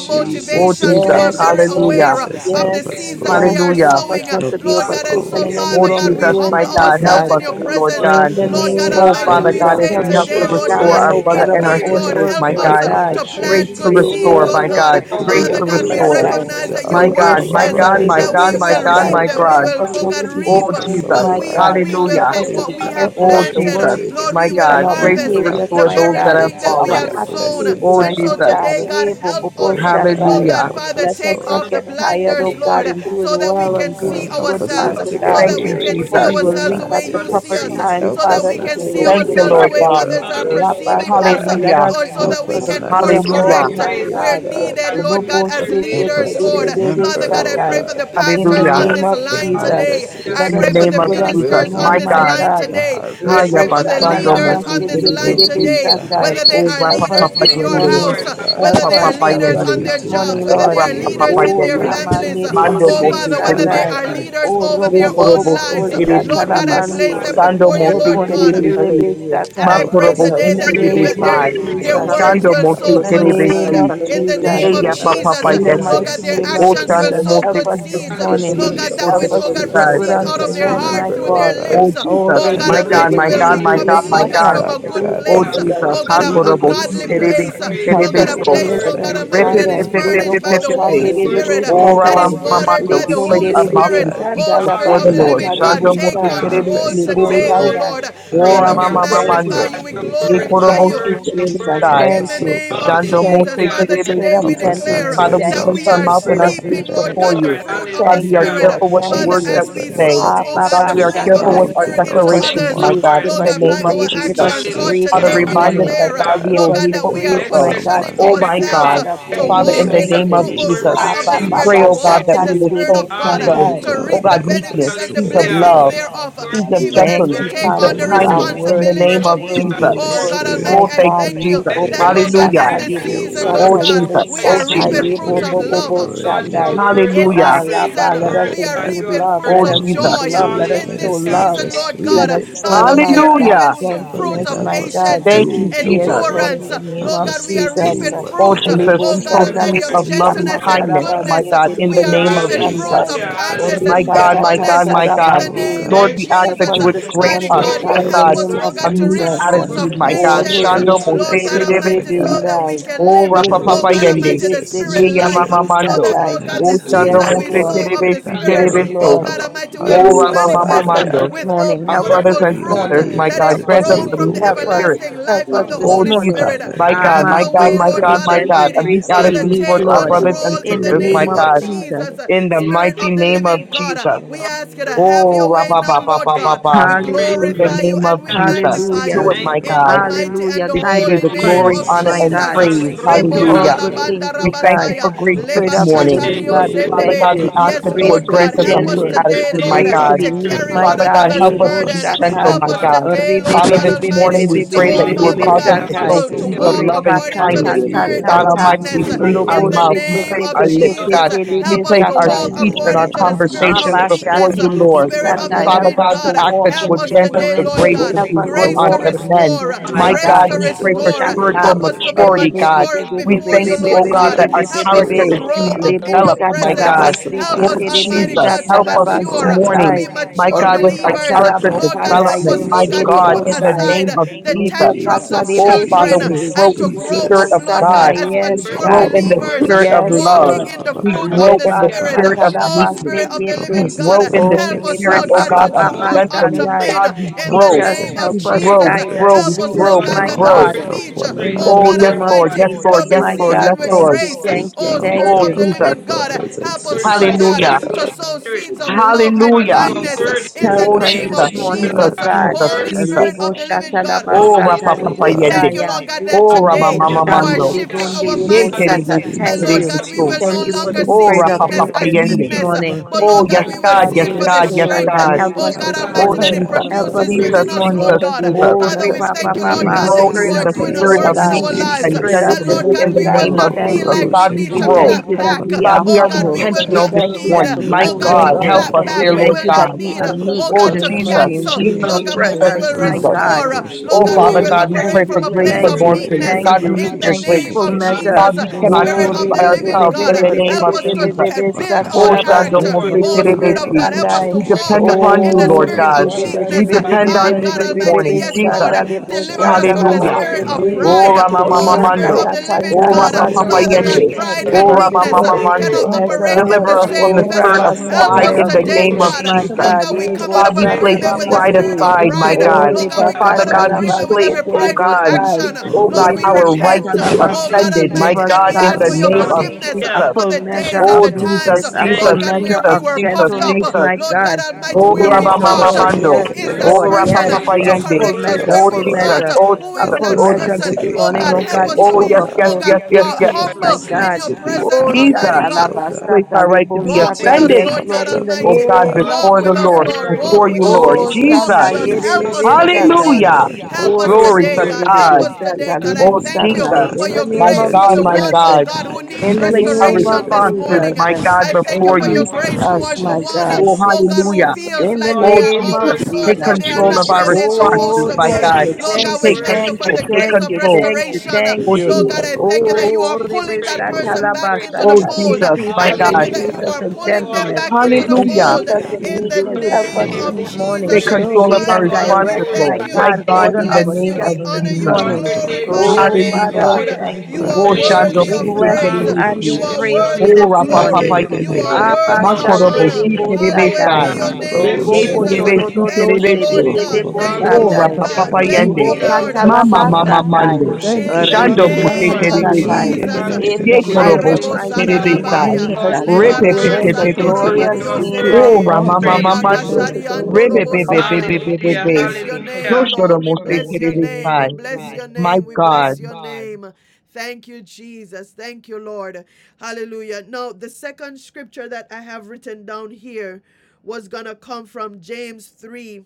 Oh,
motivations. You
Jesus,
are
Yes,
to
very
Jesus,
the
yes,
hallelujah.
aware
Jesus,
of the
yes,
help us,
seeds that
Lord.
we
yes.
are
Hallelujah.
Help us
sowing,
not to
Help
be
Lord
us to
God. And
overtaken
so,
in
always
any
do
Oh,
Father God,
good,
we
Jesus,
wrongdoings,
humble
my
my
God, help
ourselves
God.
Father
in
us,
Thank
your
you.
dear
God.
Lord
presence,
mechanism
God.
In the
Let
Lord
us
God
name
take
of
Oh,
Almighty.
Father
every
We
God,
Jesus,
as
say
you.
we
help
You
us
help
to
today,
to
are
Lord
opportunity,
restore
God,
worthy,
examine,
our
oh
Christ
take
brother
God,
and
with
our
our
indeed,
praise.
the
advantage
own
Lord,
of
sisters,
works,
my
help
super
my
us
every
God.
Holy
God.
to
Spirit,
Grace
plant
to
opportunity,
good
oh
the
seeds,
restore,
God,
Eh,
Lord
Spirit
my
of the
robo-
God.
God.
bo-
to
You
Spirit,
bo-
Grace
of
be
bo-
a
Father
to
bo-
God, we
restore.
are
Shaddai.
blessing
Father,
recognize
to
who
that your
is
My
our,
with
Lebo
word
God,
the
our
worthy.
my
Holy
says
Shanda
the
God,
brothers
Spirit,
my
Lebo
that
and
and
we
God,
the
my
will
listener
sisters,
God,
that
Holy
reap,
Satai.
Spirit,
my
oh
that we
God.
Help
God.
will,
you
us
are
oh
not
God,
to
and
be
the Holy
Oh,
reap
Help
and
us,
deceived,
oh
Jesus.
what
Spirit.
my
we
God,
God.
we will
Help
Hallelujah.
that
us to
Father,
what
be
take
we
the
Father,
have
careful of
we
Oh,
the
do it in
Jesus.
words
Hallelujah.
planted,
the
opportunity,
we
as
Lord,
name
My
we
speak
of
will
and
God.
the
our
Lord,
Grace
we
the
harvest
to
every
Lord,
behaviors,
the
restore
my
those
opportunity
very
that
God.
the
have
thing
to
Son,
that we
Our
be
fallen.
have
the
a
Holy
sown.
attitudes,
blessing
Oh,
Spirit,
to
And so
mighty
Jesus.
the
God.
today,
others.
God,
Eh,
baptism
and
bo- bo-
of
help
the
bo-
us,
Oh
Holy Spirit, and
Shaddai.
Lord
the
Father,
Hallelujah.
God,
help
Father,
Let
Holy
us,
us
take
Spirit,
Lord.
not
off the
get
the
tired,
blinders,
oh
Son.
God,
Lord,
in doing
so
Let
that we
us
well
Oh
can
and
pray in the
see
God,
doing
name
help
good,
of
the
the
us
ourselves,
not
Lord,
Father
to
and the
matters
so
get
God
Thank
that
Son,
we
you,
can
weary
for
and
see
Jesus.
we
in
will
ourselves
reap
the
and the Holy Spirit, and the Son, and the Holy Spirit, and
way
at
the
the
planting
you
good
see
proper
the
us,
seeds.
matter.
time,
so
Help
that
us
Father,
we
if
not
can
we
to
see
Oh
don't
get
God,
Thank
give
you,
in
ourselves the
weary
Lord
up.
for
way
in
the
God.
well
others are
coming
doing,
home,
perceiving
God.
Father
us,
Lapasata,
God.
time
let
Hallelujah.
us
Lord, so
to
work
that
I
Help
we
for
thank
Son,
us
the
hear
you
can
not
good
for
to
course
of
your
get
Hallelujah.
all,
correct
my
weary,
microphone,
where
O
for
God.
the
needed
and the
God,
other,
needed,
for
Holy Spirit.
Lord
the
and
God,
to
Lobo
as
but
people
sheke
help
that
leaders,
us
are
to
Lord.
tererebe
Father
remember,
God, I
putting
O
up
pray
a
satai.
for the
God,
good
In the
pastors
Hallelujah.
on
petition.
name
that
that
this
of
the
line
Jesus,
today.
harvest
I
let
is
In
us
Yes,
pray
are
the
for
worthy.
do
name
the
coming.
of
good
We
Lord,
Hallelujah.
unto
will
yes,
Jesus.
ministers on
My
Lord,
men,
reap
this
my
God.
line
God.
the
today. I
harvest,
Haya
Lebo
pray
O
for the
yes,
God.
shanda
bastando mo
lama
leaders
Lord, yes, Lord, yes, Lord,
se
on
Thank
te
this
We
seke
de de
line
will
si.
reap
today,
the
satai.
whether they
Oh,
harvest
yes,
are
of the
Help
Rapa
us
leaders
good
Papa
this
in your
Yende.
harvest,
morning.
house,
O
Lord, yes,
You
God,
Lord,
are
Help
whether
Papa
they
yes,
us,
are
Papa
worthy.
Lord.
help
leaders
us
if
Yende.
on
we
this
their
do
morning,
jobs,
not
O
Father,
whether
get
they
Lord.
thank
are
Rapa
you,
weary
leaders
Papa
God,
in
in
Oh,
for
their
your
Yende,
name,
Raman,
planting
families.
de
the
for
de
good
Mando
the
de
Oh,
other,
seed,
Mose
Father,
for the
whether they
Father
other,
de
are
God.
Terebesi,
leaders
O
over
robo
their
for the other,
bo
Help
the other, for the other, for
bo
own
us,
bo
the other,
O
bo
Yekorobosi
lives.
God.
Lord
for
God,
Help
Terebesi,
I
the
us,
shatalabandi.
place them
Lord.
Sando
before you,
Mose
Lord God.
Terebesi,
Hallelujah.
And I
Lokondelelebesatai.
Help
pray
Father,
us
God,
today
In
not
Makorobosi
the
that
you
to
their,
are
get
name of
their,
Terebesi,
weary in
their
well
Jesus.
words
Shando
doing,
will
In
Mose
sow
Father
Because,
the
good
oh
God.
God,
name
seed
of
Terebesi,
in the
hallelujah,
name
Jesus.
Ye
of
hallelujah,
Yapa
about
Jesus.
you,
Jesus,
Papa
In
do
the
not
Yende,
Lord
know
God,
mighty
Jesus,
by
their
the
name of
O
flesh,
actions
Jesus,
will
Shando
Jesus.
sow
hallelujah.
Help
Mose
good
us
But
this
seeds.
by the
Terebesi
morning.
Lord
spirit,
we are
God,
but
Terebeso
that
Help
which,
Father,
Jesus,
us
oh
when
to
we,
God,
do
oh
Terebesi,
recognizing
good
Jesus.
proceeds
God, if
Let
out
unto
of
flesh,
us
their
you
men,
breathe
heart
my
remember,
through
O
their
the
God.
flesh.
God,
O
lips.
Oh,
But,
Jesus,
Oh
oh
that
God
my
if we
God,
God,
Almighty
when,
my
will
it's,
be
God,
plant
my
good
when
God,
coming,
you
my
Lord
walk
seeds,
God,
by
rebebebebebebesata.
God,
from
the
a
Father
good
spirit,
God,
place
O
then
Father
place,
we
God,
Jesus,
will
oh God,
you
reap
a, a
will
Thank
be
good
Hakorobosi
godly
returned to
seeds.
Terebesi
life,
praise
place,
Help
Lord
Father
God.
us
God, a
God.
Oh
to
Terebeso,
You're
place,
worthy,
God,
And I
Lord
I
God
you're
will
listen,
Almighty,
for
worthy.
Repe,
that
pray,
our
Father.
is
O
Pepe,
God,
fathers,
Pepe,
furnished
Ledobo
by
Pepe,
the
Father, that
Pepe,
they
Holy
that
We
we
will
Worship
shandedebe
Spirit,
will
uh,
you,
see
Oh,
that
Lord.
Rabba
is
satai.
always
the
We Worship
Jesus of
plant
watered
the
by
you.
Mamando,
good
the
Lord,
we
the
place
Holy
our
seeds,
God
O
and
mouth
I
Lekondedebe
Spirit.
and
God,
say,
speech
"You
Oh, Spirit
before
sandalaba
of
the
so
the
that
know,
Lord.
we
Hallelujah,
living
you
can
God,
satarebo
Shando
have to
reap
take
a
Mose
sai.
hallelujah.
Terebe
control
Si
harvest
You
of
Lebo
are
Terebe
today,
good
oh
So.
worthy,
shanda.
Lord.
a
Oh,
praise.
Father,
Thank
Rabba
You
we
are
you,
get to the Holy Spirit, the
harvest
thank
worthy,
of
you.
magnify
Mamando.
God.
good
you, we
You are
fruit,
Ye
worthy, you
Father
glorify
are
Korobo
Thank
Si
worthy,
you,
you
you are
Terebe
Jesus.
worthy.
Sai.
Help
in
Thank
the
us,
you.
O
name
God,
of
Shando
help us.
Mose
Thank
Jesus.
you
Hallelujah.
for the
Father,
Thank
Terebe
spirit
today
of
Si.
we
Help us not
declare
to
gentleness.
Father,
you.
we
Thank
that
you
place
we
exalt
for
our
the
are
mouth
spirit
and
ourselves
our
of
higher
speech
reaping,
than
you,
Lord
we
meekness.
before
God, the
ought
you.
Lord.
to,
fruit of
God,
the
Thank
we are
you,
Hallelujah.
Spirit.
Lord.
careful with the
Thank
Father,
words
as
you.
that
Jesus,
we
we
but help
say.
sow,
us
oh
to
Abba
God,
God,
the
we are
stoop
Thank
fruit of
careful
the
with
Shatai.
down
our
to
Spirit
you,
Give
into
help
us
thank
the
declarations,
others,
you,
my
someone.
grace.
God,
Lord.
Give
in
Lord
the
us
God,
the
name
by
of
our
Help
grace.
us
Give
to
Jesus.
us
actions,
the
Hallelujah,
Lord,
stoop
grace
Father,
this
today we
down,
remind
hallelujah.
us
morning.
that
Father
declare,
God, we
God,
Give
Lord
will
us
God,
reap
the
that
what
to
we
we
are
grace,
Bless
help
my
sow.
your name,
God.
positioning
someone.
Oh
bless
Thank
my
you,
your name,
ourselves,
God.
Father.
Hallelujah.
bless
to
Thank
Father,
you.
your name,
in
walk
the
in
Jesus,
Thank
the
God.
name
you.
of
fruit, uh,
Jesus,
fruit
Glorify
Jesus,
your
of the
Abba
name,
we
Spirit,
pray,
Holy
to
Baba
oh
Jesus.
God,
walk
Spirit.
that
in
we
the
Shatadi
will
Spirit
sow
Debe
of
seeds
God, uh,
Bless
Hallelujah,
of,
you,
Thank
Oh
Satai.
to
you.
oh
reap
God,
the
God,
help
meekness,
us
benefits and the
seeds of
today,
hallelujah.
blessings
love,
Lord.
Father.
thereof, uh,
Worship
seeds of
Help
even as
Thank
gentleness,
we
worship
you,
seeds
take
of
Father.
on the
today,
You
worship,
are
kindness
Lord.
in the
worthy,
responsibility
name
worship,
of
of
it.
worthy,
Jesus.
Help
Holy
us,
worship.
Oh God
worthy,
mighty
my
Spirit,
Almighty,
Oh,
I
God.
help
thank
God.
us
you,
thank
Ye
Jesus.
Bless
you
bo bo
that,
your
today
name.
Lord
as we
God,
Hallelujah.
in
shata
Bless
this
de
read
your name,
bo
your
season,
Father.
Lord
Oh,
word.
sata le
God,
Jesus.
bo
we
Glorify
Oh,
your
are
As
name,
Jesus.
we
sata
Holy
have
reaping
ye
fruits
bo
read
Spirit.
of
bo bo
your
love.
bo
uh,
word,
God, you
let
shandai.
are
Help
it
us,
worthy
in
mighty
Hallelujah.
become,
this
Ah,
praise.
God,
Laba,
your
season,
let
word
us
worthy,
Father
we are
God.
God,
You
exude
are
reaping
love.
worthy.
fruits
Oh,
Let
of
what
us speak
Jesus.
we
joy.
love.
through
Let
your
do.
us
In
Let
show
this
Spirit,
us
Hallelujah.
not
Lord,
love.
season,
just
Thank
Lord
Let
read
God,
us
it,
Father,
show,
through
Father
we
you,
my
your
are
God,
Holy
God,
Hallelujah.
reaping
Spirit,
but
fruits
let
gentleness,
Jesus,
of
help
my
us
that
to
God.
patience and
Thank you,
do the
Yes,
Jesus.
you
word.
Lord, in
would
endurance.
the
use
name
Lord
Help
us
of
God,
us
and
we
to
are
do
Jesus.
reaping
what
Oh,
the
fruit,
guide
Jesus.
us,
word
Libo
oh
is
We
Father
God
sow
you.
shanda
telling
seeds
Almighty,
God.
us
Lord.
of
libo
of
to
love and
gentleness
do,
shakata
and
Lord
kindness,
God.
my
goodness.
rabase
God, in
We
the
Hallelujah.
are
name
tererebe
Restore
of
reaping
Hallelujah.
Jesus.
fruits
Jesus,
satai.
of
Hallelujah.
help
the
us
Praise
kindness
to
and
My
sister
Hallelujah.
God,
Orikata
my God,
practice,
tata
my
faithfulness. In
God.
the
oh
be
name
rabandi.
who's
Lord,
of
God,
to
Thank
we ask
Jesus,
Help
that
overtaken.
you
us
would
this
you.
self
grant
mighty
morning,
Lord.
us,
O
God,
Lord,
you
control.
God,
oh
in the
Help
help
God,
Thank
us
us,
name
to
you,
Lord,
of
Lord
Jesus
a
God, to
You
meek
Christ,
reap
God.
practice
your
Jesus.
restore
name,
and
fruits
them
Lord,
with
of
attitude,
the
thank you,
my
God.
meekness
spirit
God.
Lord, for
of
and
Lord,
Shando
patience.
mo
Orebese
Lord
se
gentleness.
gentleness,
God
te
Lord.
And
de
I
this
be
Father
Almighty,
tererebe
so
si.
We
God.
God,
that we
thank you,
ndai.
have
God,
a
can
that
Oh,
for
live,
you
our
give
good
Rapa
us
oh
Oh,
mutual
Papa
Yes,
God
Yende.
Almighty,
discernment.
Lekondedebe
the
for
Jesus,
the
deal
spirit
seke
Ye
love
ya
of
Jesus.
the
life.
mama
Lord,
terebe
So
Thank
mando.
that,
for the
you,
satai.
Lord
love of
Let
God,
Father
the
Oh,
the
us
of
God,
season
that
seeds
Shando
you
do
good
Lord,
that
Yes,
the
mo
will
we
se
faith
for the love of the Lord,
give
te
sow
Lord.
us
word.
de
of
the
be
the
Let
si
that
right
for
te
in
Hallelujah.
de
words
Yes,
be
Spirit,
to
word
oh
so.
say,
Lord.
God
become a
Almighty,
the
you.
part
will
Oh,
of
Yes,
Rama
us,
Lord.
mama
Help
manifest
Father
the
us
Lord,
uh,
right
this
God,
mando.
with, oh
morning.
demeanor,
Our
Help
so
Lord,
us
brothers
that
Father
beautiful
this
and
we
God, to
will
Glory to
fruit
God.
sisters,
uh,
morning.
have
be
Bless
my
that
with
able
your
is
God,
Help
them,
to
name,
grant
us.
Holy
us
do
grown
the
the
from the
meek
Help
Spirit.
that
us.
word.
they
spirit.
will
everlasting
not
Help
be
life
us
of
Father,
offended
the
love of the Lord, for the
this
Oh,
Oh,
Holy
Jesus.
morning.
Spirit.
Father,
My
they'll
Lord,
Ah,
be
help
God,
Have
us,
my
my
your
God,
oh
way,
restored
grace
my
to
Lord
God.
be
God,
pastor.
God
I
my God.
gentle,
A
Almighty.
in
meek
grace
the
to
name,
name
Lord.
be
Help
Father,
attitude
us,
of
meek,
towards
take
oh
our
just
Jesus
Lord.
love
God,
brothers
of the Lord. Let this love of
and
control
to
the
Christ.
in
In
do
the
the
sisters,
your
Lord
my
name
name
last
of
of
God.
us
word.
for
Jesus.
Jesus,
forever.
uh,
In the
Spirit
mighty
of the
Father,
name of
living
Let
God. uh,
this
Jesus.
love
We
of the
ask you to
Lord be
have
Oh,
your way
Rabba,
in
ba,
us
now,
ba,
Lord
ba,
Praise,
ba,
God.
Do
ba.
We
that
and in
your
you
praise,
will
In the
word,
praise.
Hallelujah.
glorify
us
you
name of
and
forever.
we
Lord.
Yeah,
humble
Help
us
Jesus,
us to
before
magnify
Let
you.
do
us
Hallelujah.
do
you
it,
offer
Thank
my
thanks
your
in
to
the
God.
word.
mighty
Jesus
We
and
Hallelujah.
the
We
thank
Christ.
give
Guide
you,
you,
you
holy
us,
the
Father
lead
Lord.
Let
God,
name
us
glory,
that
us,
we
give
of
will
honor,
be
thanks
my
Jesus,
and
to
humble
help
Jesus.
God,
the
us
before
praise.
Lord,
to
you
do
into
Rebo
your
Hallelujah.
all
Hallelujah.
good
and
word.
not
salabanda
things,
think
oh
We
too
thank
God.
you
high
for
rabasaya,
of
grace
We
Help
this
Spirit
ourselves.
leba
us
of
follow
to
the
Your
the
morning.
name,
do
living God,
your
your
shatario
we
bless
righteous
name,
Father
word,
thank
your
God,
name,
we
you.
ask
Father
Yes,
commandments
that you
Grace
would
and
God.
Lord
In
to
the
Let
God,
be
grant us
name
your
a
help
of
lift
us
new
gentle,
commandments
God.
word
your
today,
the
Jesus,
attitude,
name,
Glory
my
Lord,
become
to God. Glory to
grace
Holy
to
God.
to
be
to
a
Holy
Spirit.
meek,
see
Spirit,
carry
my
God.
one
Father
living
we
praise
God,
God.
thank
and
another's
the
Eh,
you,
help
part
us
love
Lord
of
bo
to
God,
be
us,
burden.
and
for
Holy Spirit,
the
gentle,
Glory
Father
to
shata.
Help
my
us
All
God.
God.
God.
Ore
of
today,
be
we
the
are
Lord
Father,
be
God,
community
God
this
and
be be
of
be
Glory
confident
fruit
help
be
we
of
Almighty,
us
morning
love.
we
to
be
walk
to,
be
Lord,
pray
We
up
be
do
oh
that
thank
all
be
God,
you
you
your
be
for
would
to
Father
be
and
your
be
cause
a
word,
us
God,
God,
to
not
to
spirit.
to
diligent
see
satai.
sow
just
to,
to
God.
to
Glory to
seeds
praise
of
hallelujah.
We
walk
Ore
participant.
hear
thank
love
and
you,
and
love
Lord
Let
according
kata
Praise
him
to
or
God,
kindness.
ta
the
that you
come.
God,
read
ta
spirit
are
it,
and
ta
God
of
I
God,
but
our
God,
to
ta.
Almighty,
and the
meekness
we
do
wisdom
place
your
our
in
Lobo
people
the
of
mouth,
word,
our
we
sheke
name
to
place
te
our
of
te
mercy,
Father.
live
da,
te
lips,
love,
in
te
the
God.
Jesus.
our
te
Lord,
de
We
be
kingdom
Help us
all
for
place
to
the
our
satai.
walk
Hallelujah,
In
God,
the
speech
mystery
Lord,
and
of
our
according
the
name
to the
we thank
of
land
spirit
God
of
you.
conversations
Abba,
Jesus, I
before
meekness,
of
that
you,
thank
Shatiri,
you
us.
has
Lord.
for
We
spirit
your
God,
first
thank
of the
Bisatai.
and
you,
Glory
Father
Help
to
word.
living
God.
us
God, we
to
we
God.
ask
Love
the
that
walk
bless
exalt
you
Help
in
would
you.
us
I
kingdom
grant
empowers
us
us
thank
today,
the
to
you
We
gentleness.
Lord
for
give
grace
fulfill all
God.
you
to
your
Help
the
do
of
us
hope
the
to
good
that
word,
glory,
Grace
we
unto
to
walk
did
and
in
Lord.
hallelujah.
men.
restore,
meekness,
God, is good, God, God
my
is
My
Amen.
with
grace
God,
the
God.
Help
to
to
we
us to
pray
land
carry
Yebo,
for
live
the
to
restore.
the
your
and
Glory
Shata.
spiritual
Help
the
us
struggles
land of
word.
to
We
be
the
thank
maturity,
you,
Rebe, be,
God.
be,
is
mature
be,
We
as we
Help
be, be,
we
before
thank
you,
be,
us
thank
and
you,
come
to
you,
Lord
oh
live
God,
God,
be,
God.
is
by
be, be, be,
that
the
our
be, be,
Help
be,
we
us
have
character
Spirit,
to
be.
our
love,
is
O
grow
first and
being
God.
second
up in
Lebo,
and
your
developed,
third
presence
Shata,
my
and
God
Help
Rabba,
God.
is
presence.
us to
Help
Seke,
Lord
us,
plant
fourth
Tere,
and
God,
Jesus,
fifth.
Almighty God,
seeds,
to
Bisata,
help us
Rabba,
And we thank you,
The
this
Lord, for your faithfulness.
Lord,
O
mature,
land
We
has
pray
to
morning,
God.
Satai.
be
for one
been
another,
my
mature
is
surrounded
God,
by
with
intercede,
Help
Orika,
our
us
believers.
to
Father.
character
Tarabo,
many
plant
Lord God,
good
Kanda,
help
development,
us,
Thank
my
Yende,
seeds,
Lord
O
God,
Rere,
to
you.
God,
We thank
put
in
you, we thank you, thank you, thank you, we thank
God.
the
Bosai.
aside
name of
the
Jesus.
Lebo,
tantrums
Kata,
of
Lord, as
Jesus,
Oh,
we
Rebe,
Father,
children
see
we
in
Kende.
grow
Jesus,
me,
and
in
to
Lord
the
grow
God,
Spirit
up,
Lebo,
Jesus.
will
of
Lord
pray
God,
Sana.
God.
as
God.
Yes,
We
Worship
mature
grow
for
God.
one,
you,
in
Oh,
the
worship
believers,
Loko
Spirit of
Yes,
Shekeke
love.
Lord.
walking in the
We
God,
fruit of
grow
the
asking you,
in the
God,
hallelujah.
Spirit.
Lebasta
to
Spirit of
Rabababababakasha.
Oh,
meekness.
talabaste
Bless
Spirit
lift
of
the
the
Help
burden,
We
kete
living
us to
God,
grow
us,
in the
plant
Oh,
help
good
us,
reba
Spirit,
Lord
oh
pa
seeds,
God, to
pa
God,
oh
pa
of
do
asking
Lord,
pa
you
good
God.
unto
gentleness.
shandai
praise,
men
God, we
in
Help
the
Teach
grow.
praise,
us
us,
you,
to
to
name of
take
thank
help
We
help
over
you.
us,
one
praise.
grow.
Jesus.
We
guide
another
us,
grow.
to
We
Help
lead
us,
stoop
grow.
us,
to
Lord
God,
We
God,
my
you
that
Hallelujah.
in
down
the
are
grow.
our
God.
and
name
worthy,
of
help
speech,
Jesus.
one
God. Glory
In
praise,
the
oh
another,
Hallelujah,
Oh,
God
yes,
name
worthy,
of
Lord.
God,
Father.
Almighty,
Yes,
will
Jesus,
Lord.
be
Yes,
We
my
hallelujah,
thank
the
Lord.
God,
yeah.
Yes,
seasoned
Help
you.
King of
with
us
thank
to
Lord.
you,
grace.
thank
stoop
you,
Oh,
down
thank
Spirit
to
Oh,
of
you.
the
help our
Jesus.
living
to God.
God,
brothers and
Help
We
us,
Jesus.
thank
Lord
Glorify your
sisters,
you.
God, uh,
We
oh
name,
Hallelujah.
praise
to
Holy
God.
sow
Spirit.
seeds of love and
God,
Hallelujah.
you are
kindness uh,
Jesus,
worthy of
in
Spirit
Help
the
Oh,
of
We
us
the
praise.
name
bless
of
this
Jesus.
you, Lord.
living
Worthy
morning,
Jesus.
oh
God,
Jesus. Uh,
God,
God.
help
Jesus.
Holy
worship.
us.
Jesus.
Spirit
Libo
of the living God,
you, we
Help
Oh,
us,
Hallelujah.
Shatalabasata
Rapa
oh
Papa
we
God.
thank
praise you,
Yende.
you,
Rebosaya.
Lord God, that
Oh,
Thank
Rama
We
today
thank
you
you.
are
Leboshande,
Mama
We
Oh,
shifting
Hallelujah.
lebonde,
our
Ye
Jesus,
God,
mindsets. uh,
lebosata.
terebe, si
That,
Thank
your
Lord
you.
Jesus,
terebe
God,
love,
we
so.
will
Lord.
we
Thank
no
you
Thank
Jesus,
for
longer
praise
the
you.
help
you.
Oh,
see
us,
spirit of
rapa
meekness
Lord.
papa
as
meekness
Thank
this
you,
yende.
weakness,
Lord,
uh,
my
morning.
God,
but,
Oh,
Lord
Help
thank
God,
yes,
you.
us,
we will
God,
see
yes,
Ashande,
it
Lord.
God,
for
Yes,
the
help
God,
God,
yes,
us
strength.
Lord,
to
uh,
leboshata.
God.
Help
glory
Oh,
us
to
God
this
God,
Oh,
Almighty, that
morning.
God
it
Jesus,
Hallelujah.
plant
and
Help
good
us
produces
mercy.
things
Spirit,
this
Jesus,
within
Hallelujah.
us, Lord
morning.
Jesus,
Father,
God.
and
oh
Jesus.
let
that
Oh,
God,
we
not
will
Father, we
us
reap
riba,
give
be
us
ba,
thank
good
you,
ba,
weary
things.
We
Lord
and
ba.
God,
well
grow
that you
Spirit
Jesus,
in
are
doing
of
the
the
doing
for
a
spirit
living
God
of
work
in
in
Jesus,
Help
due
God.
our
us,
meekness
Father,
lives. uh,
season
and
God,
we
Spirit
to
Jesus.
of
will
That,
the
gentleness
reap.
plant
Lord
in
God,
living
the
we
kind
God,
will
name
Father,
we
the
and
not
of
Oh,
words
thank
feel
Jesus.
mercy,
Robo
like
you.
if
we
God,
we
we
need
We
to
think
that
Shekeke,
grow.
we
thank
clap
not,
you
will
Rapa,
that
reap
back.
Glory
uh,
Papa,
we
hallelujah.
are
God, we
Oh,
are
kindness
knowledge,
to
in
God,
the
God.
God,
humble.
we
Father,
name of
let
will
the
us
We
intentional
Bakasha.
this
not
thank
work
you
need,
Jesus.
unto
that
uh,
morning.
the
we
My
are
oh
glory
God,
of
to
God,
Oh,
God,
gentle.
help
clap
us
Robo,
We
back.
there,
We
worship.
hallelujah.
Papa,
Lord
thank
will
you that
not
God.
we
Lord,
need,
are
uh,
Father,
help
Papa,
help
meek
oh
us,
Hallelujah.
Oh,
us
Hallelujah.
God,
this
to
hallelujah,
Bakasha.
Jesus,
morning
to
to
cancel,
be
be
in
Jesus,
Keke,
meek.
your
Lord
Help
God,
diligent
but
us
and
we
Jesus,
to
presence,
be
will
my
faithful in
Jesus.
gentle.
God.
Rambro,
restore. uh,
Go
Lord
Oh,
God, we
Whatever
Father
Oh,
Help
Shekeke.
you.
Glory,
will
us
we
we
God, we
do,
to
thank
pray
operate
for
you,
from a
we
help
grace
place
and
thank
of
us,
glory,
you,
more
we
have
glory.
grace.
Thank
meekness uh,
thank
Rengedele,
hallelujah,
God,
you,
we
to
we
need
in
be
Brake
the
your
authority
thank you,
grace.
name
full
of
in
Shekeke.
Look at
measure.
what
the
Jesus.
God,
we
in
we
our
Uh,
do.
first
cannot do
Spirit
Hallelujah.
Oh,
this
meekness
of
in
by
the
the
ribi,
Oh
Ragedele,
name
my
of
living
ribi,
ourselves
Rapa,
Jesus.
in
God,
ribi,
uh,
the
God,
Papa,
ribi,
name
help
help
ribi,
of
us,
us
Papa,
ribi,
to
Jesus.
hallelujah,
ribi,
build our
Oh,
Bakasha.
Thank you,
Keke,
Shando
satarabasti,
character.
and
Lord.
my
Mose
ribi,
Oh,
prayer,
Spirit
ribi,
my
of
Rambro,
Terebesi.
God,
Go
seat,
help us
sandai.
to
We
the
Thank
Shekeke.
walk
depend
uh,
toil,
you,
upon
Holy
in
you,
the
Oh,
Lord
Spirit.
spirit
hallelujah,
Rogo
God.
ribi,
of
ribi,
Father God,
ribi,
We
meekness.
when
Uh,
Shekeke,
we
ribi,
Yendarabakasha,
God,
depend
Rapa,
feel
ribi,
Ah,
on
like
ribi,
you
Papa,
God
this
giving
ribi,
Papa,
up
Almighty,
on
ribi,
morning,
the
yes, Lord,
Jesus.
uh,
mercy,
sandali,
Bakasha.
deliver
for we
God,
us
Keke,
you
from
are
the
know
Hallelujah.
that
spirit
we
worthy.
of
will
bushatalamasiti.
Rambro,
Oh,
pride.
Go
come to
Rama
the
Oh,
glory of
Spirit
Worthy.
God,
of the
yekendarabakoshoto,
and
Oh,
living
no
God, uh,
Rapa
You
Oh,
season
Papa
are
Orakatatarabasti.
help
Father
trouble,
us,
worthy,
God,
of
Yende.
Lord.
God
pride
will
Lord.
Help
Give
Oh,
and
get
us
a
the
Rama
meekness uh,
reward.
Your
full
name.
cannot operate
yedarabakasha,
Father
operate
measure.
in
God, a
Deliver
the
us from
Oh,
the
same
reward
spirit
vessel.
Hallelujah.
is
of
not on
Help
pride
rabasatai
Glory,
us
earth,
in
of
the
but
today,
it
name
glory,
is
meekness,
of
God.
in
my
Jesus.
Lord
heaven,
God.
God, we
Father,
yendarobokosho,
what
come
Ebo
out
the
God,
of
what
we
the
praise
place
agreement with
Father
the
pride
spirit
satalamandi.
and
of
Him.
what
aside,
the
my
pride.
Oh,
God.
Lord
Lord God,
has
we
Hallelujah.
in
come
Father
out of
ribakanda
God,
store
la
we
for
agreement
us,
with
yendarabakasha,
place,
every
Father
basete
Glory,
oh
de
God.
prideful
yamamama.
God,
In
besai.
action.
glory,
Jesus'
oh God,
Lord, we
you.
name,
Libo
we pray.
our right
shata
repent,
to
la
Hallelujah.
be
oh
Lord,
Hallelujah.
God
we
offended,
masiki.
come
hallelujah.
Give
my
up
Almighty,
Hallelujah.
us
to
and
God,
we
you,
in
God
ask
the
for
this
us,
your
Lord,
name
from
of
morning
Lord.
the
forgiveness
hallelujah,
a
Hallelujah.
Jesus.
presence
for
full
the
hallelujah,
of
measure
days and
Oh,
of
the
hallelujah.
That
Jesus,
Help
times,
those
meekness,
us,
who
a
Doing
Thank
are
full
Lord
Jesus,
Lord.
hurt
the
God, where
measure
we
Jesus,
of
were
Jesus,
Lord
you
puffed up.
gentleness,
Jesus.
Jesus,
my
so
Lord
we
God
God.
can
Almighty,
Oh,
where
service
Yes,
Oh,
we
Rabba
for
the
you,
local
word,
Mama
thought,
receive
Lord.
Lord.
Mando.
Yes,
who
shakeke,
the
healing
is
let
word,
Oh,
that
us
Lord.
we
not
Rapa
person
Yes,
thank
praise,
Papa
get
to
yes.
you,
puffed
Yende.
Full
Lord.
up.
correct us?
in
word,
the
measure,
Where
Oh,
Yes,
we
name
full
of
We
Lord.
praise.
Jesus,
thought,
measure.
oh,
Jesus.
who
A
is
Jesus,
Help
full
that
oh,
us
pray,
measure
not
Lord,
this
to
person?
we
Jesus.
get
Oh
thank
morning,
God,
oh
Father
Thank you,
help
God,
God,
us
the
arrogant,
help
to
us
Oh,
you
oh
be,
to
yes,
God.
for you, for the
yes,
oh
overflow,
name
understand
the
God,
yes,
that
yes,
uh,
yes.
increase,
of
Lord.
Help
the
my
humble
us
Lord,
meekness
Praise
in
not
God.
your
to
God.
be
Oh,
is
presence, Almighty
shata
Jesus,
arrogant,
authority
la
oh
Lord,
you
God.
in
place
God,
the
my
basata,
right
name
to
libo
under
be
or
Walk
to
Thank
with
sata.
be
you,
us,
offended.
Yes,
control.
of
Lord
Lord.
God
Lord,
puffed
in
up,
the
oh
Oh,
Almighty.
God,
God.
name
God,
of
God,
Walk
before
you
Jesus.
the
with
help
are
us,
us
Lord,
to
Jesus.
Lord.
be
word,
meek
before
Walk
Oh,
you,
with us,
That's
before
Lord.
you,
Oh,
Lord.
we
Lord
Walk
thank
God.
Jesus,
Shanda
Jesus,
with
you,
us.
word,
thank you,
Help
thank
Jesus,
us
you,
help
today,
hallelujah.
and
Help
us,
thank
God.
Yerebesatai.
us
hallelujah.
you,
to be
Lord,
thank
eat
help
Help
you.
Oh,
up
us
Glory to
us,
Glory
today,
to
your
Lord.
God.
name,
Help
God.
us
my
today,
Rebenderebesatai,
Jesus.
food.
God. I
Oh,
before
Mm,
thank
you.
but
Jesus,
you
Lebosatai.
let
Abba,
us
for
In the
your
have a
my
name
grace
of
to
God,
the
my
Let
gentle
our
one,
Jesus.
oh
God.
God,
and
attitude,
a
who needs
We
In the
kind
place our
name of
spirit,
restoration this
O
let our
responses,
morning.
Jesus.
God.
my
response,
God,
I
your name,
thank you
Lord, we thank you
before
God,
for
God.
you.
your
Increase
grace
Arch your
us,
towards the
my
be
your
one,
name,
God
Oh,
gentleness
oh
in
God,
pleasing
us,
who
hallelujah.
O
to
feels
in
God.
the
like
you,
God,
they
Oh,
are
your
name
out
of
Jesus,
of
word, God,
take
sorts,
your
and
Jesus.
they are
control
word,
not
of our
where
for
they're
Jesus,
the
praise,
Holy
supposed
gift
responses,
Oh,
to
of
my
Jesus,
be.
word,
Spirit,
thank
this
God.
you,
person.
Lord
We
God,
thank
pray
you,
that the relationship of
Take
we
Jesus.
the
thank
as
word,
Lord
you
you
thank
be
for
you,
control,
the
speak
with
take
grace
thank
of
through
you,
Lord,
control.
us.
thank you,
and
restoration.
Take
thank
Oh,
for the
you.
Lord
love
God,
Jesus,
of
I
Father,
control,
thank
O
the Lord.
you that
praise,
God,
you
Oh,
are are
take
pulling
praise,
that
help
Rebesata
control.
person
our
Jesus.
praise.
back into the
oh,
posture,
Labasata,
Lord
fold.
Jesus,
increase
my
I
us,
Jesus.
Hallelujah.
thank
God.
you that
increase
you
Hallelujah,
us
are
in
You
pulling
Help us
all
them
gentleness,
the
back
with
into
praise,
the
Thank
Lord.
Hallelujah.
fold
increase us
hallelujah.
in
in
Lift
our
the
meekness.
up
Father
good,
Help
your
God,
us
name
in
name,
the
this
of
Holy
hallelujah.
Oh,
name
Loko
morning.
Take
Jesus.
To
Spirit.
control of
Lead
those,
of
Shekeke,
My
our
and
Lord,
God, we
Baba
hallelujah,
responses,
direct,
Jesus,
my
thank
glorify
Lord.
you.
your
My
God,
Holy
name.
We
God,
Spirit,
order
in
Baba
the
hallelujah.
our
bless you.
name
Sheke,
steps
of
We
You're
this
honor
in
you.
me.
Jesus.
We
Lord,
guide
morning.
your
us.
name is
Rambro
glorify
Oh,
your
Oh,
great,
gracious
name,
Father,
Hallelujah.
Lord
we
Lord.
great,
God,
thank
You
you.
gracious,
Holy
are
God.
Oh,
great.
Spirit,
Shando,
worthy
We
hallelujah.
of
Thank
Brakeshekeke
bless
praise.
Hallelujah.
you
Thank you,
and
You
Musekerebesi.
we
Jesus.
Nambrogoshe,
are
minister
praise
for
you
worthy
all
Oh,
of
this
us.
Rapa
Hallelujah.
glory.
Papa
morning.
of
You
Yende.
are
you.
Lord,
Brakedede,
you
Abba
worthy
In
are
the
of
name of
Shate
Makorobo,
worthy,
grace,
honor.
oh
Si
Brakeshekeke,
Debo
for
Jesus
the
praise
Hallowed
Sadai.
be
Terebesai.
Christ,
but
God.
your
for
name,
Bless
those
Lebo
that
Ye
your
Jesus.
name,
endure
Terebe,
it,
Rambrogoshekeke,
Si
Father
Kotorododo
Lord.
Thank
God.
you, Lord
we
Terebeso.
And
Shedebe
we
God.
Debo
understand
thank
Thank you,
God,
Hallelujah.
you,
Oh,
that
Lord
we
Sandai.
Father,
Rapa
for
cannot
the
God.
Papa
do
Thank you,
endurance
Libo
Yende.
Robobobobobobobobashakeke,
anything
that
Hallelujah.
you're
Lord.
placing
Mama
Katalaba
in us.
Mama
Satai.
We
Mando.
without
thank
In
you,
you.
the
Thank
Rambrogoshekeke,
Shando
Father
you,
God.
Buse
name
Lord.
Rebebebebe
of
Hallelujah.
Satai.
Help
Terebesi.
us
Jesus.
to
Hallelujah.
Hallelujah.
In
plant
Brakedede,
the
Ye
good
Korobo
mighty,
Sherebo
seeds, my
mighty
Brakeshekeke,
Hallelujah.
name of
Terebesai.
Hallelujah.
Sarabaya,
Lord,
As we
Jesus.
you
are
Leba
are
Repe
worthy,
therefore
In
Pepe
the
Rabababashake,
ramasando
Pepe
God.
opportunity,
Jesus.
Pepe.
let
You
glorious
us
rabario
are
do
name
good
worthy.
of
to
Oh,
Andarabakashata,
all
serebe.
Rama
men,
Praise.
Mama
Rambrogoshekeke.
Leba
especially
Mando.
unto
kashari
That we
those
would
who
andoro
are
reap
Rebe
the
Bebe Bebe
bosaya.
household of
Bebe
We
faith.
Hallelujah.
Bebe.
you.
bless
Hallelujah.
your
good
Father
name,
fruit.
God.
Lord.
Doshoro
We
Mose
Oh,
bless your name. We
Terebesai.
bless
Hallelujah.
your
Thank
My
name. We bless
God.
your name. Thank you, Jesus. Thank you, Lord. Hallelujah. Now, the second scripture that I have written down here was going to come from James 3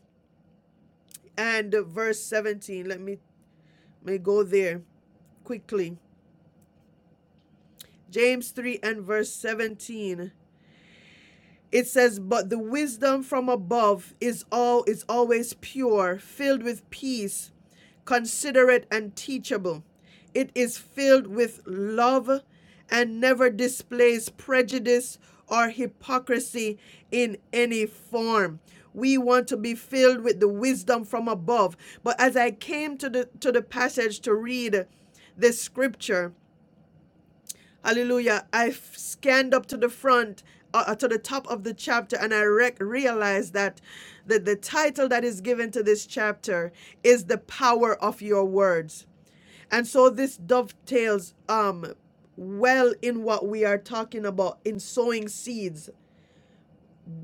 and verse 17. Let me, let me go there quickly. James 3 and verse 17. It says, But the wisdom from above is all is always pure, filled with peace, considerate and teachable. It is filled with love and never displays prejudice or hypocrisy in any form. We want to be filled with the wisdom from above. But as I came to the to the passage to read this scripture, Hallelujah. I f- scanned up to the front, uh, uh, to the top of the chapter, and I rec- realized that the, the title that is given to this chapter is The Power of Your Words. And so this dovetails um, well in what we are talking about in sowing seeds.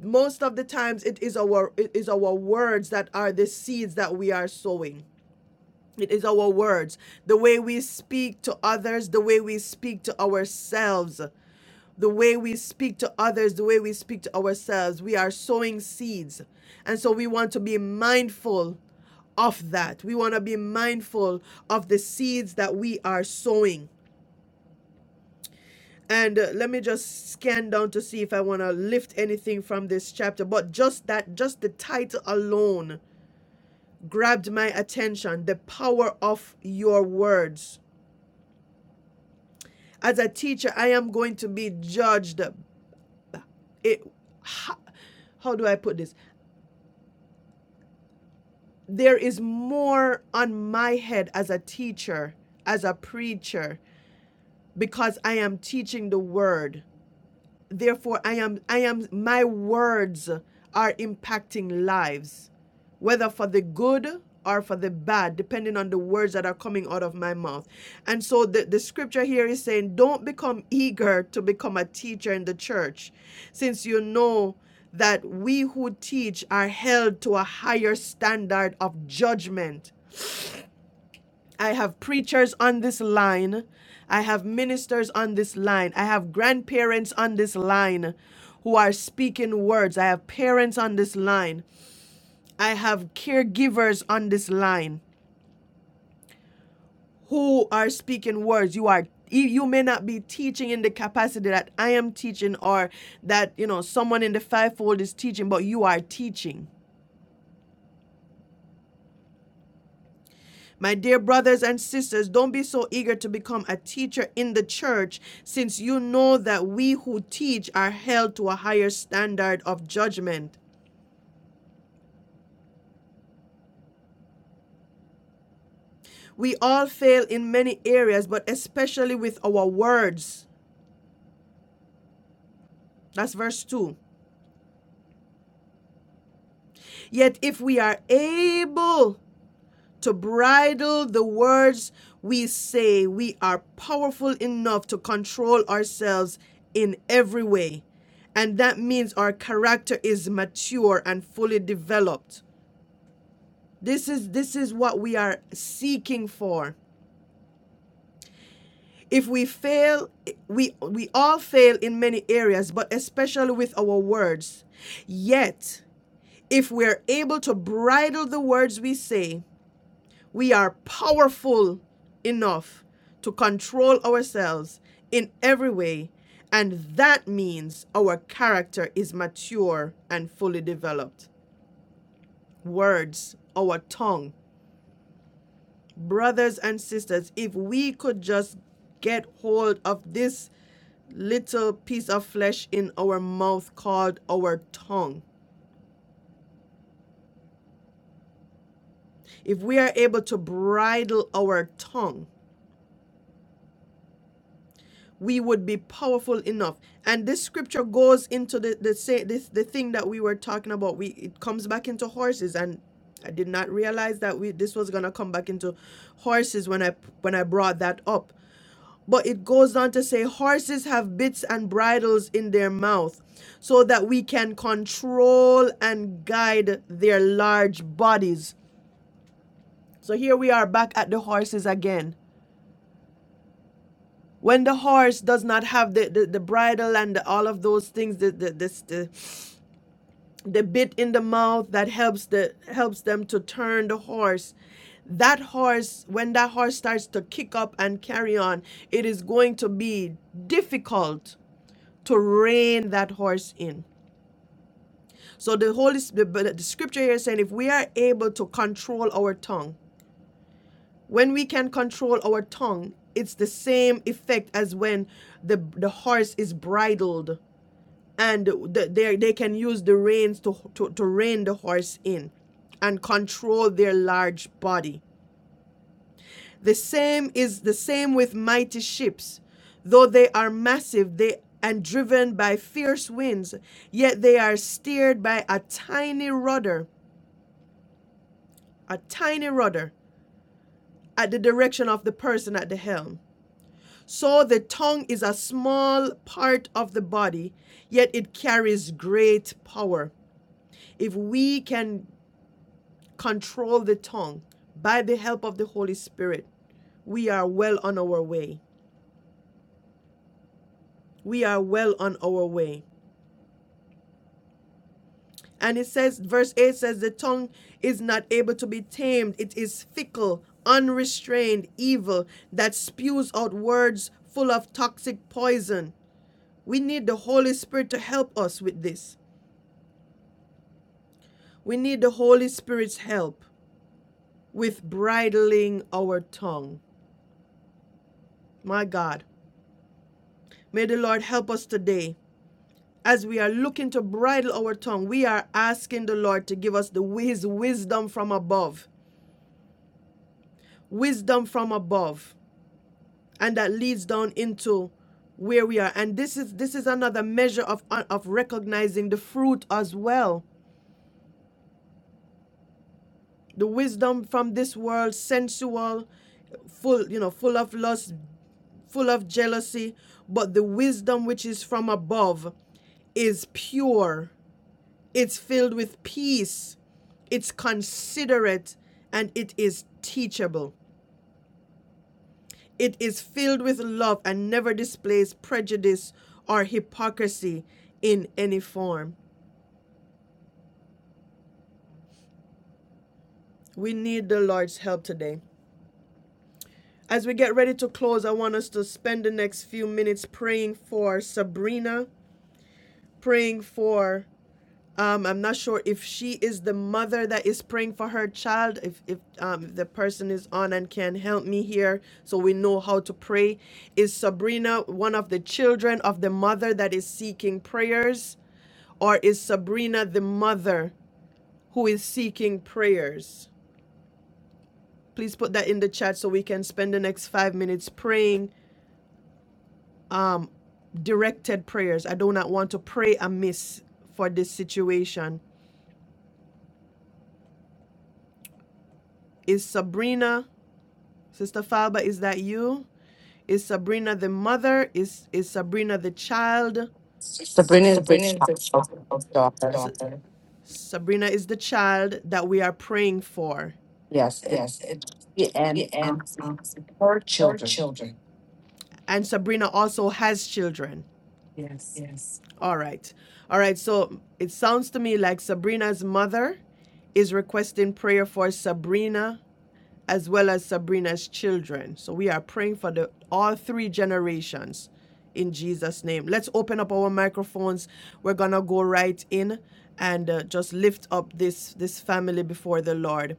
Most of the times it is our it is our words that are the seeds that we are sowing. It is our words, the way we speak to others, the way we speak to ourselves the way we speak to others, the way we speak to ourselves. We are sowing seeds. And so we want to be mindful of that. We want to be mindful of the seeds that we are sowing. And uh, let me just scan down to see if I want to lift anything from this chapter. But just that, just the title alone grabbed my attention the power of your words. As a teacher, I am going to be judged. It, how, how do I put this? there is more on my head as a teacher, as a preacher, because I am teaching the word. Therefore, I am, I am, my words are impacting lives, whether for the good or for the bad, depending on the words that are coming out of my mouth. And so the, the scripture here is saying, don't become eager to become a teacher in the church, since you know that we who teach are held to a higher standard of judgment I have preachers on this line. I have ministers on this line. I have grandparents on this line who are speaking words. I have parents on this line. I have caregivers on this line who are speaking words. You are you may not be teaching in the capacity that I am teaching or that you know someone in the fivefold is teaching, but you are teaching My dear brothers and sisters, don't be so eager to become a teacher in the church, since you know that we who teach are held to a higher standard of judgment. We all fail in many areas, but especially with our words. That's verse 2. Yet if we are able to bridle the words we say. We are powerful enough to control ourselves in every way. And that means our character is mature and fully developed. This is this is what we are seeking for. If we fail, we we all fail in many areas, but especially with our words. Yet, if we're able to bridle the words we say, We are powerful enough to control ourselves in every way, and that means our character is mature and fully developed. Words, our tongue. Brothers and sisters, if we could just get hold of this little piece of flesh in our mouth called our tongue. If we are able to bridle our tongue, we would be powerful enough. And this scripture goes into the the say this the thing that we were talking about. We it comes back into horses, and I did not realize that we this was gonna come back into horses when I when I brought that up. But it goes on to say horses have bits and bridles in their mouth so that we can control and guide their large bodies. So here we are back at the horses again when the horse does not have the, the, the bridle and the, all of those things the, the, this, the, the bit in the mouth that helps the helps them to turn the horse that horse when that horse starts to kick up and carry on it is going to be difficult to rein that horse in so the holy Sp- the, but the scripture here is saying if we are able to control our tongue when we can control our tongue it's the same effect as when the the horse is bridled and the, they they can use the reins to, to to rein the horse in and control their large body the same is the same with mighty ships though they are massive they and driven by fierce winds yet they are steered by a tiny rudder a tiny rudder at the direction of the person at the helm so the tongue is a small part of the body, yet it carries great power. If we can control the tongue by the help of the Holy Spirit, we are well on our way. We are well on our way. And it says, verse 8 says, the tongue is not able to be tamed. It is fickle, unrestrained, evil, that spews out words full of toxic poison. We need the Holy Spirit to help us with this. We need the Holy Spirit's help with bridling our tongue. My God, may the Lord help us today as we are looking to bridle our tongue, we are asking the Lord to give us the his wisdom from above, wisdom from above, and that leads down into where we are. And this is this is another measure of of recognizing the fruit as well. The wisdom from this world, sensual, full you know full of lust full of jealousy but the wisdom which is from above is pure It's filled with peace. It's considerate and it is teachable. It is filled with love and never displays prejudice or hypocrisy in any form. We need the Lord's help today. As we get ready to close, I want us to spend the next few minutes praying for Sabrina, praying for Um, I'm not sure if she is the mother that is praying for her child, if, if um, the person is on and can help me here so we know how to pray. Is Sabrina one of the children of the mother that is seeking prayers, or is Sabrina the mother who is seeking prayers? Please put that in the chat so we can spend the next five minutes praying um, directed prayers. I do not want to pray amiss for this situation. Is Sabrina Sister Falba, is that you? Is Sabrina the mother? Is is Sabrina the child?
Sabrina is a
Sabrina is the
child's
child's S-
daughter.
daughter. Sabrina is the child that we are praying for.
Yes, it,
Yes, it,
and um,
and um,
her
her
children.
children. And Sabrina also has children.
Yes.
Yes. All right. All right. So it sounds to me like Sabrina's mother is requesting prayer for Sabrina as well as Sabrina's children. So we are praying for the all three generations in Jesus name. Let's open up our microphones. We're going to go right in and uh, just lift up this this family before the Lord.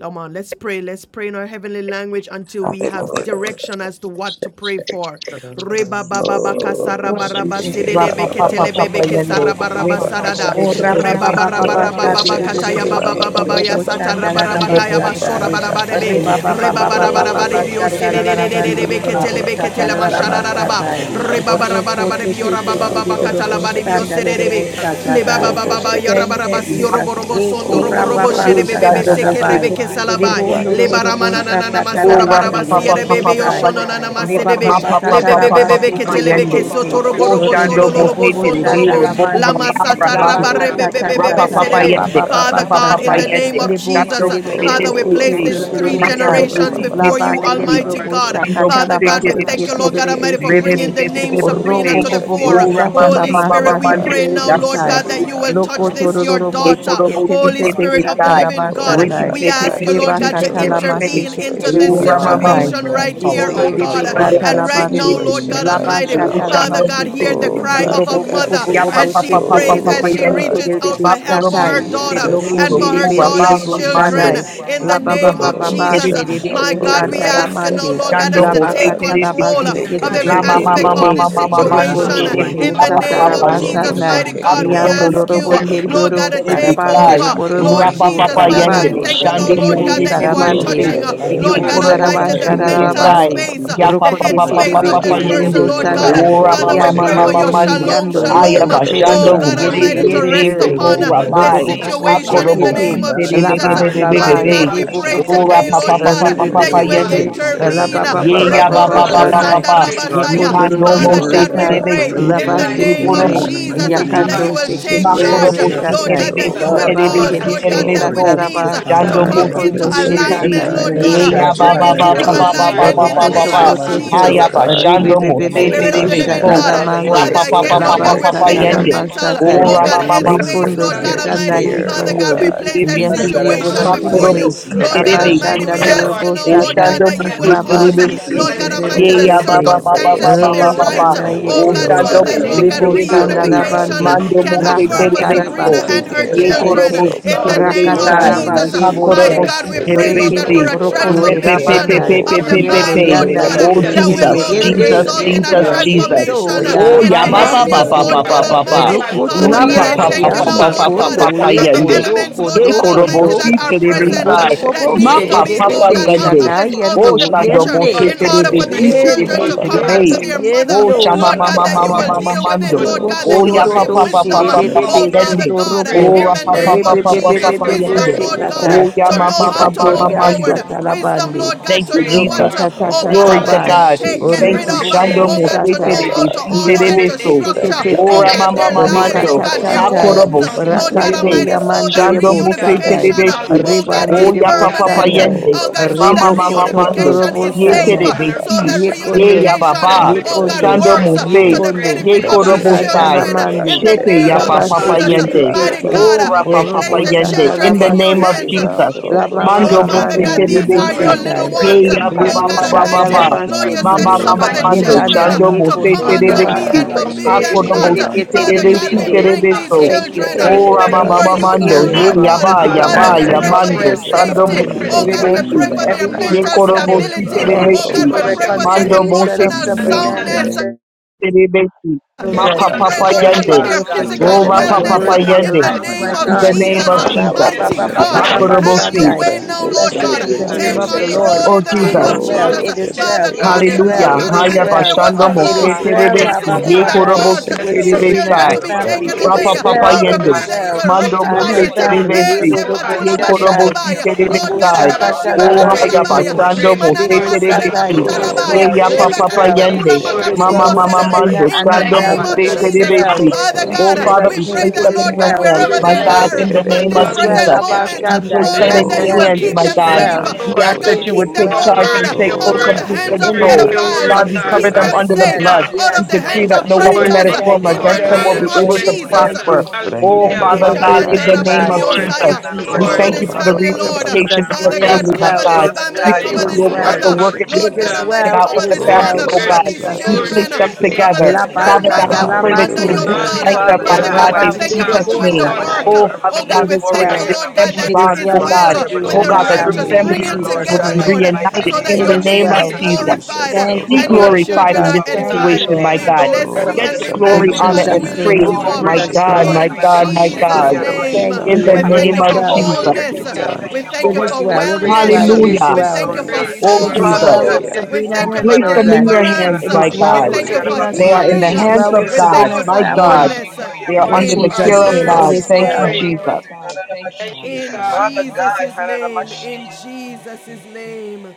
Come on, let's pray. Let's pray in our heavenly language until we have direction as to what to pray for.
Hallelujah.
Father, I
Reba
must seek
baba baka
Oh,
you.
Oh,
saraba raba
Jesus.
Shakeke,
sedede
Rapa
Rabba,
beke
Papa
Baba, Baba,
telebe
Papa
Baba,
beke
Yende.
saraba
Baba,
raba
Rebe
Baba,
Bebe
sarada.
O
Bebe
Shakeke,
Bebe
Reba
Yandarabakashaya
Bebe
bara
Rake,
rabababababasha
mamandorobo.
baba baka taya
Shakeke,
Papa
Thank
baba
derebeso
Rabba,
Papa
baba
Baba,
Yende.
baya
korobo
Baba,
sata
Baba,
shandala
Mando
rabarabakaya
Mose
Baba,
rabasatai.
basora
Baba,
Terebesi
barabarebe
Shakeke,
reba
Terebesi.
Rabakashaya
Oh,
barabarabare
Ye
bio
Roko,
Ribabababababasha
Korobo
mamamandorobo.
Shakeke,
sedededededede
tarararabandere
Rabba,
Terebesai.
beketele
dorobo
Baba, Baba,
beketele
Baba,
Yea,
Baba,
masharararaba
satararabasatai.
Baba,
reba
Baba,
Oroko
Shake,
Yandarabakashaya
barabarabare
te
bio
te te
mamamando.
te de
rabababa
Rambroko,
katala
dorobo
bare
Father,
bio
in the
Shakeke,
shandale
name of
dorobo
Jesus, give
sededebe le baba
satadai.
Sabrina
Roko,
baba ba
Thank
direction.
you,
yarabaraba
Shakeke,
Jesus.
siorobo robo sondo
Eko
robo
Oh,
robo
Roko,
shedebe
rababasha
bebe
Yeshandarabakashaya.
Shando
Shakeke,
Mose,
seke
tararabai.
rebe
Tepe, Tepe, Tepe,
Your
Libo
kesalabai
Tepe,
Rake,
ondoro
le
wisdom, my
dorobo
Tepe.
baramana
God.
Shakeke,
nana
Rabba,
Oh,
masora
Yeshandarabakashaya. Yandarabakashaya.
Baba,
rapa
Baba,
sakatarabandere
barabasi
Baba,
papa
Baba,
dorobo
papa
rebe yo
papa
sai.
Baba,
shono nana
Baba,
yende.
Baba,
masedebe
Ma
le
papa
Shakeke,
bebe
papa
Ribabababababasha
bebe
te
papa
ketele
te
beke
te
yende.
Oh,
te.
sotoro robo
Oh,
direction,
robo
Oh,
oh
shando
sholo
Orebo
lolo
God,
bo
bobo
mosete
sondo
rebe
direction.
robo
shandala
robo
la
mande
God.
rapa
masata
ta ta
ramando.
Oh,
ta
rabarebe
Release
lead
ta
and
it,
Rapa
ta
guide
papa
ta
them,
ba
oh
yende.
ba
Jesus.
ba ba
God,
Father
Papa
sa
lead
God,
papa
in
and
tai.
the
guide
name
yende.
of
Le
them.
bo se
Jesus,
Shando
le le le
you.
le
mosete
Father, we
se
Oh,
rebe
ke
place
logo
si.
te
We
these
le
shake
le le
three
Ma
keke
koro
sai.
generations
rapa pa
mosete
La
pa
before
ba
pa
rebe
you,
le
pa
le
pa
We
le
si.
pa
le
pa
Almighty
pray
God.
for
pa
bo
the
pa pa
sha
God.
Shando
kata
pa
children,
pa
la
Father
Lord
pa
ba
God,
mosete
we
God.
pa
se
rebe
ke
thank you,
kasha
te
so.
Lord
le
God
le
keke.
le
Almighty, for
se
Rebe
te
bringing
rebe
the
rebe
name
rebe
Oh,
Ro
Sabrina
bo
logo
rebe.
to
bo
the
bo
shake
bo
fore.
Oh,
keke.
sha ta
rama
la
Holy
mama
ma
mama
sa
Oh
Spirit, we
te le
God,
mando.
pray
le le
you
now,
le
know
Shando
Lord
sai.
God, that you
mosete
Sabrina,
will
Lo
you
rebe
ko
touch
know
to
si.
her
this,
ro ro
your
ro bo
children,
E
daughter.
se
you
koro
ke
know
te
her
le
Holy
te
mosete rebe
Spirit
mother.
of the
sai.
living God,
Oh
Rebe
we
Father
pepe
ask
Labakatatatata babababasatai. Liboshelelelebeseketelelebetai. Labanelelelobosakatalabaseketelelebesete. Oroboboboboshatalamasakelelebesai. Lokotororobosheketelelebesatalabasatai.
God,
you,
pepe
take
Lord God,
pepe
to
control of
pepe
the
pepe.
intervene into
In
situation
the
this
Oh,
right
name
are
Rama
of
Mama,
Lebakatalamaseketelebosatai.
now.
knowing
Jesus,
situation
they are
right
Mama.
set them
here,
Take
powerful
oh
God,
God.
control
Chando
Father
of
And
that
God,
Mose
right
Libonelebekatalabande.
now,
and you
Lord
Terebesi.
know
situation
God
when they
right
Almighty,
see
Oh,
now.
everything
Father
Chando
God,
Labashatalabaseke.
to
Mose
hear the
bring my
Oh,
Terebesi.
life
God,
cry of
Father
a
to bring
God,
my
mother
family,
Ya
God,
take
my
Robobobobobo
as
Papa
she she
family,
Papa
my life
shekete
prays,
control,
to
oh
Papa
as
debe
God,
she
having
Yende.
the
reaches
God.
shekete
out
debe
for
time to take
Makuro
help
care
for
satai.
her
Bosi
Yes,
daughter
Terebe,
Jesus.
Jesus,
and
Lokonde
for her
of
Robo
debe
me.
Rabba
Jesus,
daughter's
ndedebo
children.
sadai.
Mando.
Jesus.
In the
La ba
Makuro
ba
name
ba
of
ba
everything
Bosi
Oh,
we
ba
need
Jesus,
Yeshendarabakototro.
Terebe,
send
shede
uh, my
help,
debo
oh
God,
to
we
sanda
do,
la
God,
ask
and I
you
send
now,
can
mande.
Lord
do
help,
it.
God,
Dando
us
La
oh
to
God.
ba
Mose
take
God.
And I can
la ba
control uh,
Terebesi,
and
Take
of
sekete
my
every
La
te
life
te
to
God,
control,
Mama
te
aspect
Mama
Jesus,
te.
of
Lord,
this
take
And
Mama
touch.
we
Mando,
ask
situation.
you,
Father,
Rokonde
Uh,
control.
Shepe,
mighty
debo
In
Lord
the
Papa
God,
God,
to
sata
we
name
la
are
Papa
of
ba
clear
asking,
Holy
us
Yende,
Jesus,
up,
Spirit,
sandai.
Lord
mighty
to
God,
touch.
Orogoshekeke
God,
clear
we
us
Akudo
as
up,
Yando
Mose
to
ask you,
clear
uh,
I
robonde
Lord
us up,
Terebesi
God,
riboro
to
to
Lord,
Holy
clear
take
us up,
God,
we
sarabande
are
Terebesi,
over.
asking,
to
riboro
deliver.
rabababababababababababagashake
clear
Lord, for the
Lord
us
Rapa
boribo
up.
Jesus,
Papa
Father, I
Yende,
sarabande.
Father
thank
Lord,
you,
God,
Shando
Lord,
that
rambrogoshekeke
Lord
you
Bidibo
God,
may
Holy
Mose
that
have
God,
you are
your
we
way
set the
sarabande.
in
are
Terebesi,
touching,
their
uh,
captives
rogedede
life,
asking,
Lord
in
Bidibo
God,
God
Yekoro
mighty
Almighty,
God,
Mose
rageshekeke
the
to clear us
mental
as
In the
Terebesi,
sarabasharabande.
up,
name
space,
to
of
uh,
Ya
praise
Jesus,
the
Papa
Rokote
head
Father
te
Papa
touch
on you,
space
debe
of
God,
this
Papa
you
Lord.
rababababababababagashake
kende
know,
debo
person,
Yende,
Oh
Lord
God,
God.
help
sandai.
Uh,
God, oh
Hanamatsu,
God,
Ora
clear
Father, we
us
Mama
I
their
up,
pray
mind,
Yandere
for
challenge,
Mama
rambrogoshekeke
your
Father.
wonde
Hanamatsu,
Mando,
shalom,
yando yondo
comfort
shalom.
Crown
Ayaba
their
my
brengedede
head to
Oh
sherebo
Shando
spirit,
the
God
soles
Lord,
yede
Mose
mind,
of
Almighty,
and
to
their
brakeshekeke
yede
feet.
be
Terebe,
rest
Spirit,
Holy
upon
Robo
uh,
but
night,
for the
lobo
Rabai,
this
bo
God.
bo
And
challenge,
bo
then
Oh,
Lord,
situation
orogoshekeke
Akudo
in the
shekete
Father
name
Mose
of Jesus.
laba
we are
laba
able to
Mighty God,
Terebebe,
yede
have
we
bo
You
bo
from
pray
bo
more
bo
than
rababababababababagashakeke
Ora
today, Lord
Papa
able,
send,
God,
Papa
uh,
Father,
rebe
your
be
that
be
Papa
you
Oh,
will
be
word of
be
Yende,
hallelujah,
comfort
Jesus,
and
laba
of
intervene.
ba
Jesus.
ba
Ye
ba
ya
direction,
ba
Rebo
encouragement,
ba
oh
ba
your
ba
Father
ba
robo
ba
God.
words
God,
of
provide
ba
shandai
sanda
ba.
what
we
they
peace,
need,
pray this
Father
Lord.
God,
yekondo
Lead
rabasaya.
morning,
Rikando
God,
your
them,
robo
that
mo
Father
oh
se
words
God,
of
we
shatai
God.
pray
terebesi.
Give them
Lead
restoration
laba
their
the
in
on
the
them,
life,
this
Ye
oh
name
resources
of
I,
sekete
they
morning in
korobo
God.
the
need,
si
Jesus
mighty
Lord.
uh,
oh God,
name of
that
yakando
you
terebesi.
will
Jesus
take
Ma
sekete
I
Holy
Christ of
charge.
Jesus,
rebe
Spirit,
korobo
name of
take
Nazareth.
si
Lord
satai
God,
let
that
control,
them
Jesus.
you
terebesi
will
Father,
laba
Lord,
afresh
Father,
and
take
God,
and I
cause,
as
terebesi
yede
must
pray.
Lord
they
bo
be
God, that
control.
clear
which
terebeso.
about
sataraba
In
this,
needs
the
uh,
serve,
name
Father,
of
God,
to
Chando
God,
and I
mo
Jesus.
this
come
I
must
se
into
yekondo
be-
put
that
shekanda
terebesi.
alignment,
Sabrina
you
and
Lord
her
may
God.
direction,
uh,
Ye
yekondo
ya
have
ba
children
Bring
ba
and
it
Father,
sekete
her
ba
your
into
have
ba
te
way
ba
mom
ba
in
ba
Lord,
their
alignment
ba
in
ba
oroko
the
oh
ba
lives,
at
name
ba.
and I
God,
Hallelujah.
your
of
must
shokoto
be
feet,
Ha
oh
clear
ya
hallelujah,
Jesus.
ba
about this,
God.
and
Jesus.
shando mo
I
se
must
Make
Oh,
Spirit
Rebebebebebe
of
be-
sure
the
Father
living
terebeso.
God,
God.
I
that
Father, you're
God,
satalamande.
Father,
the
Rapa
place
pa
good
pa
again,
pa
them
and
pa
Lord
in
every
pa
God,
your
we
pa
righteous
pa
Labasata
place the
Lord,
care.
yende.
mental,
labasatai.
you're
oh
Lord,
the
Ora
oh
I
God,
ma
God,
ba
You God,
place
ba.
this
headspace,
them
Likondo
Son
in
Lord
of
God,
God
your
the
sekanda
Almighty.
care,
Father
Creator.
oh
God,
yekondo.
we
and
God.
place that
Father
Yes
Terebesi,
I'm
to your
God,
will
you are
situation
Father,
and to your
before
fire and
you.
Makorobo,
the
way.
Jesus,
Spirit,
Christian
Lord
cover
Son
God
Terebe,
and
of
them,
the
Almighty,
oh
Abashanda
we
and
Creator,
Terebe,
You
God.
ask
Lord,
you
lilobo
now,
Creator,
Lord
the
satai.
God,
Oshando
that you
step
Creator,
will
Mose
up,
cause,
and
Terebesi,
the
Lord
my
Jesus,
God
Labasekete
make
Lord,
a
Mercy,
Almighty,
God,
the
way
Yeya
in the
for
my
devesete.
Baba
them
Baba
where
Creator.
name
there
circumstances
Baba
to
of
be
Lobo
And
Baba
seems to
Father
be
right.
Baba,
shanda
God,
no
you
Oh
way,
God,
oh
yekondo.
so
Lord,
Oshando
substitute
it
that,
God.
our
is,
Lord
Mose
God,
lives,
Libo
oh
you
God, that
sanda
Oh
Terebesi,
they
substitute
are
our
God,
reunification
labande.
let
return,
overcomers
Mando
with
your
can
and
Mose
occur
perfect
justice,
for
will
our
be
Lakataraba
Sabrina
Terebeso,
done
and
in
her
their
and
Ye
sekete
that
return.
children.
lives,
Korobo
Hallelujah.
tete.
oh
Si
In
God.
God,
the
So this
name
Lord,
of
Terebesai,
morning,
of
our
Touch
life,
Brakatarabande
we
Jesus,
could
Sabrina,
Lord,
mighty
her
Makorobo
bondai.
let
have
Jesus,
God,
Si
we
children,
us,
take
pray,
a
Lord
Father.
God,
Brekende
control,
for
Terebesi,
a
God,
Lord.
and
brokonde
Take
Repe
Touch
Pe
of
transformation
Pe
welcome,
rabandai.
Pe Pe
control
of
and
Lord,
the
Pe
I'm
Pe
Yendo
of
God,
mind,
Pe,
asking
Lord
every
for
God.
yanda
your
God,
back,
uh,
Oh
yende
hallelujah,
because
that
adverse
will,
yende
you
Jesus,
trust
oh
have
God,
us all.
Jesus,
yende
situation,
the
Sabrina,
result
name,
in
oh
a
Jesus,
touch
yendo
God,
Yes,
God.
that's the
Jesus.
big
Sabrina's
yendo
transformation
church,
uh,
trust
Take
children.
ya
Oh,
and
in
ya
the
ba
yes,
control,
ba
promise,
ba
behaviors,
The
Lord,
ba
in
Father
the
ba
mamástico.
Lord
Lord,
God
ba
generations
life
God.
that we
oh
Almighty.
God,
speak of, to
Father God,
be
in
Rapa
Oh,
the name
I
my
Rocotorias
pa
heal,
pa pa
thank
Broko
you
conscience.
pa
now,
of
yando
deliver.
Jesus,
pa
Lord
pa
Shekeke
God,
pa
uh,
condo
pa
ye
that
In the
the
yende.
Rabakasha.
condo
mighty
elements,
name of
Lord
Ye
God
condo
Jesus Christ.
korobo
Almighty,
Oh,
condo.
yeah.
that
si
are
terebe
No, no,
present,
no.
uh,
Rake
Lord,
sai.
It's so
that
Ribobobobo
Ma
Shekeke
needs
pretty.
praise
to
shede
pa
Ram
de
be,
pa
de
oh
pa
Broko
God,
de
out
yende.
of
yada
this,
Shekeke.
out
O
of the
yendo
Mhm.
shando
picture,
bo
Ranke
one
si
yende.
in order
That's
terebe
for
so
Shekeke
si
these
good.
children
Yende
terebe
to
It's a
come
Yandorabakashaya
God.
back to
terebe.
stick
yende
their mother,
O
mamandorabo.
part of the-
yendo
chama
it's
ma
Lord God,
ma
that
ma
you
Rabababababababashakeke.
ma ma
will
rabandai.
Praise
deal
a
with
good
it,
one
mando.
thing.
Lord
Oh,
God,
It's
O
that you
a
ya
good
will
thing.
praise.
pa
give
Libocododo
pa
Jesus,
pa
you.
pa
wisdom,
shede
uh,
Lord,
You
pa
de
know,
pa
de
you
your
pa
know,
oh
Jesus.
be
Yeshendarakash.
word
Father
yende.
God, uh,
praise,
sotorobo.
O
in
your
ra
God,
the
pa
you
pa
word
know
name
pa
the
of
pa
my
pa
hearts
pa
Jesus,
praise,
of
pa
your
the
Thank
Rebebebebebe
yende.
wisdom,
word
mother.
Lord
You
you know,
know
God,
sekata.
uh,
the
praise,
O
you
you.
ya
to
ma
Lord.
know
ma
hearts,
how
ma
oh
to
Lord,
know, it's
move
God
a
we
Yekatorias
worship,
mando.
forward,
good
of the
wisdom wisdom,
tatalabande.
Lord God,
Thank
mothers
to
you,
praise,
know what
Jesus.
involved,
Lord.
to, oh
Father
God
Glory to
Hallelujah.
God,
Almighty,
Rokotatabai,
God.
thing.
take, get
Thank
rid
you.
Your
of,
Jesus,
uh,
name,
Shando
send
Oribububu
oh
Holy
God,
help,
to
Mosete
oh
Shatai,
know
de
Spirit.
how to
God,
Besite
order
Lord,
de
Libu
and
your
to
name,
God,
Beso.
I
structure,
send
praise,
believe
and
help,
oh
Sikitete,
Ora
oh
praise,
God,
And
Mama
God.
you.
their
Hear a
lives,
praise,
oh
Mamando.
God,
mother's
Lord.
their
Rikatatatai,
cry
homes,
Hakorobo
this
uh,
Hallelujah.
Holy
Lord
Site
God
de
morning,
Ghost.
Rakato
oh
Be.
Almighty,
God,
so that
Shando
Yamandirebo
and
Hallelujah.
Mosete de
Satai,
send
reunification,
help,
I'm
uh,
Besi.
oh
oh
Yendarakasha
Hallelujah.
actually
God,
God.
is
O
calling
ya
about
Ribandirebo
Hallelujah.
Yamamamai.
Ocean.
Papa
permanent, uh,
Sandai,
Yende.
And
oh
I'm
God,
Oroko
Bless
not
so
sure
Mama
that
that
Ribo
Mama
shekeke
that's wrong with
Mando.
reunification
what
Kototorobo
I-
is
Yete
safe,
and
de
uh,
you
Shandai,
that
and our
you're
Yendarabakatata.
so
Besi.
families
that
moving on
rabababababababakashake
before
Ye
their
you.
Yekondo,
ya
reunification, uh,
behalf,
Baba.
Praise,
oh
Father
God,
Touch.
lambroko
God,
Yekondo,
Shando
Lord.
works uh,
had,
shekeke
to
Mose.
the
Praise,
Yekondo,
Ye
benefit
that
thank
of
they
renke
these
will
God.
Korobo
trust
Sai.
in
Shikandana
shekeke
children
the
uh,
Lord,
in
Mandi,
the
Shepe
Father, and
them,
ragedede
name
ya
of
you.
Lord
lean
Papa
God,
not
as
ragedede
Jesus,
to
I
uh,
thank
their
the
Yende.
own
worst
mighty
Labasikitete,
God, uh,
Ora
you,
understanding,
we
situation,
Papa
Father
Orobo
place the
God.
Yeshendaraba.
Yende.
Shata
God.
But
children
in
In the
ragobabababababakashake
in
Lord
every
your
way,
name
I
of
hands.
Labasete,
Jesus.
uh,
acknowledge that
lambroko
Labama
you,
I
Oh,
Mando
Father
Father
shekeke
God.
lift
God,
Mamandi,
Mosete
God,
We
de
them,
these
give
Yobo
are
you
Lord.
Besi.
your
they
thanks.
little
Shatai,
I
Ye
direct
lift
ones.
rengedede
their
ya
We
ba
give
them,
path
ba
Lord
you
of
Lebo
brake
ba
God
where
ba
they
thanks, O
help
ba
should
shekeke
Shandala
ba.
go,
them,
Yeshendarabakatata.
Almighty,
Lord
Lord,
Lord.
God.
Father,
you
We
Ma
how
Baseke,
To
said,
ma
they
ma
should
ma
suffer
provide
the
glorify
for
oroko
your
them,
mando.
operate,
children
name.
Yekanda,
Father
God.
Chando
shekeke
God.
bo
to
We
se
come
Yekondo,
honor
Father
God, I
unto
you,
God,
me
I
Father
terebesi.
and
Rebanda,
take
God,
babake
pray
and
for
we
forbid
the
lift
away,
them
oh
you
Hakodo
up,
shekeke
Lebo
O
bo
not.
God,
children
the
si
Seke
Lord God,
Father
darkness,
lambroko
no
God,
oh
terebesi
we
Terebende.
God,
Father.
Hananamashikuria,
Yendarabakasha
bring
but
terebeso.
God.
these
this
Thank
Yamamai.
you,
children
O
morning,
thank
it's
Brengedede
you,
ra
my
Lord
ma
thank
ma
God
name,
of
before
you
ma
for
you
heaven,
God,
mando.
now,
brakeshekeke.
hearing.
Ye
that
Lord
ya
Rabba
God.
Father
ba
Thank you
God,
for
God,
ya ba
Father,
Shekunde
we
that
ya
answering
their
pray
our
for
Yendarabakushututu.
faith
mando.
their
prayers
Korokote,
Oregeshekeke
Ashikuria,
this
Chando bo
safety.
morning.
se
is
Oh
Namashikuria,
Rebende
God,
but
God, and
we
Thank you
terebesi.
pray
for
for
lift
Kiyonde
their
that you
Lord,
everything
Ye
mental
this
cover
Korokote,
koro
rapapapapapapapakashake.
that
them
they
bo
with
morning.
would
the
si
blood.
stability.
trust
Rabba
Thank
Oh
with
you
God,
terebesi.
for
we
all of their
pray for
heart,
Rambrokoshekeke.
their
Shekete,
Mando bo
Lord,
reconciliation
se
of
in
emotional
the
and be
Sabrina
mighty
and
not
her
under
soundness.
Brengedede
name.
church
terebesi.
In
name
their
Ma
the
of
own
children.
pa
midst
We
of
pa
Thank
pray,
your
pa
you.
Jesus.
Lord
storm,
Thank
God,
understanding,
you
for
brakeshekeke.
yende.
Oh,
for
Father
God.
their
God,
your
God,
Thank
Spirit of
touch
O
Everything
physical
the
fulfillment
ra
her
of
guide
pa
that
your
the
living
pa
wellness
they
people,
word
pa
will
God,
for their
in
mother,
the
yende.
we
acknowledge,
lives,
Father
give
name
you
my
God,
In
of
he
Papapapapapapakashake.
Jesus.
Lord.
the
glory
God.
could
name
this
ever
of
All of
Jesus.
morning.
Ba,
In
cashie
ba,
Jesus.
the
them,
ba,
Mighty
We
ba,
and
peace
ba,
give
ba,
God
from
God,
you
that
that
the
Ma
they
ba,
Rambrokoshekeke.
honor
ba,
koro
crown
will
of
passeth
bo
have
her
this
all
si.
head
your
Sandai.
to
morning.
the
way
soul
now,
We
understanding,
Lord
Brengedede
Blessed
God.
be
celebrate
the
your
in the
name
Take
of
name
name
Hallelujah,
the
this
God,
brakeshekeke.
Lord.
control
morning
Oh
in the
restore
It
the
name
in the
Jesus.
is
of
name
well,
conqueror,
Hallelujah.
Jesus.
of
it is
Let
restore
well,
it,
Father
Jesus.
Orokoshekeke
it
God,
mighty
is
your
if
God,
well,
Lord
Hallelujah.
God
it
and
is
Haya
Hallelujah.
your
Almighty, there
well,
was a
bashando
protection,
Father
it
flaw
mose
is
rapapapapapakashake.
God,
Lord.
in
terebe,
well,
the
si,
Abba
Oh,
ye
system that
Shandai,
korobo si
with
caused
Rambrokoshekeke.
these
terebe
Sabrina
children
sai.
of
and
to be
family.
taken
It
Yamakushi,
away,
Brengedede
is
Rapa Papa
well,
Lord,
Father
Yeshendarabakatata,
we
it is
pray
God,
Yende,
that you
brakeshekeke.
well,
will
Mando
Hanamashikura,
and
rectify
her
Mose
it.
you're the
family.
Lord
Eh,
of
Terebesi,
Yedo
their
Oh,
Dobo
lives.
Ye Korobo
Shandai,
Si
Libo
Lord
Hanamakushi.
God,
Terebesai,
Bakashake,
Father God,
O
in the
praise,
adabashiba
Haya
mighty
Shakatarabasini,
Lambrogo
name
Rabaya,
of
Basando
praise,
Mose
Limanana
Jesus,
Shekeke,
Libo
Lord.
Masereba
Satai,
Terebesi,
it
Hanamashikura,
Hallelujah.
is
O
Kutalabaya,
Ye
well,
Rogo
it
Yapa
Glory
Yamakashi,
is
to
Papa
your
well.
Shekeke,
name,
Lebakatibakula
Yende,
Rakedede,
It
Lord.
Hanamashikura,
is well
Mama
Makatibio
with
Mama
Yomashaka,
Sabrina
Serebe,
Mando,
in
and
Yamako.
her
the
Thank
Shando
you,
name
Lord.
family.
Father
of
Mose
God,
It
I
is
Thank
Jesus.
thank
Bakashake,
you
well.
for
Terebesi.
what
Father
In
Oh
you.
God,
Let's
Father,
Lambrogo
Jesus'
we
we
name,
pray
place
it
that,
my
them
is
in
Lord
Shekeke,
your
God,
well.
hands,
It
wherever
is
my
they
glorify your
you.
God,
well.
are
in
Lord.
the
Rengedede,
at
name
It
this
of
is
Brake
Thank
well.
present
Jesus.
Abba
Hallelujah.
moment,
Shekeke,
We
Shanda.
place
Lord
them
Thank you,
God,
Yes,
in
that
O
you
your
yes,
will
hands,
it
keep
my
is
them
Mageshke,
God.
Thank
safe.
well.
you,
We
Lord.
Oh
ask
Lambrogo
that
It
God,
you
is
would
keep
take
them,
Shekeke,
Your
Lord
well.
charge
God,
and
word,
take
your
full
out
O
of
word,
the
complete
hands of
In the
Rakedede,
praise,
control.
your
Rake
name
word,
of
God, we
pedophiles.
God.
Shekeke,
cover
Keep
them
them
Jesus.
under the
safe
Yes,
cover
blood.
them,
Hallelujah.
out
Lord.
We
of
yes.
the
decree
Thank
hands
that
of
no
you,
weapon
Lord.
Bakashake,
Oh,
that
predators
is
Thank
formed
thank
you,
you,
in
Lord.
Yamakushi,
against
the
them
thank
Yamakushi,
will
Hallelujah,
you,
Lambrogo
name
be
of
able
thank
to
you,
Shekeke,
Jesus.
thank
Jesus.
prosper.
you.
Yamakushi.
Oh,
Brenge
Thank
de
Hallelujah.
you
de
Father
for
de
Father,
God,
doing
that
it,
in
Eshamanda
you're
the
Thank
oh
brake
rabadi
you,
name
God.
of
Lord.
restoring
sekeke.
Andarabakoshatata.
Jesus,
In
Thank you,
biosaya.
we
Jesus'
Hananamashi,
Lord.
Cover
thank
the
Oh,
you
this
name.
for
ba
the
ba
Cover
family,
ba
In
brotherhood
them,
ba
of
Lord.
ba ba ba
reunification
Jesus'
of
ba
the
ba
name.
Father
It
Hananamashi.
ba
Thank,
is
God,
family, my
cover
well. It
this
God.
rasake.
Father
is
family,
We
cover
well.
God,
them,
thank
It
thank
cover
you're
is
this
you,
Lord.
you,
oh God,
Lord.
well.
preparing
for
Rambrogo
mother.
the
working
breach,
this
It
Lord God
is
sekeke.
Hallelujah.
hallelujah.
Almighty,
situation
well.
out
cover
It
with
Father
the
is
Cover
this
them,
God,
Glory
in
family,
well.
Ronge
mother,
Lord.
the
oh
to
In
your
cover
name.
God.
se
mighty
these
Jesus'
name
We
rade
of
Glory
name.
place
children,
to your
them
Jesus,
sekeke.
name,
be
cover
together.
it
this
in
Jesus.
their
Father God,
lives,
Labasata
grandmother
we pray that
Almighty
you
under
God.
would
your
labasoto.
Hallelujah,
blood.
reunite
Father
them, my
Hallelujah.
Father
God,
Hallelujah.
God,
God,
hallelujah.
we
wipe
in
the
thank
Take
you
God,
for
Jesus'
tears and
Mm.
I'm
doing the
name.
control, oh
work.
Rabanderebosatai.
Oh,
could
God.
Father
Oh
remove
God,
God,
you.
It
we
we
is
pray
thank
worry
that
you,
well.
fire,
and
this
Lord
I'm
God,
family
Lord.
It
that
Thank
it
is
bond,
is
oh
well
Take
with
God,
Thank you,
well with
oh
Sabrina
oh
control
and
the
her
of
God, that
God.
this
righteous.
remove
Thank
family
you,
in
Bring
fear,
family
Sabrina,
it
unit
oh
Lord
Jesus'
will
together,
God,
be
God,
fire.
in
and
name.
Lord,
the
her
mighty
Thank
reunited
so
you,
name
that
in
God.
of
It
your
the
family.
That
is
was
name
name of
Jesus.
is
you,
well.
And I'm
Jesus
glorified
Jesus,
Thank
oh
you
be
and
for
your
Lord.
what
God.
you have
glorified
children
in
are
yeah,
done.
this
Oh
Thank
God.
you,
situation,
edified.
Take
my
Lord.
Thank
We
God.
Lord
you,
bless
Lord.
God of
control
you
Get
of
and
the
we
heaven,
Thank
and
In
glory,
you,
I'm
Lord.
magnify
honor,
Sabrina
you.
and
and
Jesus'
We
her
name,
praise,
lift
in
you
Oh,
Lord.
family,
up
my
gracious
Jesus'
my
God,
Lord,
name.
my
God.
in
and
Hallelujah.
God, my
Let
Thank
Jesus'
your
God,
will be
name.
I'm
Thank you,
in
done.
you.
the
Lord.
We
and
Let
I
It
your
thank
name
is
you
thank
of
you
for
for
well.
perfect
We
what
honor
Jesus.
will
you're
wholeness.
be
you,
doing. And
Hallelujah.
done.
thank
We
you for
thank
It
you
what
is
God,
for
you
you
well.
are
will
It is
great
In
and
continue
well.
to
It
great.
is
do,
wellness.
Hallelujah.
We
oh
Jesus'
well.
thank you
Lord
for
Praise
name.
God.
Oh,
the
It
soul
Lord.
is
Father
Jesus.
well
God,
with
we
so.
give
Hallelujah.
Hallelujah.
We
you
Sabrina
we
and
thank
glory,
you
her
for
place
honor, and
them in
children.
your
praise.
yes,
hands,
deliverance.
Lord.
It is
my
We
well with
God.
Hananamashikuri
thank
Thank
you
Hallelujah.
for
Sabrina's
They
you, Lord.
are
Thank
yarabakoshe.
mother.
in
you,
It
healing.
the
Thank
Yes,
is
hands
But
well with
of
yes,
We
Jesus.
God,
thank you
Lord,
Sabrina's
my
for
you,
family.
God.
wholeness.
Hananamashikuri
Thank
They
you,
are
Lord.
Lord.
In
Thank
under
In
you,
the
Hallelujah. Lord, you are
yabakuri,
care
Jesus'
may
of
name,
you
word of
it
Jesus'
God.
Jesus.
is
Thank
restore
Thank
you,
name.
well.
you,
us,
praise.
Lord.
Jesus.
brethren.
you.
There
Thank
Hananamashi.
shall be
you,
In
God.
Thank
glory.
Father
Jesus'
God,
name. In
Hananamashi.
Jesus'
you.
name.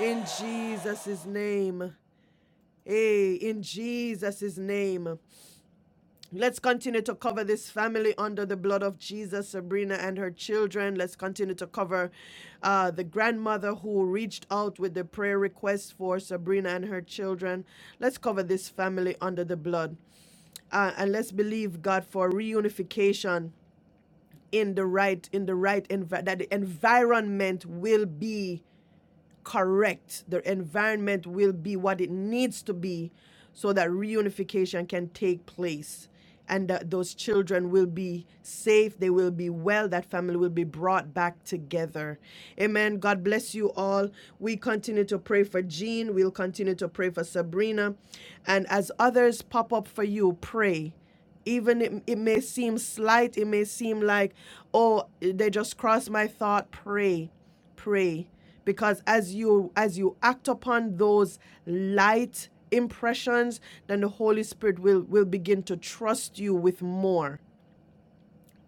In Jesus' name. Hey, in Jesus' name. Let's continue to cover this family under the blood of Jesus, Sabrina and her children. Let's continue to cover uh, the grandmother who reached out with the prayer request for Sabrina and her children. Let's cover this family under the blood. Uh, and let's believe God for reunification in the right in the right envi- that the environment will be correct, the environment will be what it needs to be so that reunification can take place and that those children will be safe, they will be well, that family will be brought back together. Amen. God bless you all. We continue to pray for Jean, we'll continue to pray for Sabrina. And as others pop up for you, pray even it, it may seem slight it may seem like oh they just crossed my thought pray pray because as you as you act upon those light impressions then the holy spirit will will begin to trust you with more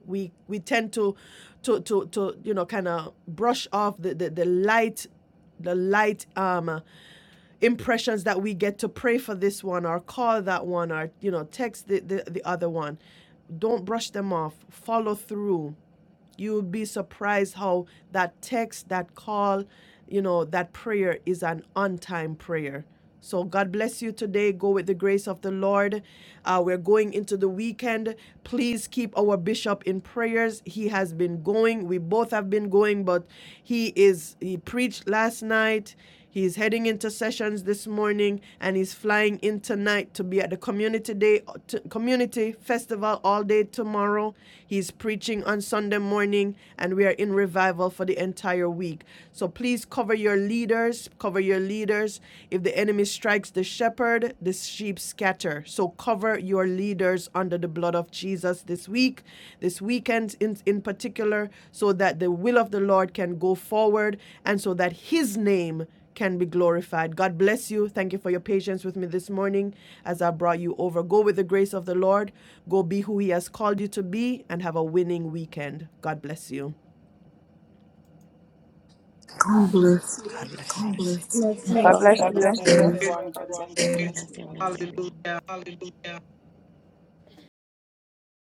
we we tend to to to, to you know kind of brush off the, the the light the light um impressions that we get to pray for this one or call that one or you know text the the, the other one don't brush them off follow through you will be surprised how that text, that call, you know, that prayer is an on time prayer. So God bless you today. Go with the grace of the Lord. Uh, we're going into the weekend. Please keep our bishop in prayers. He has been going. We both have been going, but he is he preached last night. He's heading into sessions this morning and he's flying in tonight to be at the community day t- community festival all day tomorrow. He's preaching on Sunday morning and we are in revival for the entire week. So please cover your leaders, cover your leaders. If the enemy strikes the shepherd, the sheep scatter. So cover your leaders under the blood of Jesus this week, this weekend in, in particular, so that the will of the Lord can go forward and so that his name can be glorified. God bless you. Thank you for your patience with me this morning as I brought you over. Go with the grace of the Lord. Go be who He has called you to be and have a winning weekend. God bless you.
I'm
God bless you.
Bless you. all.
God
Thank you.
bless
God
God
bless
you.
bless you,
you.
you.
Praise.
everyone. God bless.
God bless everyone.
Hallelujah.